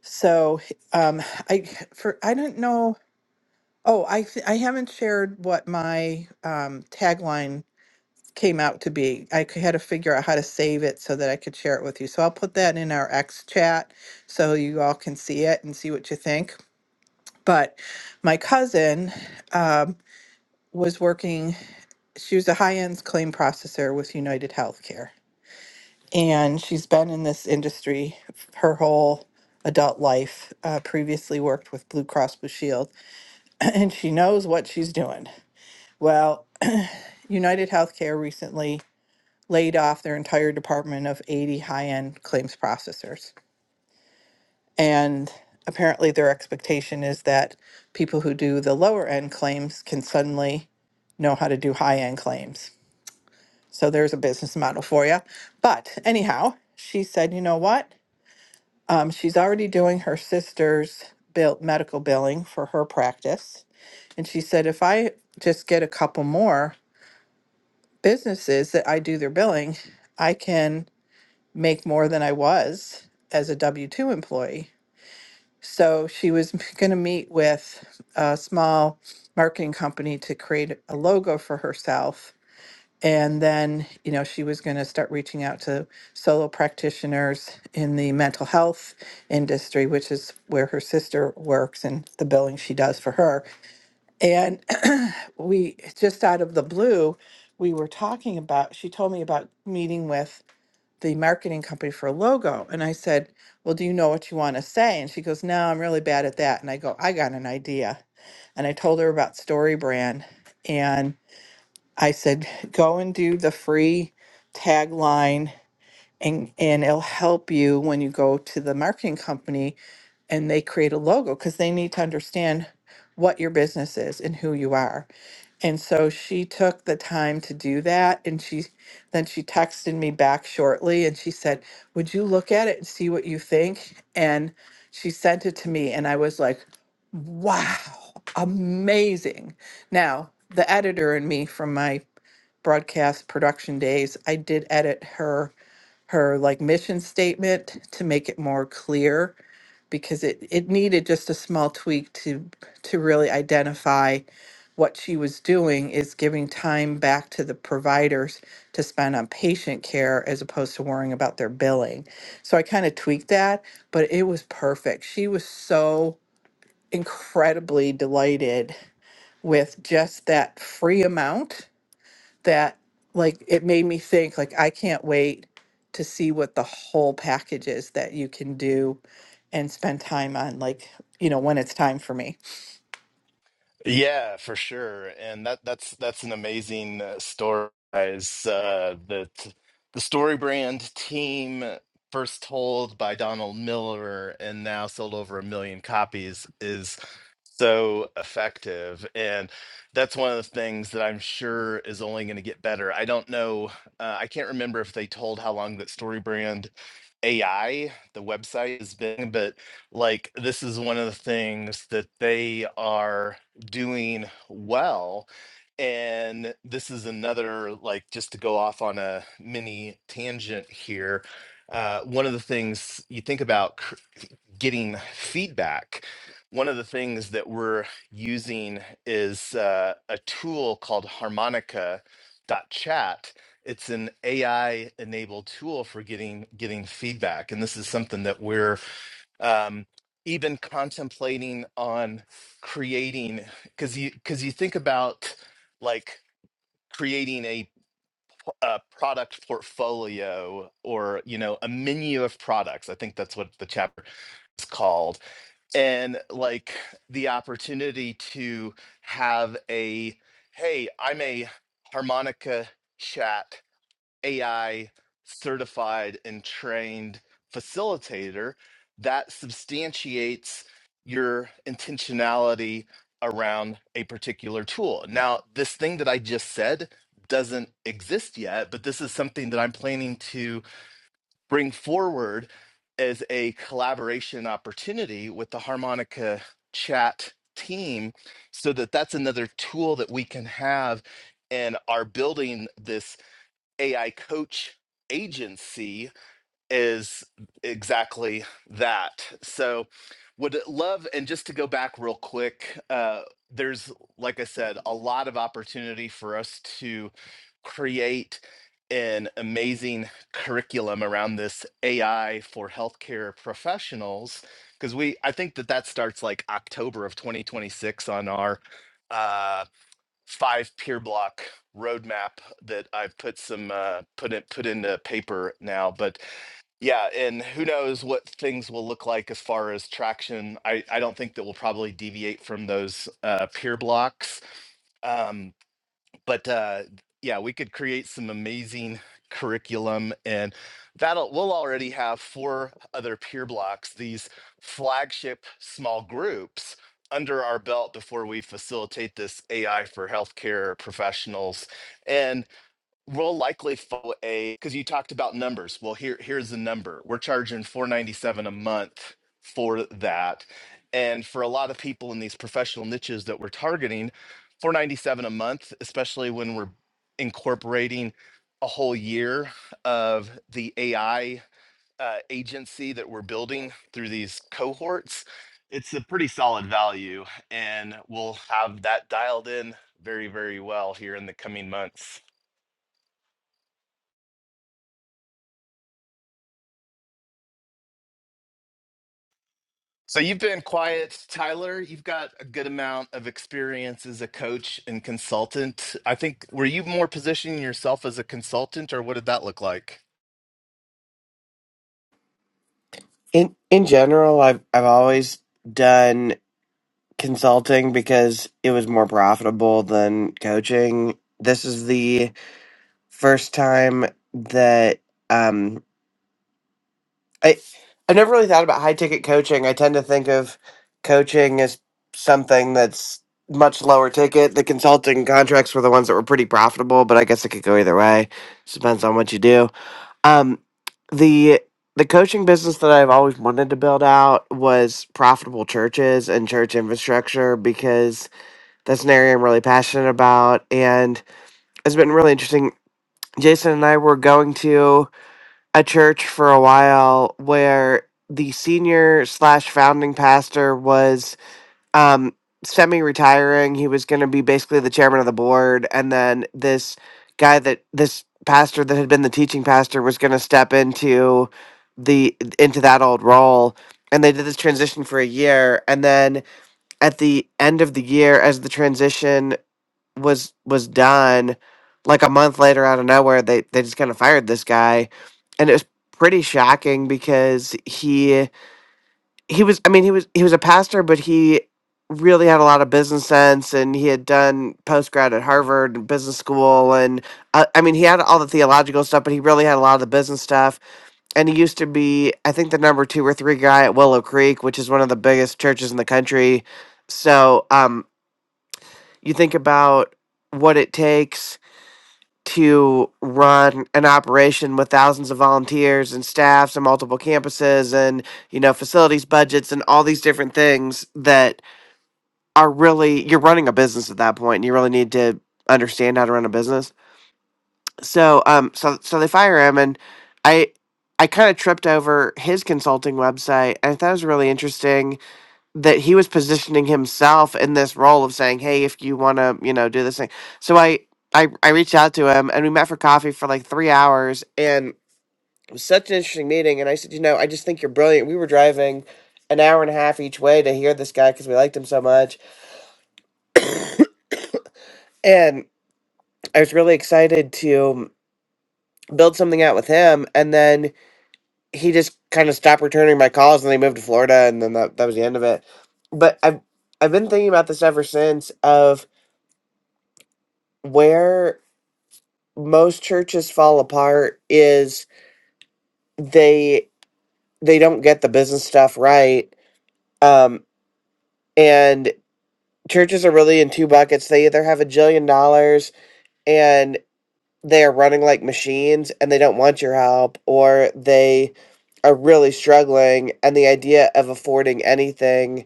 C: So, um, I for I don't know. Oh, I th- I haven't shared what my um, tagline came out to be. I c- had to figure out how to save it so that I could share it with you. So I'll put that in our X chat so you all can see it and see what you think. But my cousin um, was working, she was a high end claim processor with United Healthcare. And she's been in this industry her whole adult life, uh, previously worked with Blue Cross Blue Shield, (clears throat) and she knows what she's doing. Well, United Healthcare recently laid off their entire department of 80 high end claims processors And apparently, their expectation is that people who do the lower end claims can suddenly know how to do high end claims. So there's a business model for you. But anyhow, she said, you know what? Um, she's already doing her sister's bill, medical billing for her practice. And she said, if I just get a couple more businesses that I do their billing, I can make more than I was as a W 2 employee. So she was (laughs) going to meet with a small marketing company to create a logo for herself. And then, you know, she was going to start reaching out to solo practitioners in the mental health industry, which is where her sister works and the billing she does for her. And (clears throat) we just out of the blue, we were talking about, she told me about meeting with the marketing company for a logo. And I said, Well, do you know what you want to say? And she goes, No, I'm really bad at that. And I go, I got an idea. And I told her about Storybrand, And I said, Go and do the free tagline and, and it'll help you when you go to the marketing company and they create a logo because they need to understand what your business is and who you are. And so she took the time to do that. And she then she texted me back shortly and she said, Would you look at it and see what you think? And she sent it to me. And I was like, Wow, amazing. Now, the editor and me from my broadcast production days, I did edit her her like mission statement to make it more clear because it it needed just a small tweak to to really identify what she was doing is giving time back to the providers to spend on patient care as opposed to worrying about their billing. So I kind of tweaked that, but it was perfect. She was so incredibly delighted with just that free amount that like it made me think like I can't wait to see what the whole package is that you can do and spend time on like you know when it's time for me.
A: Yeah, for sure. And that that's that's an amazing uh, story. Guys, uh, the the story brand team first told by Donald Miller and now sold over a million copies is so effective. And that's one of the things that I'm sure is only going to get better. I don't know. Uh, I can't remember if they told how long that story brand AI, the website has been, but like this is one of the things that they are doing well. And this is another, like, just to go off on a mini tangent here. Uh, one of the things you think about cr- getting feedback, one of the things that we're using is uh, a tool called harmonica.chat. It's an AI enabled tool for getting getting feedback. And this is something that we're um, even contemplating on creating because you because you think about like creating a, a product portfolio or you know a menu of products i think that's what the chapter is called and like the opportunity to have a hey i'm a harmonica chat AI certified and trained facilitator that substantiates your intentionality around a particular tool. Now, this thing that I just said doesn't exist yet, but this is something that I'm planning to bring forward as a collaboration opportunity with the Harmonica Chat team so that that's another tool that we can have and are building this AI coach agency is exactly that. So, would love, and just to go back real quick, uh, there's, like I said, a lot of opportunity for us to create an amazing curriculum around this AI for healthcare professionals. Because we, I think that that starts like October of 2026 on our. Uh, five peer block roadmap that I've put some uh, put it put into paper now. But yeah, and who knows what things will look like as far as traction. I I don't think that we'll probably deviate from those uh, peer blocks. Um, but uh, yeah, we could create some amazing curriculum, and that'll we'll already have four other peer blocks, these flagship small groups under our belt before we facilitate this AI for healthcare professionals. And We'll likely follow a because you talked about numbers. Well, here here's the number. We're charging four ninety seven a month for that, and for a lot of people in these professional niches that we're targeting, four ninety seven a month, especially when we're incorporating a whole year of the AI uh, agency that we're building through these cohorts. It's a pretty solid value, and we'll have that dialed in very very well here in the coming months. So you've been quiet, Tyler. You've got a good amount of experience as a coach and consultant. I think, were you more positioning yourself as a consultant or what did that look like?
B: In in general, I've I've always done. consulting because it was more profitable than coaching. This is the first time that um I I've never really thought about high ticket coaching. I tend to think of coaching as something that's much lower ticket. The consulting contracts were the ones that were pretty profitable, but I guess it could go either way. Just depends on what you do. Um the the coaching business that I've always wanted to build out was profitable churches and church infrastructure because. That's an area I'm really passionate about. And it's been really interesting. Jason and I were going to a church for a while where the senior slash founding pastor was um, semi retiring. He was going to be basically the chairman of the board. And then this guy that this pastor that had been the teaching pastor was going to step into the into that old role and they did this transition for a year and then at the end of the year as the transition was was done like a month later out of nowhere they they just kind of fired this guy and it was pretty shocking because he he was i mean he was he was a pastor but he really had a lot of business sense and he had done postgrad at harvard and business school and uh, i mean he had all the theological stuff but he really had a lot of the business stuff and he used to be i think the number two or three guy at willow creek which is one of the biggest churches in the country so um you think about what it takes to run an operation with thousands of volunteers and staffs and multiple campuses and you know facilities budgets and all these different things that are really you're running a business at that point and you really need to understand how to run a business so um so so they fire him and i i kind of tripped over his consulting website and i thought it was really interesting that he was positioning himself in this role of saying, "Hey, if you want to, you know, do this thing." So I, I, I reached out to him, and we met for coffee for like three hours, and it was such an interesting meeting. And I said, "You know, I just think you're brilliant." We were driving an hour and a half each way to hear this guy because we liked him so much, and I was really excited to build something out with him. And then he just kind of stopped returning my calls, and they moved to Florida, and then that that was the end of it. But I've I've been thinking about this ever since of where most churches fall apart is they they don't get the business stuff right um and churches are really in two buckets they either have a jillion dollars and they are running like machines and they don't want your help or they are really struggling and the idea of affording anything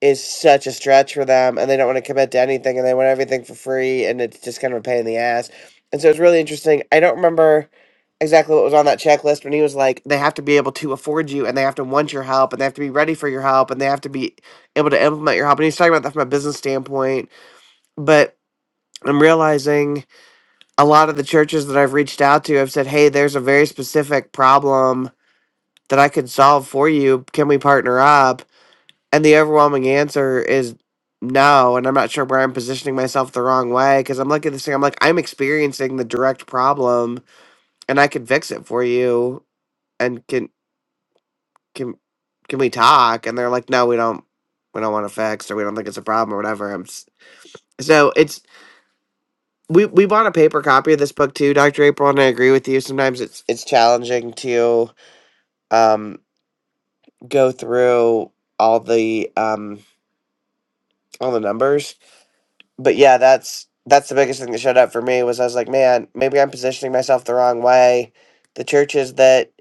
B: is such a stretch for them and they don't want to commit to anything and they want everything for free and it's just kind of a pain in the ass. And so it's really interesting. I don't remember exactly what was on that checklist when he was like, they have to be able to afford you and they have to want your help and they have to be ready for your help and they have to be able to implement your help. And he's talking about that from a business standpoint. But I'm realizing a lot of the churches that I've reached out to have said, hey, there's a very specific problem that I could solve for you. Can we partner up? And the overwhelming answer is no. And I'm not sure where I'm positioning myself the wrong way because I'm looking at this thing, I'm like, I'm experiencing the direct problem and I can fix it for you. And can, can, can we talk? And they're like, no, we don't, we don't want to fix or we don't think it's a problem or whatever. I'm, s- so it's, we, we bought a paper copy of this book too, Dr. April, and I agree with you. Sometimes it's, it's challenging to, um, go through all the, um, all the numbers but yeah, that's that's the biggest thing that showed up for me was I was like, man, maybe I'm positioning myself the wrong way. The churches that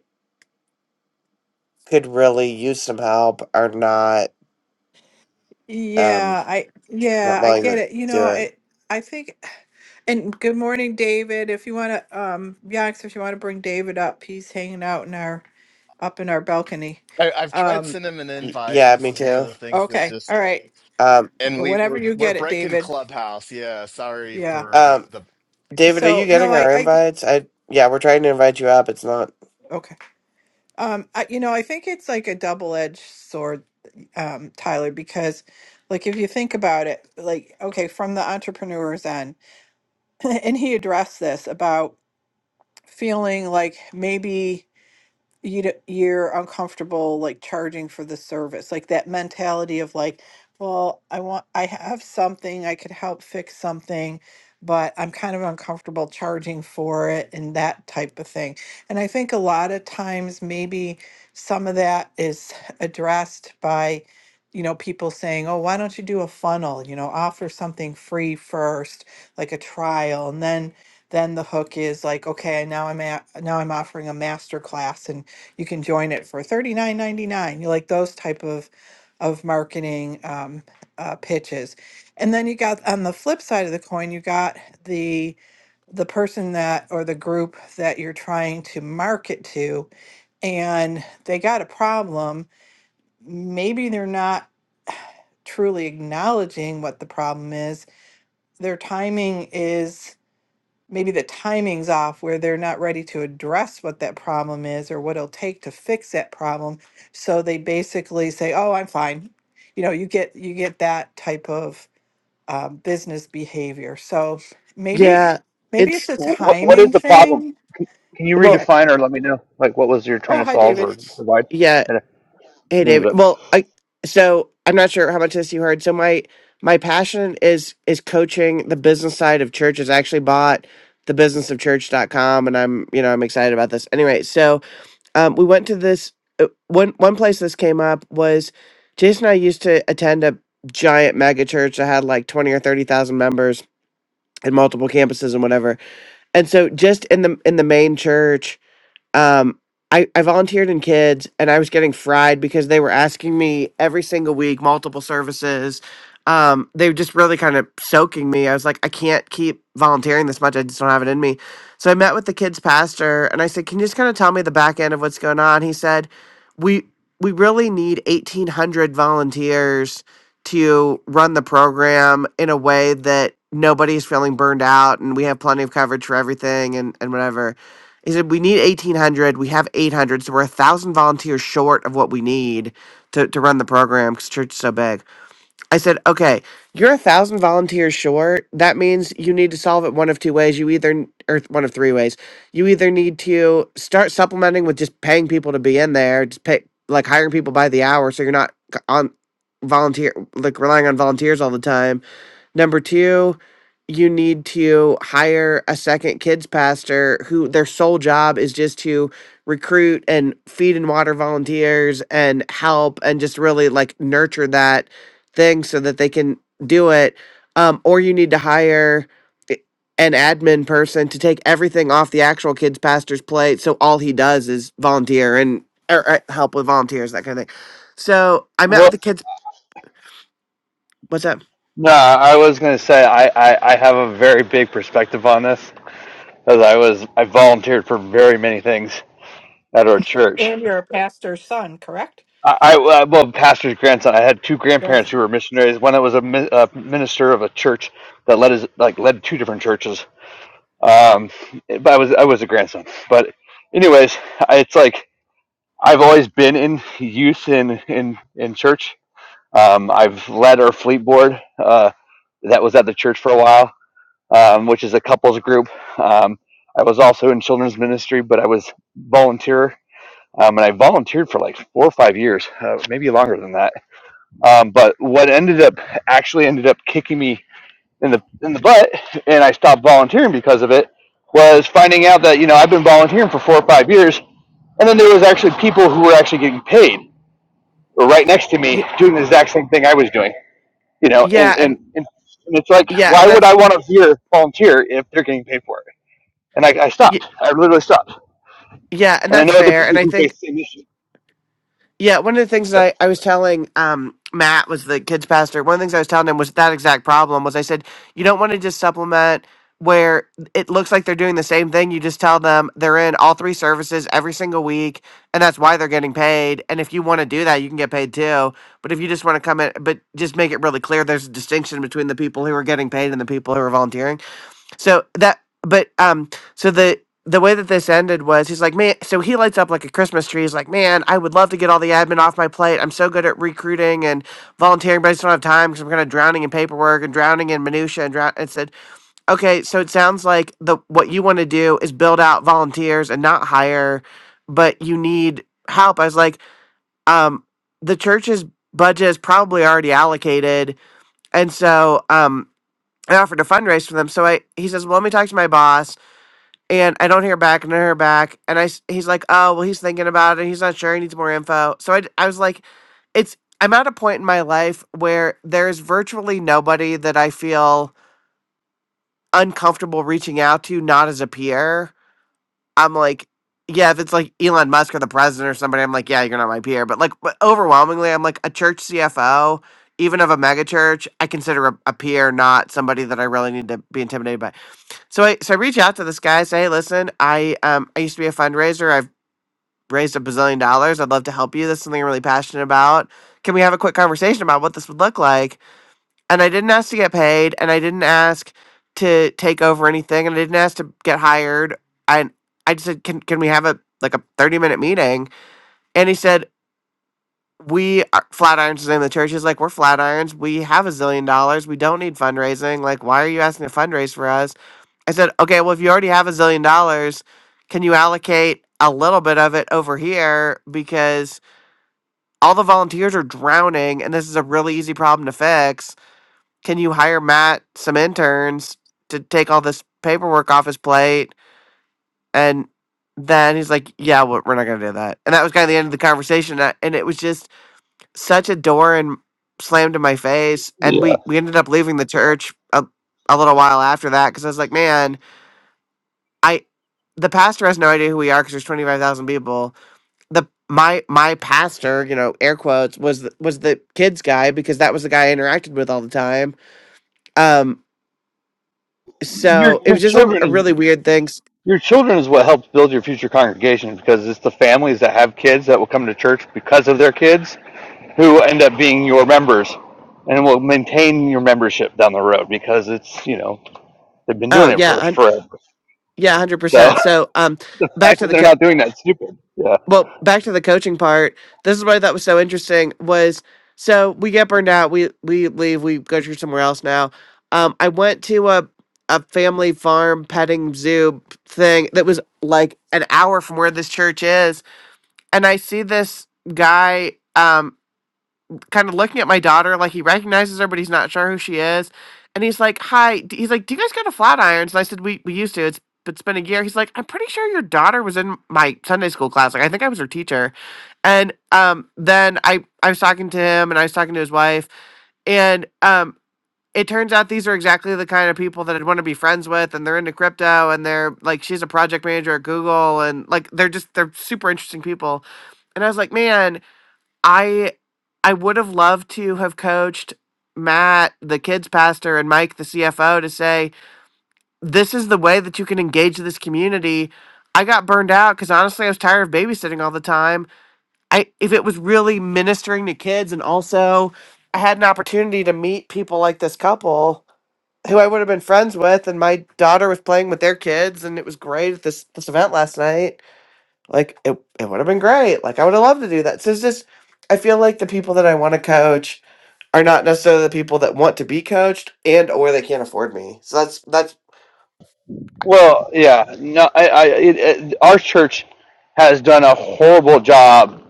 B: could really use some help are not um
C: Yeah, I
B: not
C: yeah, I
B: willing to
C: get it. You
B: do
C: know,
B: it.
C: it I think and good morning David. If you want to um Yax, if you want to bring David up, he's hanging out in our up in our balcony.
A: I, I've tried
C: Um
A: sending him an
B: Y-
A: invite, and
B: Yeah,
A: this
B: me
A: is one of
B: too.
A: the things that
C: okay.
A: just,
C: All right.
B: Um
A: and
C: Wh-
A: we,
C: Whenever
A: we're,
C: you
A: we're
C: get it,
A: breaking
C: David.
A: Clubhouse. Yeah, sorry
C: Yeah.
A: for
B: um
A: the,
B: David, are you
C: So, no,
B: getting
C: I
B: our
C: I
B: invites? I yeah, we're trying to invite you up. It's not.
C: okay. Um, I, you know, I think it's like a double-edged sword, um, Tyler, because like if you think about it, like okay, from the entrepreneur's end, (laughs) and he addressed this about feeling like maybe you d- you're uncomfortable like charging for the service like that mentality of like well i want i have something i could help fix something but i'm kind of uncomfortable charging for it and that type of thing and i think a lot of times maybe some of that is addressed by you know people saying oh why don't you do a funnel you know offer something free first like a trial and then then the hook is like okay now i'm at, now i'm offering a master class and you can join it for thirty nine ninety nine. you like those type of of marketing um, uh, pitches and then you got on the flip side of the coin you got the the person that or the group that you're trying to market to and they got a problem maybe they're not truly acknowledging what the problem is their timing is maybe the timing's off where they're not ready to address what that problem is or what it'll take to fix that problem so they basically say oh i'm fine you know you get you get that type of um, business behavior so maybe it's
B: Yeah,
C: maybe
B: it's
C: it's a
E: What what is
C: timing
E: the problem?
C: thing
E: Can you
B: well,
C: yeah
E: redefine or let me know like what was you're
C: oh
E: trying to
C: hi
E: solve or
C: david
E: provide?
B: yeah,
E: And
B: Hey,
E: I ended
B: David.
E: up.
B: Well, I so I'm not sure how much of this you heard. So my my passion is is coaching the business side of churches. I actually bought the business of church dot com, and I'm, you know, I'm excited about this. Anyway, so um we went to this uh, one one place this came up was Jason and I used to attend a giant mega church that had like 20 or 30,000 members and multiple campuses and whatever. And so just in the in the main church um I, I volunteered in kids and I was getting fried because they were asking me every single week, multiple services. Um, they were just really kind of soaking me. I was like, I can't keep volunteering this much. I just don't have it in me. So I met with the kids pastor and I said, Can you just kind of tell me the back end of what's going on? He said, We we really need eighteen hundred volunteers to run the program in a way that nobody's feeling burned out and we have plenty of coverage for everything and, and whatever. He said, "We need eighteen hundred. We have eight hundred, so we're a thousand volunteers short of what we need to, to run the program because church is so big." I said, "Okay, you're a thousand volunteers short. That means you need to solve it one of two ways. You either or one of three ways. You either need to start supplementing with just paying people to be in there, just pay like hiring people by the hour, so you're not c- on volunteer like relying on volunteers all the time." Number two, you need to hire a second kids pastor who their sole job is just to recruit and feed and water volunteers and help and just really like nurture that thing so that they can do it. Um, or you need to hire i- an admin person to take everything off the actual kids pastor's plate so all he does is volunteer and or, or help with volunteers that kind of thing. So I met with
E: Well,
B: the kids. What's up?
E: no, I was going to say I, I I have a very big perspective on this because I was I volunteered for very many things at our church.
C: and you're a pastor's son correct
E: I, I I- well, pastor's grandson. I had two
C: Yes.
E: grandparents who were missionaries. One that was a, mi- a minister of a church that led his like led two different churches. Um, but I was I was a grandson. But anyways, I, it's like I've always been in youth in in in church. Um, I've led our fleet board uh, that was at the church for a while, um, which is a couples group. Um, I was also in children's ministry, but I was volunteer, um, and I volunteered for like four or five years, uh, maybe longer than that. Um, but what ended up actually ended up kicking me in the in the butt, and I stopped volunteering because of it, was finding out that you know I've been volunteering for four or five years, and then there was actually people who were actually getting paid were right next to me
B: Y-
E: doing the exact same thing I was doing. You know, and
B: Yeah, and
E: and and, it's like,
B: yeah, and
E: why would
B: that's
E: I want to veer volunteer if they're getting paid for it? And I, I stopped. I literally stopped.
B: Yeah, and
E: And I
B: that's
E: know other
B: fair. And
E: people
B: I
E: who
B: think,
E: face the same issue.
B: yeah, one of the things
E: But
B: that I, I was telling um, Matt was the kids pastor. One of the things I was telling him was that exact problem was I said, you don't want to just supplement where it looks like they're doing the same thing. You just tell them they're in all three services every single week, and that's why they're getting paid. And if you want to do that, you can get paid too. But if you just want to come in, but just make it really clear there's a distinction between the people who are getting paid and the people who are volunteering so that, but um, so the the way that this ended was he's like, man, so he lights up like a Christmas tree. He's like, man, I would love to get all the admin off my plate. I'm so good at recruiting and volunteering, but I just don't have time because I'm kind of drowning in paperwork and drowning in minutia and drown. It said, okay, so it sounds like the what you want to do is build out volunteers and not hire, but you need help. I was like, um, the church's budget is probably already allocated, and so um, I offered to fundraise for them. So I he says, well, let me talk to my boss and I don't hear back, and I hear back, and I s- he's like, oh well, he's thinking about it, he's not sure, he needs more info. So I d- I was like, it's I'm at a point in my life where there is virtually nobody that I feel uncomfortable reaching out to, not as a peer. I'm like, yeah, if it's like Elon Musk or the president or somebody, I'm like, yeah, you're not my peer. But like but overwhelmingly, I'm like a church CFO. Even of a megachurch, I consider a, a peer, not somebody that I really need to be intimidated by. So I so I reach out to this guy, I say, hey, listen, I um I used to be a fundraiser. I've raised a bazillion dollars. I'd love to help you. This is something I'm really passionate about. Can we have a quick conversation about what this would look like? And I didn't ask to get paid, and I didn't ask to take over anything, and I didn't ask to get hired. And I just said, can can we have a like a thirty minute meeting? And he said. We are Flatirons is the name of the church. He's like, We're Flatirons. We have a zillion dollars. We don't need fundraising. Like, why are you asking to fundraise for us? I said, okay, well, if you already have a zillion dollars, can you allocate a little bit of it over here? Because all the volunteers are drowning and this is a really easy problem to fix. Can you hire Matt some interns to take all this paperwork off his plate? And then he's like, yeah, we're we're not going to do that. And that was kind of the end of the conversation. a- And it was just such a door and slammed in my face. And
E: Yeah.
B: we, we ended up leaving the church a, a little while after that because I was like, man. I the pastor has no idea who we are because there's twenty five thousand people. The my my pastor, you know, air quotes, was the, was the kids guy because that was the guy I interacted with all the time. Um,
E: your
B: so it
E: your
B: was just a,
E: children
B: a
E: is
B: really weird thing. S-
E: your children is what helps build your future congregation because it's the families that have kids that will come to church because of their kids who end up being your members and will maintain your membership down the road because it's you know they've been
B: Oh
E: doing it
B: yeah,
E: for
B: hun-
E: forever
B: yeah, hundred
E: so
B: percent. So um, back to
E: (laughs)
B: the
E: they're
B: co-
E: not doing that stupid Yeah.
B: well, back to the coaching part. This is what I thought was so interesting was so we get burned out, we we leave, we go to somewhere else now. Um, I went to a a family farm petting zoo thing that was like an hour from where this church is, and I see this guy. Um, kind of looking at my daughter, like he recognizes her, but he's not sure who she is. And he's like, "Hi," d- he's like, "Do you guys got a flat irons?" And I said, "We we used to. It's it's been a year." He's like, "I'm pretty sure your daughter was in my Sunday school class. Like, I think I was her teacher." And um, then I I was talking to him, and I was talking to his wife, and um. It turns out these are exactly the kind of people that I'd want to be friends with, and they're into crypto, and they're like, she's a project manager at Google, and like, they're just, they're super interesting people. And I was like, man, I I would have loved to have coached Matt, the kids pastor, and Mike, the CFO, to say, this is the way that you can engage this community. I got burned out because honestly, I was tired of babysitting all the time. I if it was really ministering to kids and also I had an opportunity to meet people like this couple who I would have been friends with and my daughter was playing with their kids and it was great at this this event last night like it, it would have been great. Like I would have loved to do that. So it's just, I feel like the people that I want to coach are not necessarily the people that want to be coached and or they can't afford me. So that's that's
E: Well, yeah, no, I, I, it, it, our church has done a horrible job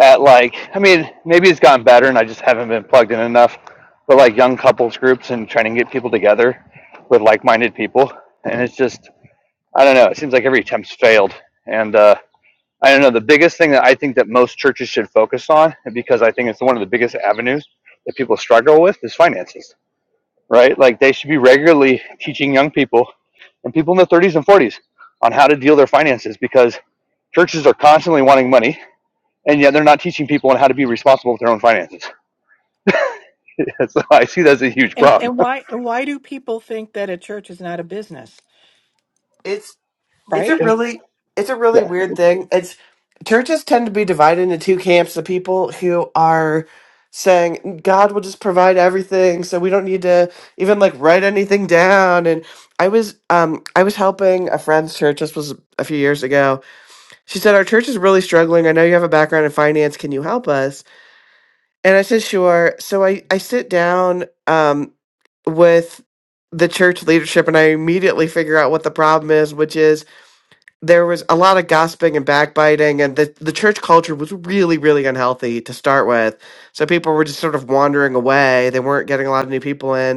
E: at like, I mean, maybe it's gotten better, and I just haven't been plugged in enough. But like young couples groups and trying to get people together with like-minded people, and it's just, I don't know. It seems like every attempt's failed, and uh, I don't know. The biggest thing that I think that most churches should focus on, because I think it's one of the biggest avenues that people struggle with, is finances right? Like they should be regularly teaching young people and people in their 30s and 40s on how to deal with their finances because churches are constantly wanting money and yet they're not teaching people on how to be responsible with their own finances. (laughs) so I see that's a huge
C: and,
E: problem.
C: and why and why do people think that a church is not a business
B: it's it's a
E: (laughs)
C: right
B: really it's a
E: yeah,
B: really weird thing. It's churches tend to be divided into two camps: the people who are saying God will just provide everything, so we don't need to even like write anything down. And I was um I was helping a friend's church. This was a few years ago, She said, Our church is really struggling. I know you have a background in finance. Can you help us? And I said, Sure. So I, I sit down um, with the church leadership and I immediately figure out what the problem is, which is there was a lot of gossiping and backbiting, and the, the church culture was really, really unhealthy to start with. So people were just sort of wandering away. They weren't getting a lot of new people in.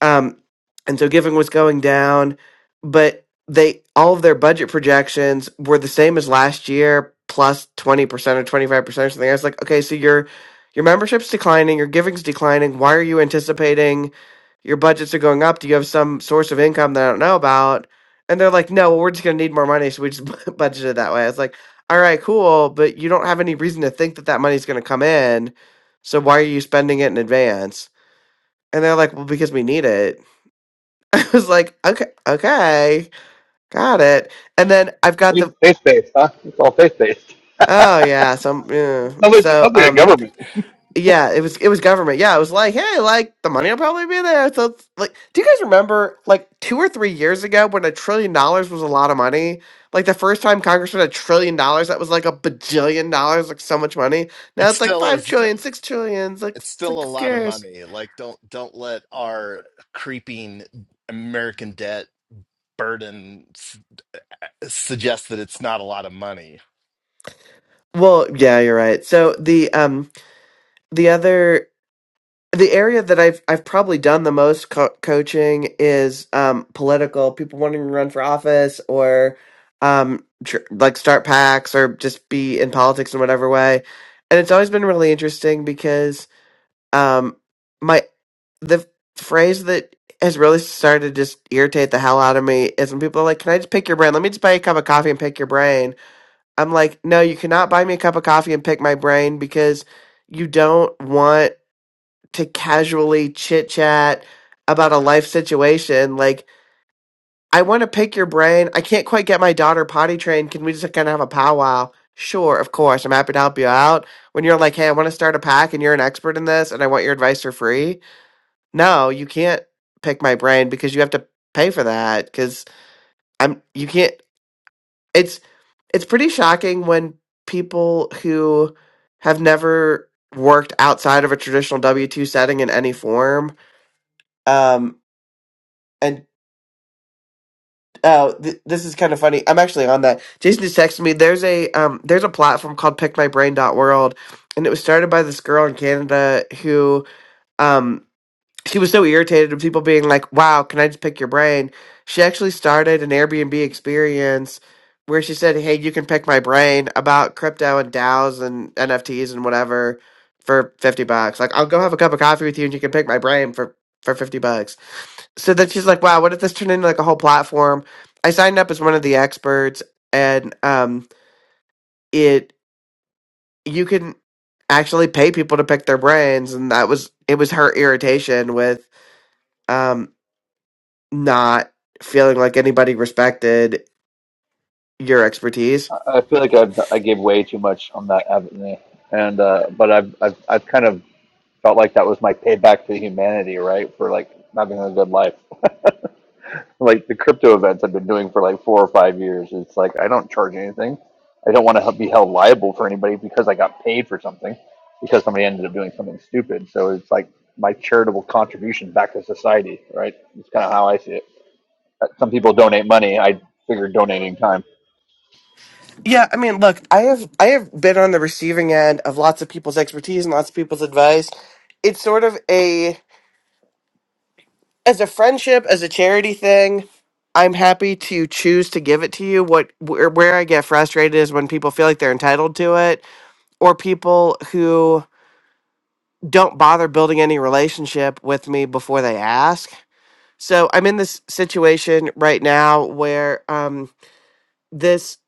B: Um, and so giving was going down, but they all of their budget projections were the same as last year, plus twenty percent or twenty five percent or something. I was like, okay, so your your membership's declining, your giving's declining. Why are you anticipating your budgets are going up? Do you have some source of income that I don't know about? And they're like, no, well, we're just gonna need more money, so we just (laughs) budgeted that way. I was like, all right, cool, but you don't have any reason to think that that money's gonna come in, so why are you spending it in advance? And they're like, well, because we need it. (laughs) I was like, okay, okay, got it. And then I've got the
E: faith based, huh? It's all faith based.
B: oh yeah, some yeah.
E: Sounds like
B: so
E: sounds like a
B: um
E: government.
B: yeah, it was it was government. Yeah, it was like, hey, like the money will probably be there. So it's like, do you guys remember like two or three years ago when a trillion dollars was a lot of money? Like the first time Congress had a trillion dollars, that was like a bajillion dollars, like so much money. Now
A: it
B: it's like
A: still
B: five
A: is,
B: trillion, six trillions, like
A: it's
B: it's
A: still
B: like
A: a
B: who
A: lot of
B: cares?
A: money. Like, don't, don't let our creeping American debt burden s- suggest that it's not a lot of money.
B: Well, yeah, you're right. So the um the other the area that I've I've probably done the most co- coaching is um, political people wanting to run for office or um, tr- like start PACs or just be in politics in whatever way. And it's always been really interesting because um, my the phrase that has really started to just irritate the hell out of me is when people are like, "Can I just pick your brain? Let me just buy you a cup of coffee and pick your brain." I'm like, "No, you cannot buy me a cup of coffee and pick my brain because." You don't want to casually chit chat about a life situation. Like, I want to pick your brain. I can't quite get my daughter potty trained. Can we just kind of have a powwow? Sure, of course. I'm happy to help you out. When you're like, hey, I want to start a pack and you're an expert in this and I want your advice for free. No, you can't pick my brain because you have to pay for that because I'm, you can't, it's, it's pretty shocking when people who have never worked outside of a traditional W 2 setting in any form um. and uh, th- this is kind of funny. I'm actually on that. Jason just texted me. There's a um, there's a platform called Pick My Brain dot World, and it was started by this girl in Canada who um, she was so irritated with people being like, "Wow, can I just pick your brain?" She actually started an Airbnb experience where she said, "Hey, you can pick my brain about crypto and DAOs and NFTs and whatever for fifty bucks. Like, I'll go have a cup of coffee with you, and you can pick my brain for for fifty bucks." so then she's like, "Wow, what if this turned into like a whole platform?" I signed up as one of the experts, and um, it you can actually pay people to pick their brains, and that was it was her irritation with um not feeling like anybody respected your expertise.
E: I feel like I've, I gave way too much on that avenue, and uh, but I've, I've I've kind of felt like that was my payback to humanity, right, for like not having a good life. Like the crypto events I've been doing for like four or five years. It's like I don't charge anything. I don't want to be held liable for anybody because I got paid for something because somebody ended up doing something stupid. So it's like my charitable contribution back to society, right? It's kind of how I see it. Uh, Some people donate money. I figure donating time.
B: Yeah, I mean, look, I have I have been on the receiving end of lots of people's expertise and lots of people's advice. It's sort of a as a friendship, as a charity thing, I'm happy to choose to give it to you. What where, where I get frustrated is when people feel like they're entitled to it, or people who don't bother building any relationship with me before they ask. So I'm in this situation right now where um this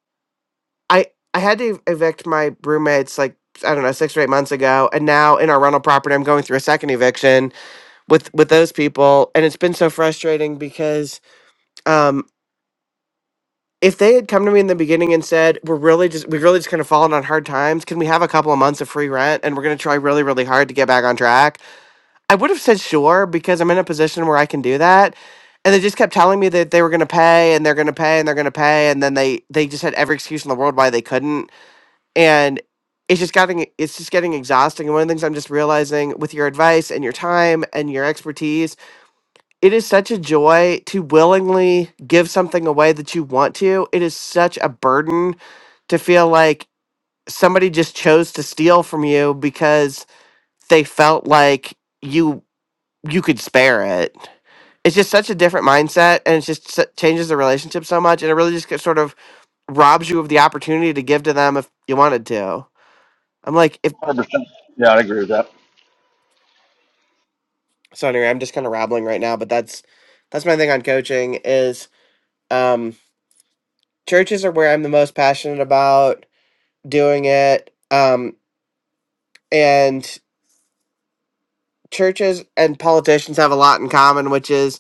B: I I had to evict my roommates like I don't know six or eight months ago, and now in our rental property I'm going through a second eviction with with those people, and it's been so frustrating because. um. if they had come to me in the beginning and said, "We're really just we've really just kind of fallen on hard times. Can we have a couple of months of free rent and we're going to try really really hard to get back on track?" I would have said sure because I'm in a position where I can do that. And they just kept telling me that they were going to pay and they're going to pay and they're going to pay and then they they just had every excuse in the world why they couldn't. And it's just getting it's just getting exhausting. And one of the things I'm just realizing with your advice and your time and your expertise it is such a joy to willingly give something away that you want to. It is such a burden to feel like somebody just chose to steal from you because they felt like you you could spare it. It's just such a different mindset and it just s- changes the relationship so much and it really just get- sort of robs you of the opportunity to give to them if you wanted to. I'm like if
E: 100%. Yeah, I agree with that.
B: so anyway, I'm just kind of rambling right now, but that's that's my thing on coaching is um churches are where I'm the most passionate about doing it. Um, and churches and politicians have a lot in common, which is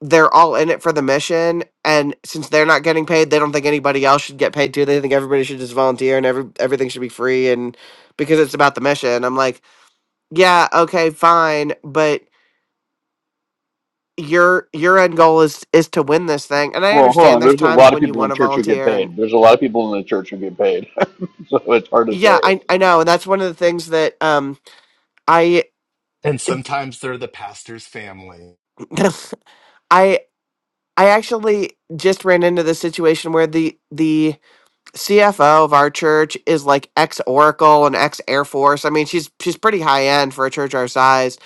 B: they're all in it for the mission. And since they're not getting paid, they don't think anybody else should get paid too. They think everybody should just volunteer and every everything should be free. And because it's about the mission, I'm like, yeah, okay, fine, but your your end goal is is to win this thing. And I
E: Well,
B: understand there's times when you want to volunteer and yeah, I I know, and that's one of the things that um I
A: And sometimes they're the pastor's family.
B: (laughs) I I actually just ran into the situation where the the CFO of our church is like ex Oracle and ex Air Force. I mean, she's she's pretty high end for a church our size.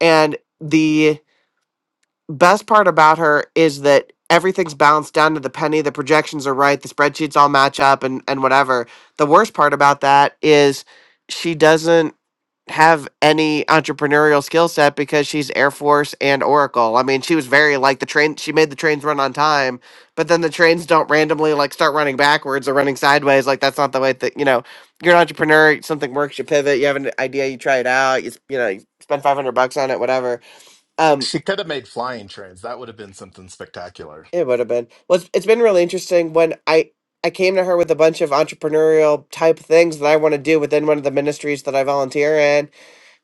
B: And the best part about her is that everything's balanced down to the penny. The projections are right. The spreadsheets all match up and and whatever. The worst part about that is she doesn't have any entrepreneurial skill set because she's Air Force and Oracle. I mean, she was very like the train she made the trains run on time, but then the trains don't randomly like start running backwards or running sideways. Like that's not the way that, you know, you're an entrepreneur, something works, you pivot, you have an idea, you try it out, you, s- you know, you spend 500 bucks on it, whatever. Um
A: She could have made flying trains. That would have been something spectacular.
B: it would have been. Well, it's, it's been really interesting when I I came to her with a bunch of entrepreneurial type things that I want to do within one of the ministries that I volunteer in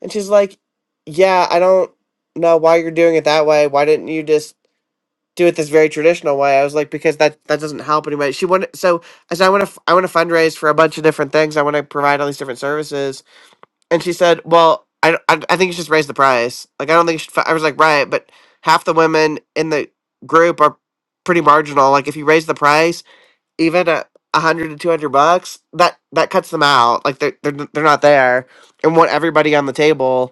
B: And she's like, Yeah, I don't know why you're doing it that way. Why didn't you just do it this very traditional way? I was like, Because that that doesn't help anybody. She wanted so I said, I want to I want to fundraise for a bunch of different things. I want to provide all these different services. And she said, Well, I I, I think you should just raise the price. Like I don't think you should, fu-" I was like, Right, but half the women in the group are pretty marginal. Like if you raise the price, even a 100 to 200 bucks that that cuts them out like they're, they're they're not there and want everybody on the table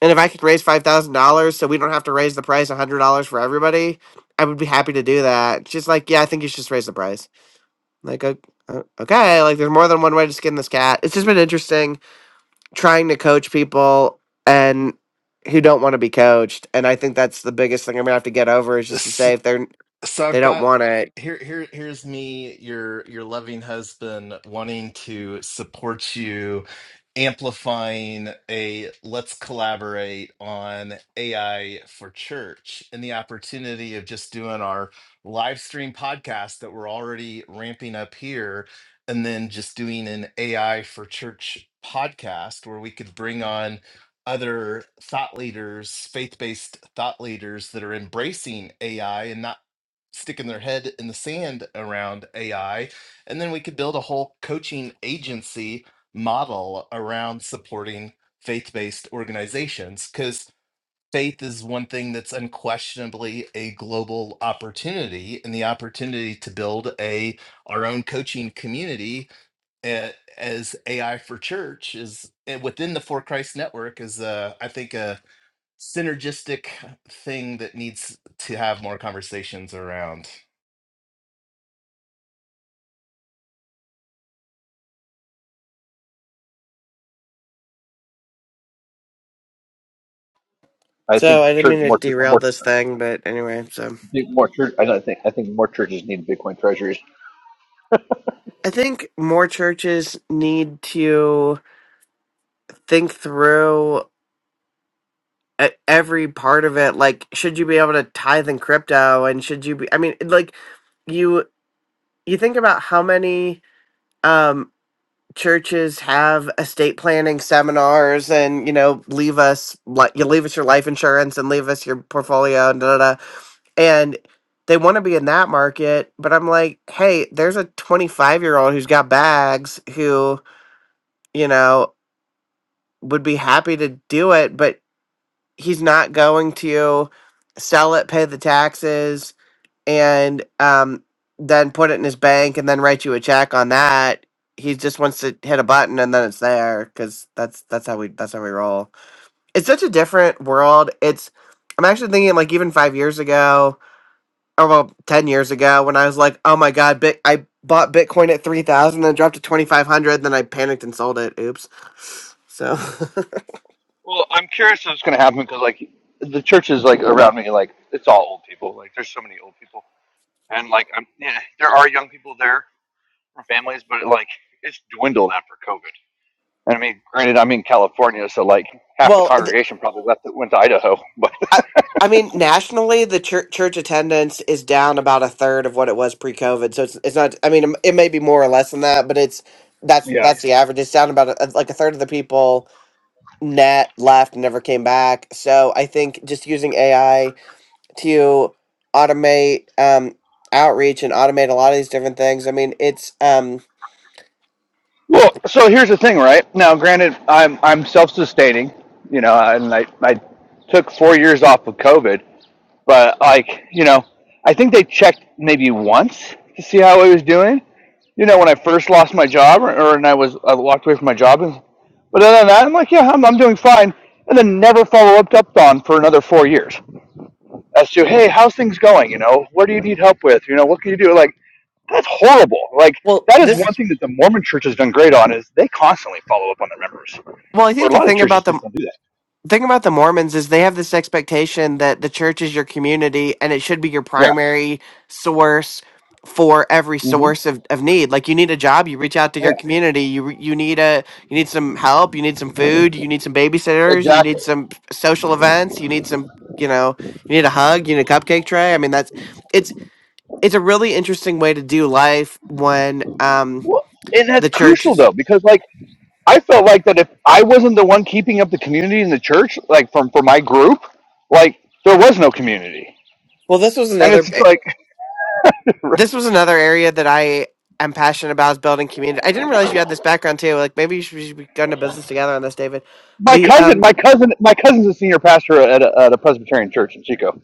B: and if I could raise five thousand dollars, so we don't have to raise the price a hundred dollars for everybody, I would be happy to do that. She's like, yeah, I think you should just raise the price. I'm like, "O- o- okay, like there's more than one way to skin this cat. It's just been interesting trying to coach people and who don't want to be coached. And I think that's the biggest thing I'm gonna have to get over is just to say if they're
A: So
B: they
A: I've
B: don't
A: got
B: want it.
A: here here here's me, your your loving husband wanting to support you amplifying a let's collaborate on AI for church and the opportunity of just doing our live stream podcast that we're already ramping up here and then just doing an AI for church podcast where we could bring on other thought leaders, faith based thought leaders that are embracing AI and not sticking their head in the sand around AI. And then we could build a whole coaching agency model around supporting faith based organizations because faith is one thing that's unquestionably a global opportunity and the opportunity to build a our own coaching community a- as ai for church is and within the for christ network is uh, i think a synergistic thing that needs to have more conversations around
E: I
B: So I
E: think
B: didn't mean
E: church
B: to
E: more
B: derail
E: more
B: this thing, but anyway, so
E: more church. I don't think I think more churches need Bitcoin treasuries.
B: I think more churches need to think through e- every part of it like should you be able to tithe in crypto and should you be i mean like you you think about how many um churches have estate planning seminars and you know leave us like you leave us your life insurance and leave us your portfolio and da da da and they want to be in that market but i'm like hey there's a 25 year old who's got bags who you know would be happy to do it but he's not going to sell it, pay the taxes, and um, then put it in his bank and then write you a check on that. He just wants to hit a button and then it's there because that's that's how we that's how we roll. It's such a different world. It's I'm actually thinking like even five years ago or well ten years ago when I was like, oh my god, bit I bought Bitcoin at three thousand, then it dropped to twenty five hundred, then I panicked and sold it. Oops. So
E: Well, I'm curious what's going to happen because like the church is like around me, like it's all old people. Like there's so many old people, and like I'm yeah, there are young people there from families, but like it's dwindled after COVID. And I mean, granted, I'm in California, so like
B: (laughs)
E: half the
B: well,
E: congregation probably left went to Idaho. (laughs) But
B: I I mean, nationally, the church, church attendance is down about a third of what it was pre-COVID. So it's it's not. I mean, it may be more or less than that, but it's that's
E: Yeah.
B: that's the average. It's down about a, like a third of the people net left and never came back. So I think just using AI to automate um, outreach and automate a lot of these different things. I mean, it's um,
E: well, so here's the thing, right? Now, granted, I'm I'm self-sustaining, you know, and I I took four years off of COVID, but like you know, I think they checked maybe once to see how I was doing you know, when I first lost my job or, or and I was I walked away from my job, and, but other than that, I'm like, yeah, I'm, I'm doing fine. And then never follow up up on for another four years as to, hey, how's things going? You know, what do you need help with? You know, what can you do? Like that's horrible. Like
B: well
E: that is one
B: this.
E: thing that the Mormon Church has done great on is they constantly follow up on their members.
B: Well, I
E: Or
B: think
E: a
B: the
E: lot of
B: thing
E: churches
B: about the
E: just don't do that.
B: thing about the Mormons is they have this expectation that the church is your community and it should be your
E: Yeah,
B: primary source for every
E: hmm
B: source of, of need. Like you need a job, you reach out to
E: Yeah,
B: your community. You re- you need a you need some help, you need some food, you need some babysitters, you need
E: exactly.
B: some social events, you need some, you know, you need a hug, you need a cupcake tray. I mean, that's it's it's a really interesting way to do life when um
E: Wha- and that's
B: the church
E: crucial
B: is
E: though because like. I felt like that if I wasn't the one keeping up the community in the church, like from for my group, like there was no community.
B: well, this was
E: And
B: another.
E: it's like
B: This was another area that I am passionate about is building community. I didn't realize you had this background too. Like maybe you should, we should be going to business together on this, David.
E: (laughs) my
B: The
E: cousin,
B: um
E: my cousin, my cousin's a senior pastor at a, at a Presbyterian church in Chico,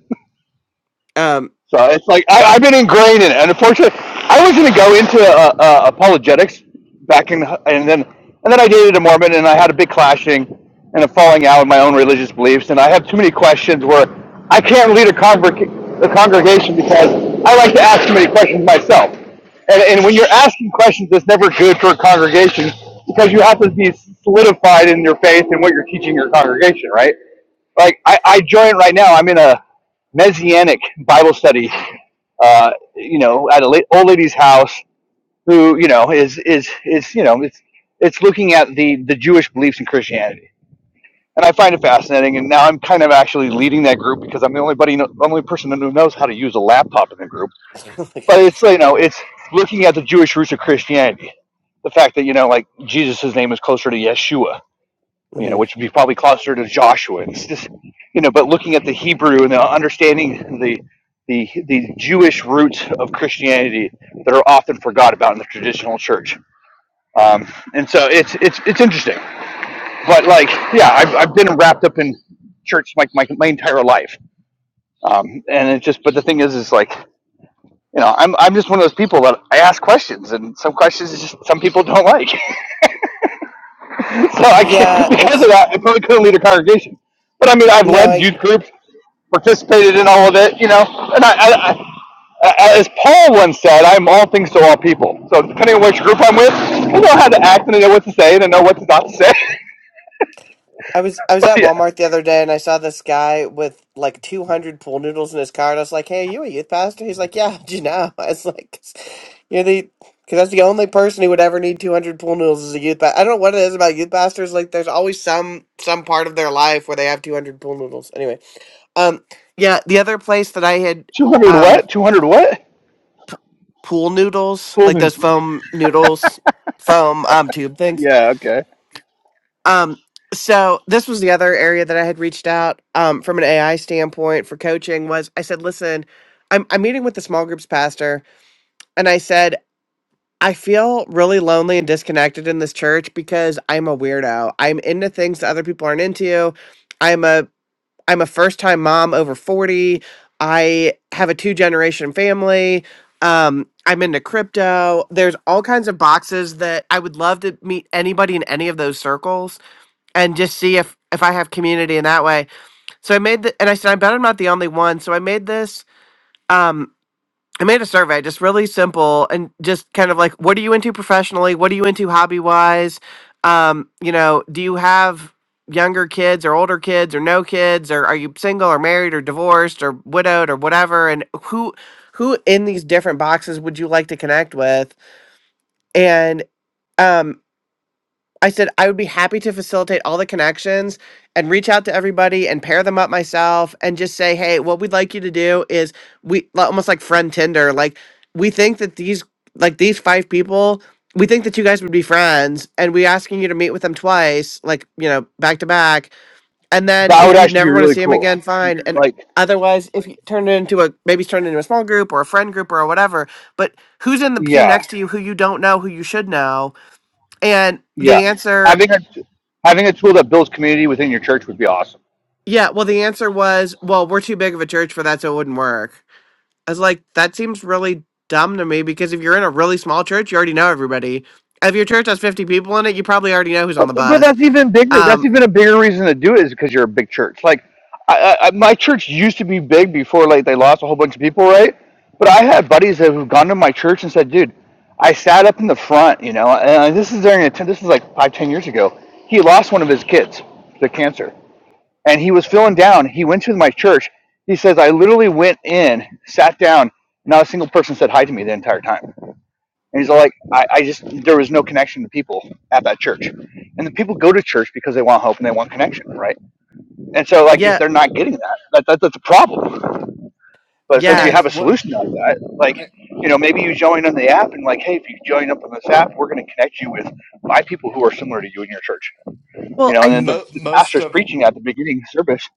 B: um
E: So it's like I, I've been ingrained in it, and unfortunately, I was going to go into uh, uh, apologetics back in, and then and then I dated a Mormon, and I had a big clashing and a falling out with my own religious beliefs, and I have too many questions where I can't lead a, congreg- a congregation because I like to ask too many questions myself, and and when you're asking questions, it's never good for a congregation because you have to be solidified in your faith and what you're teaching your congregation, right? Like I, I join right now, I'm in a Messianic Bible study uh, you know, at a la- old lady's house who, you know, is is is you know, it's it's looking at the the Jewish beliefs in Christianity, and I find it fascinating. And now I'm kind of actually leading that group because I'm the only buddy, the only person who knows how to use a laptop in the group.
B: (laughs) oh my
E: But
B: god,
E: it's
B: that's
E: you know,
B: amazing.
E: it's looking at the Jewish roots of Christianity, the fact that you know, like Jesus' name is closer to Yeshua you know,
B: hmm
E: which would be probably closer to Joshua. It's just, you know, but looking at the Hebrew and the understanding the the the Jewish roots of Christianity that are often forgot about in the traditional church. Um, and so it's it's it's interesting. But like, yeah, I've I've been wrapped up in church like my, my my entire life. Um, and it just but the thing is is like you know, I'm I'm just one of those people that I ask questions, and some questions just some people don't like. (laughs) so I
B: Yeah,
E: can't, because of
B: it's
E: that, I probably couldn't lead a congregation. But I mean, I've
B: no,
E: led
B: I
E: youth groups. participated in all of it, you know. And I, I, I, as Paul once said, I'm all things to all people. So depending on which group I'm with, I know how to act and I know what to say and I know what to not say.
B: I was I
E: (laughs)
B: was
E: but
B: at
E: yeah,
B: Walmart the other day and I saw this guy with like 200 pool noodles in his car and I was like, "Hey, are you a youth pastor?" He's like, "Yeah, (laughs) how'd you know?" (laughs) I was like, 'Cause "You're the because that's the only person who would ever need 200 pool noodles as a youth pastor. I don't know what it is about youth pastors. Like, there's always some some part of their life where they have 200 pool noodles. Anyway, Um, yeah, the other place that I had
E: 200
B: um
E: what? 200 what?
B: pool noodles, like
E: Cool.
B: those foam noodles, foam um tube things.
E: Yeah, okay.
B: Um, so this was the other area that I had reached out um from an AI standpoint for coaching was I said, listen, I'm I'm meeting with the small groups pastor, and I said. I feel really lonely and disconnected in this church because I'm a weirdo. I'm into things that other people aren't into. I'm a I'm a first time mom over 40. I have a two generation family. Um, I'm into crypto. There's all kinds of boxes that I would love to meet anybody in any of those circles and just see if if I have community in that way. So I made the and I said I bet I'm not the only one. So I made this. Um, I made a survey, just really simple and just kind of like, what are you into professionally? What are you into hobby wise? Um, you know, do you have younger kids or older kids or no kids or are you single or married or divorced or widowed or whatever? And who who in these different boxes would you like to connect with? And um I said I would be happy to facilitate all the connections and reach out to everybody and pair them up myself and just say, hey, what we'd like you to do is we li- almost like friend Tinder. Like we think that these like these five people, we think that you guys would be friends, and we asking you to meet with them twice, like you know, back to back. And then
E: That would
B: if you
E: actually be
B: never want to
E: really
B: see them
E: cool.
B: again, fine. And
E: Like,
B: otherwise, if you turn it into a maybe it's turned into a small group or a friend group or whatever. But who's in the pew
E: yeah,
B: next to you who you don't know who you should know? And
E: yeah.
B: the answer
E: Having a having a tool that builds community within your church would be awesome.
B: Yeah, well, the answer was, well, we're too big of a church for that, so it wouldn't work. I was like, that seems really dumb to me because if you're in a really small church, you already know everybody. If your church has 50 people in it, you probably already know who's on
E: But,
B: the
E: but
B: bus.
E: that's even bigger. That's
B: Um,
E: even a bigger reason to do it is because you're a big church. Like, I, I, I- my church used to be big before like they lost a whole bunch of people, right? But I had buddies that have gone to my church and said, "Dude, I sat up in the front, you know." And this is during a ten, this is like five, ten years ago. He lost one of his kids to cancer, and he was feeling down. He went to my church. He says, "I literally went in, sat down. Not a single person said hi to me the entire time." And he's like, I, I just, there was no connection to people at that church. And the people go to church because they want hope and they want connection, right? And so, like, if
B: yeah,
E: they're not getting that, that, that that's a problem. But so if you
B: yeah.
A: And
E: have a
A: what
E: solution to that, like,
A: I,
E: you know, maybe you join on the app and, like, hey, if you join up on this app, we're going to connect you with my people who are similar to you in your church, you
B: Well,
E: know, and
B: I,
E: then the,
A: mo-
E: the
A: most
E: pastor's
A: of
E: preaching at the beginning of the service.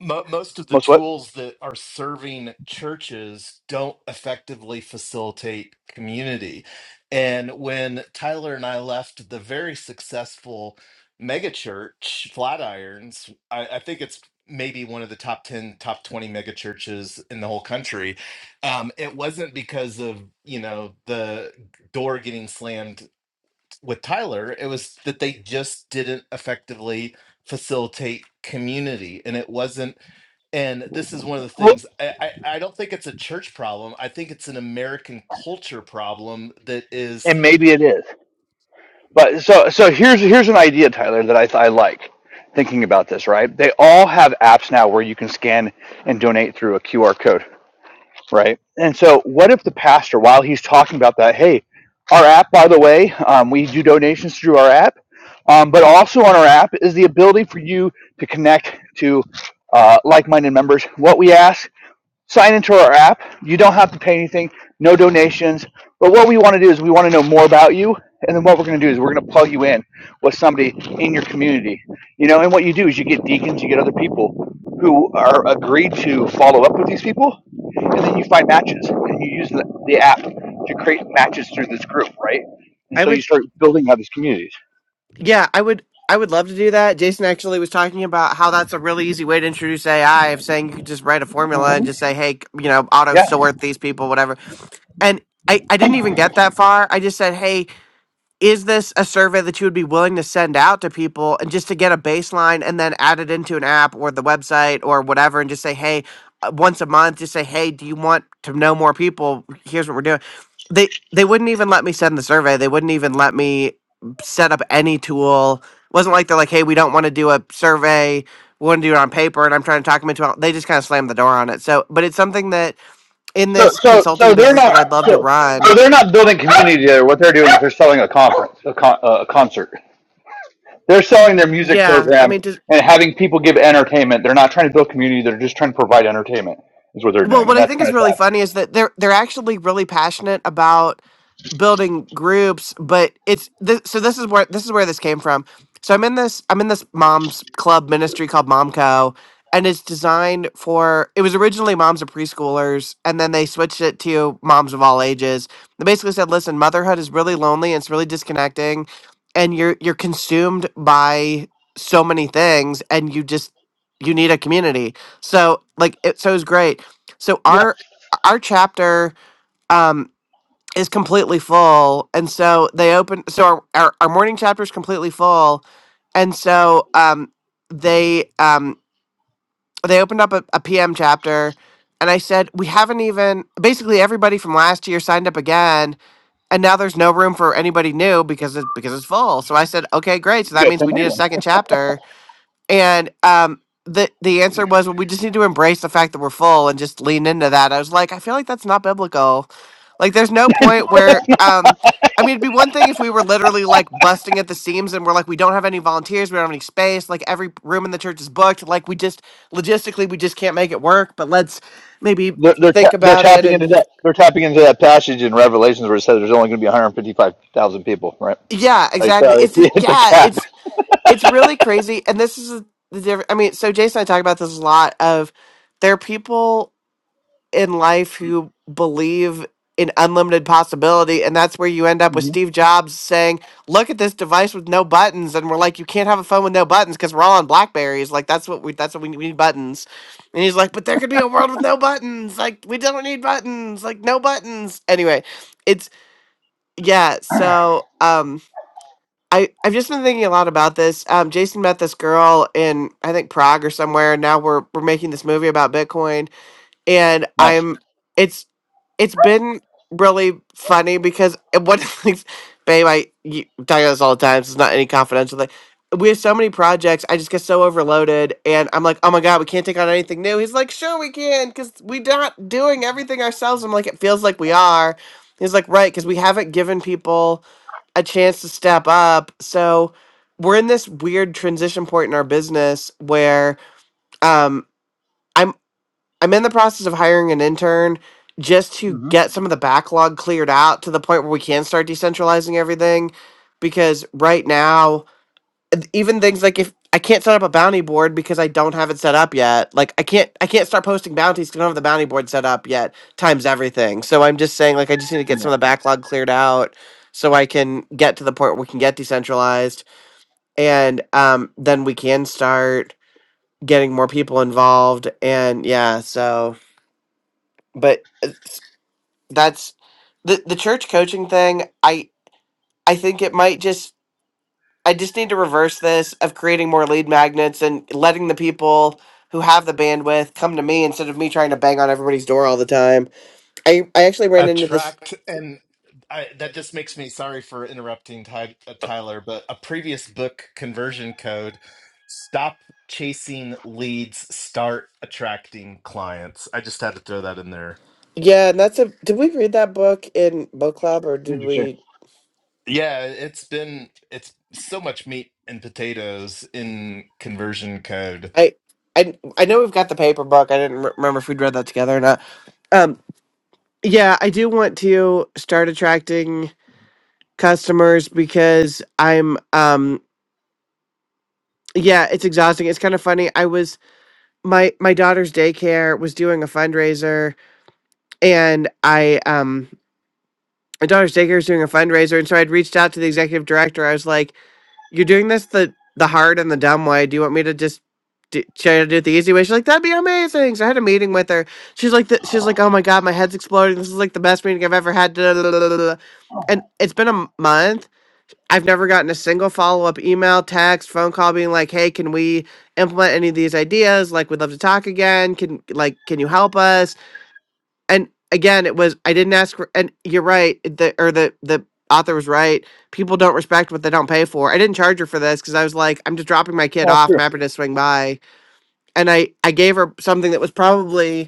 A: mo- most of the
E: Most what?
A: tools that are serving churches don't effectively facilitate community. And when Tyler and I left the very successful megachurch Flatirons, I, I think it's maybe one of the top 10 top 20 megachurches in the whole country um, it wasn't because of you know the door getting slammed with Tyler, it was that they just didn't effectively facilitate community. And it wasn't, and this is one of the
E: Well,
A: things I, I, I don't think it's a church problem. I think it's an American culture problem that is
E: and maybe it is. But so so here's here's an idea, Tyler, that I I like thinking about this. Right, they all have apps now where you can scan and donate through a QR code. Right, and so what if the pastor, while he's talking about that, hey, our app, by the way, um, we do donations through our app, um, but also on our app is the ability for you to connect to uh, like-minded members. What we ask sign into our app. You don't have to pay anything, no donations. But what we want to do is we want to know more about you. And then what we're going to do is we're going to plug you in with somebody in your community. You know, and what you do is you get deacons, you get other people who are agreed to follow up with these people. And then you find matches and you use the, the app to create matches through this group, right? And
B: I
E: so you
B: would,
E: start building out these communities.
B: yeah, I would, I would love to do that. Jason actually was talking about how that's a really easy way to introduce AI of saying you could just write a formula and
E: hmm
B: just say, hey, you know, auto
E: Yeah.
B: sort these people, whatever. And I, I didn't even get that far. I just said, hey, is this a survey that you would be willing to send out to people and just to get a baseline and then add it into an app or the website or whatever and just say hey uh, once a month just say hey do you want to know more people here's what we're doing they they wouldn't even let me send the survey they wouldn't even let me set up any tool it wasn't like they're like hey we don't want to do a survey we want to do it on paper and i'm trying to talk them into it they just kind of slammed the door on it so but it's something that in
E: So,
B: this
E: so,
B: consulting
E: so they're
B: business that
E: not.
B: i'd love to
E: So,
B: run
E: so they're not building community there. What they're doing is they're selling a conference, a, con, uh, a concert. They're selling their music
B: yeah i
E: program
B: mean to
E: and having people give entertainment. They're not trying to build community. They're just trying to provide entertainment. Is what they're
B: Well,
E: doing,
B: what
E: and
B: I
E: that's
B: think
E: kind
B: is
E: of
B: really
E: sad.
B: funny is that they're they're actually really passionate about building groups, but it's th- so this is where this is where this came from. So I'm in this I'm in this mom's club ministry called Momco, and it's designed for it was originally moms of preschoolers, and then they switched it to moms of all ages. They basically said, listen, motherhood is really lonely and it's really disconnecting, and you're you're consumed by so many things, and you just you need a community. So like it so it was great so
E: Yeah,
B: our our chapter um is completely full and so they open so our, our, our morning chapter is completely full and so um they um they opened up a, a PM chapter and I said we haven't even basically everybody from last year signed up again and now there's no room for anybody new because it because it's full. So I said, "Okay, great. So
E: you
B: that
E: got to
B: means
E: send
B: we need
E: another
B: a
E: one.
B: second chapter." And um, the the answer was, well, we just need to embrace the fact that we're full and just lean into that. I was like, I feel like that's not biblical. Like, there's no point where, um, I mean, it'd be one thing if we were literally like busting at the seams and we're like, we don't have any volunteers, we don't have any space, like every room in the church is booked, like we just logistically we just can't make it work. But let's maybe
E: They're they're,
B: think
E: ta- they're
B: about it
E: tapping
B: and
E: into that. They're tapping into that passage in Revelations where it says there's only going to be 155,000 people. Right?
B: yeah,
E: Like,
B: exactly.
E: sorry,
B: It's
E: (laughs) we
B: just-
E: hit the
B: yeah,
E: cap.
B: it's it's really crazy, and this is the different. I mean, so Jason, and I talk about this a lot of there are people. in life who believe in unlimited possibility and that's where you end up with
E: hmm
B: Steve Jobs saying, "Look at this device with no buttons." And we're like, "You can't have a phone with no buttons because we're all on Blackberries. Like that's what we that's what we need, we need buttons." And he's like, "But there could be a world with no buttons. Like we don't need buttons. Like no buttons." Anyway, it's yeah, so um I, I've just been thinking a lot about this. Um, Jason met this girl in I think Prague or somewhere, and now we're we're making this movie about Bitcoin and
E: Nice.
B: I'm it's it's been really funny because (laughs) and one of the things, babe, I you talk about this all the time. So it's not any confidential thing. We have so many projects. I just get so overloaded, and I'm like, oh my god, we can't take on anything new. He's like, sure we can, because we're not doing everything ourselves. I'm like, it feels like we are. He's like, right, because we haven't given people a chance to step up. So we're in this weird transition point in our business where um, I'm. I'm in the process of hiring an intern just to
E: hmm
B: get some of the backlog cleared out to the point where we can start decentralizing everything. Because right now, even things like if I can't set up a bounty board because I don't have it set up yet. Like I can't I can't start posting bounties because I don't have the bounty board set up yet. Times everything. So I'm just saying like I just need to get
E: Yeah.
B: some of the backlog cleared out so I can get to the point where we can get decentralized and um then we can start getting more people involved and yeah so but it's- that's the the church coaching thing. I I think it might just I just need to reverse this of creating more lead magnets and letting the people who have the bandwidth come to me instead of me trying to bang on everybody's door all the time. I I actually ran into this.
A: attract and I, that just makes me sorry for interrupting Ty, uh, Tyler, but a previous book, Conversion Code, stop chasing leads, start attracting clients. I just had to throw that in there.
B: Yeah, and that's a. Did we read that book in book club or did
E: Interesting.
B: we?
A: Yeah, it's been it's so much meat and potatoes in conversion code.
B: I I I know we've got the paper book. I didn't re- remember if we'd read that together or not. Um. Yeah, I do want to start attracting customers because I'm um yeah, it's exhausting. It's kind of funny. I was my my daughter's daycare was doing a fundraiser and I um my daughter's daycare is doing a fundraiser and so I'd reached out to the executive director. I was like, "You're doing this the the hard and the dumb way. Do you want me to just do, try to do it the easy way?" She's like, "That'd be amazing." So I had a meeting with her. She's like, the, "She's like, oh my god, my head's exploding. This is like the best meeting I've ever had." (laughs) And it's been a m- month I've never gotten a single follow up email, text, phone call being like, "Hey, can we implement any of these ideas? Like, we'd love to talk again. Can like, can you help us?" And again, it was I didn't ask. For, and you're right, the or the the author was right. People don't respect what they don't pay for. I didn't charge her for this because I was like, I'm just dropping my kid
E: No, it's
B: off. I'm
E: true.
B: happy to swing by, and I I gave her something that was probably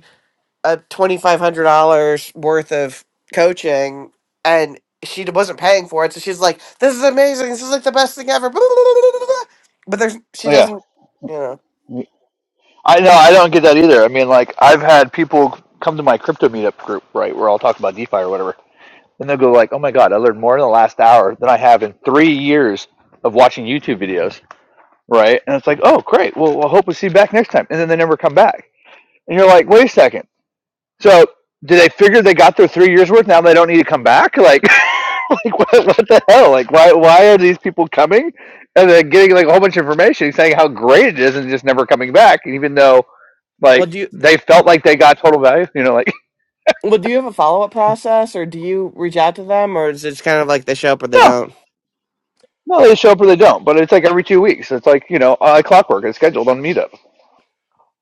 B: a twenty five hundred dollars worth of coaching, and she wasn't paying for it. So she's like, "This is amazing. This is like the best thing ever." (laughs) But there's she
E: Oh yeah.
B: doesn't, you know.
E: I know. I don't get that either. I mean, like I've had people come to my crypto meetup group, right, where I'll talk about DeFi or whatever Then they'll go like, "Oh my god, I learned more in the last hour than I have in three years of watching YouTube videos." Right? And it's like, "Oh, great. Well, we'll hope we see you back next time." And then they never come back, and you're like, "Wait a second. So." Do they figure they got their three years worth? Now they don't need to come back. Like, (laughs) like what, what the hell? Like, why why are these people coming and then getting like a whole bunch of information, saying how great it is, and just never coming back? And even though,
B: Well,
E: like,
B: do you
E: they felt like they got total value, you know, like
B: well do you have a follow up process, or do you reach out to them, or is it just kind of like they show up or
E: (laughs)
B: they
E: no.
B: don't?
E: No, they show up or they don't. But it's like every two weeks. It's like you know, uh, clockwork. It's scheduled on Meetup.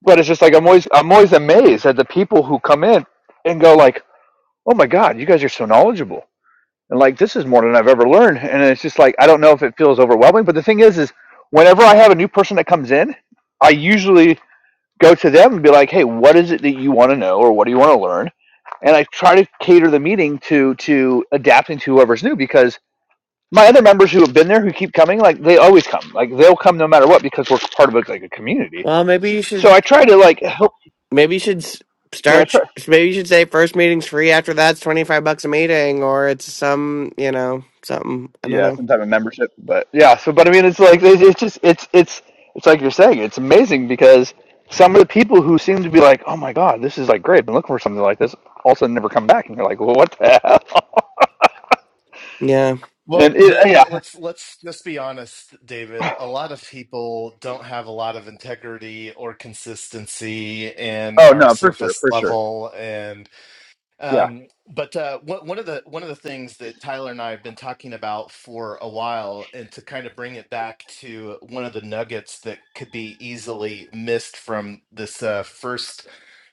E: But it's just like I'm always I'm always amazed at the people who come in and go like, "Oh my God, you guys are so knowledgeable," and like this is more than I've ever learned. And it's just like I don't know if it feels overwhelming. But the thing is, is whenever I have a new person that comes in, I usually go to them and be like, "Hey, what is it that you want to know, or what do you want to learn?" And I try to cater the meeting to to adapting to whoever's new because my other members who have been there who keep coming like they always come like they'll come no matter what because we're part of a, like a community
B: Well, maybe you
E: so
B: should
E: i try to like help
B: maybe you should s-
E: you know i
B: start. sh-
E: try
B: Maybe you should say first meeting's free. After that's twenty five bucks a meeting, or it's some you know something. I don't
E: yeah
B: know.
E: some type of membership but yeah so but i mean it's like it- it's just it's it's it's like you're saying it's amazing because some of the people who seem to be like oh my god this is like great i've been looking for something like this all of a sudden never come back and you're like well what the hell
B: Yeah,
E: (laughs) and
A: Well,
E: it,
A: the,
E: yeah
A: let, let's let's just be honest, David. A lot of people don't have a lot of integrity or consistency and
E: oh
A: are
E: no for sure
A: surface
E: for sure
A: level, and.
E: yeah
A: Um, but uh, one one of the one of the things that Tyler and I have been talking about for a while, and to kind of bring it back to one of the nuggets that could be easily missed from this uh, first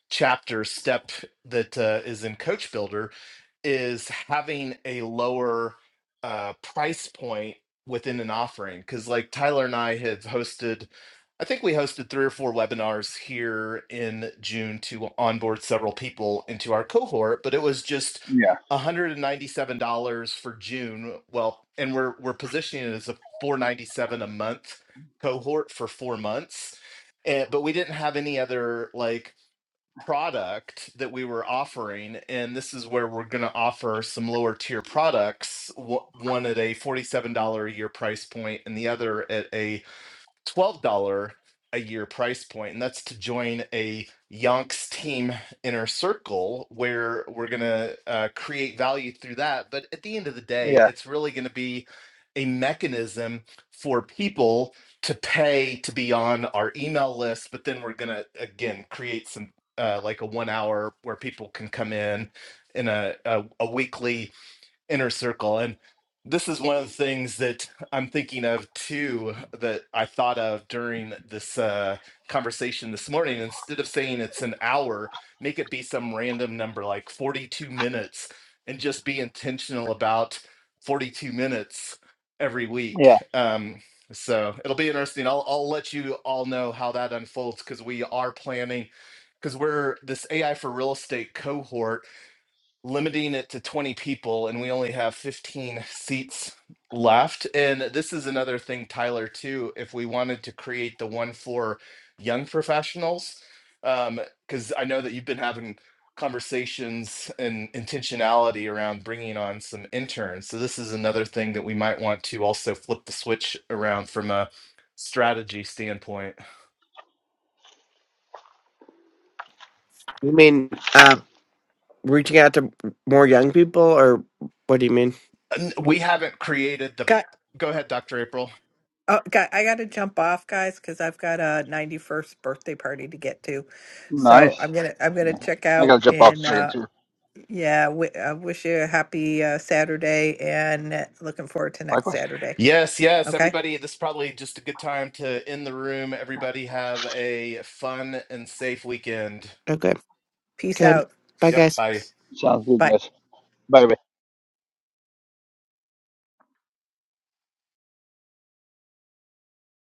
A: chapter step that uh, is in Coach Builder, is having a lower uh, price point within an offering. Because like Tyler and I have hosted I think we hosted three or four webinars here in June to onboard several people into our cohort, but it was just
E: yeah
A: $197 for June. Well, and we're we're positioning it as a 497 a month cohort for 4 months. And, but we didn't have any other like product that we were offering and this is where we're going to offer some lower tier products wh- one at a $47 a year price point and the other at a $12 a year price point, and that's to join a Yonks team inner circle where we're going to uh, create value through that. But at the end of the day,
E: yeah
A: it's really going to be a mechanism for people to pay to be on our email list. But then we're going to, again, create some uh, like a one hour where people can come in in a, a, a weekly inner circle. And this is one of the things that I'm thinking of too, that I thought of during this uh, conversation this morning. Instead of saying it's an hour, make it be some random number like 42 minutes and just be intentional about 42 minutes every
E: yeah
A: week. Um, so it'll be interesting. I'll, I'll let you all know how that unfolds because we are planning, because we're this AI for real estate cohort limiting it to 20 people and we only have 15 seats left and this is another thing tyler too if we wanted to create the one for young professionals because i know that you've been having conversations and intentionality around bringing on some interns so this is another thing that we might want to also flip the switch around from a strategy standpoint
B: I mean, uh, reaching out to more young people, or what do you mean?
A: And we haven't created the go ahead dr april
C: Oh, got, I got to jump off, guys, because I've got a 91st birthday party to get to. So
E: nice
C: I'm gonna I'm gonna check
E: i gotta
C: out
E: jump off a
C: and
E: second
C: uh,
E: too
C: yeah, w- I wish you a happy uh, Saturday and uh, looking forward to next
E: likewise
C: Saturday.
A: Yes, yes,
C: Okay,
A: everybody. This is probably just a good time to end the room. Everybody have a fun and safe weekend.
B: Okay,
C: peace
B: okay,
C: out.
B: bye,
A: Yep,
B: guys.
A: bye.
E: sounds good
C: Bye.
E: guys bye everybody.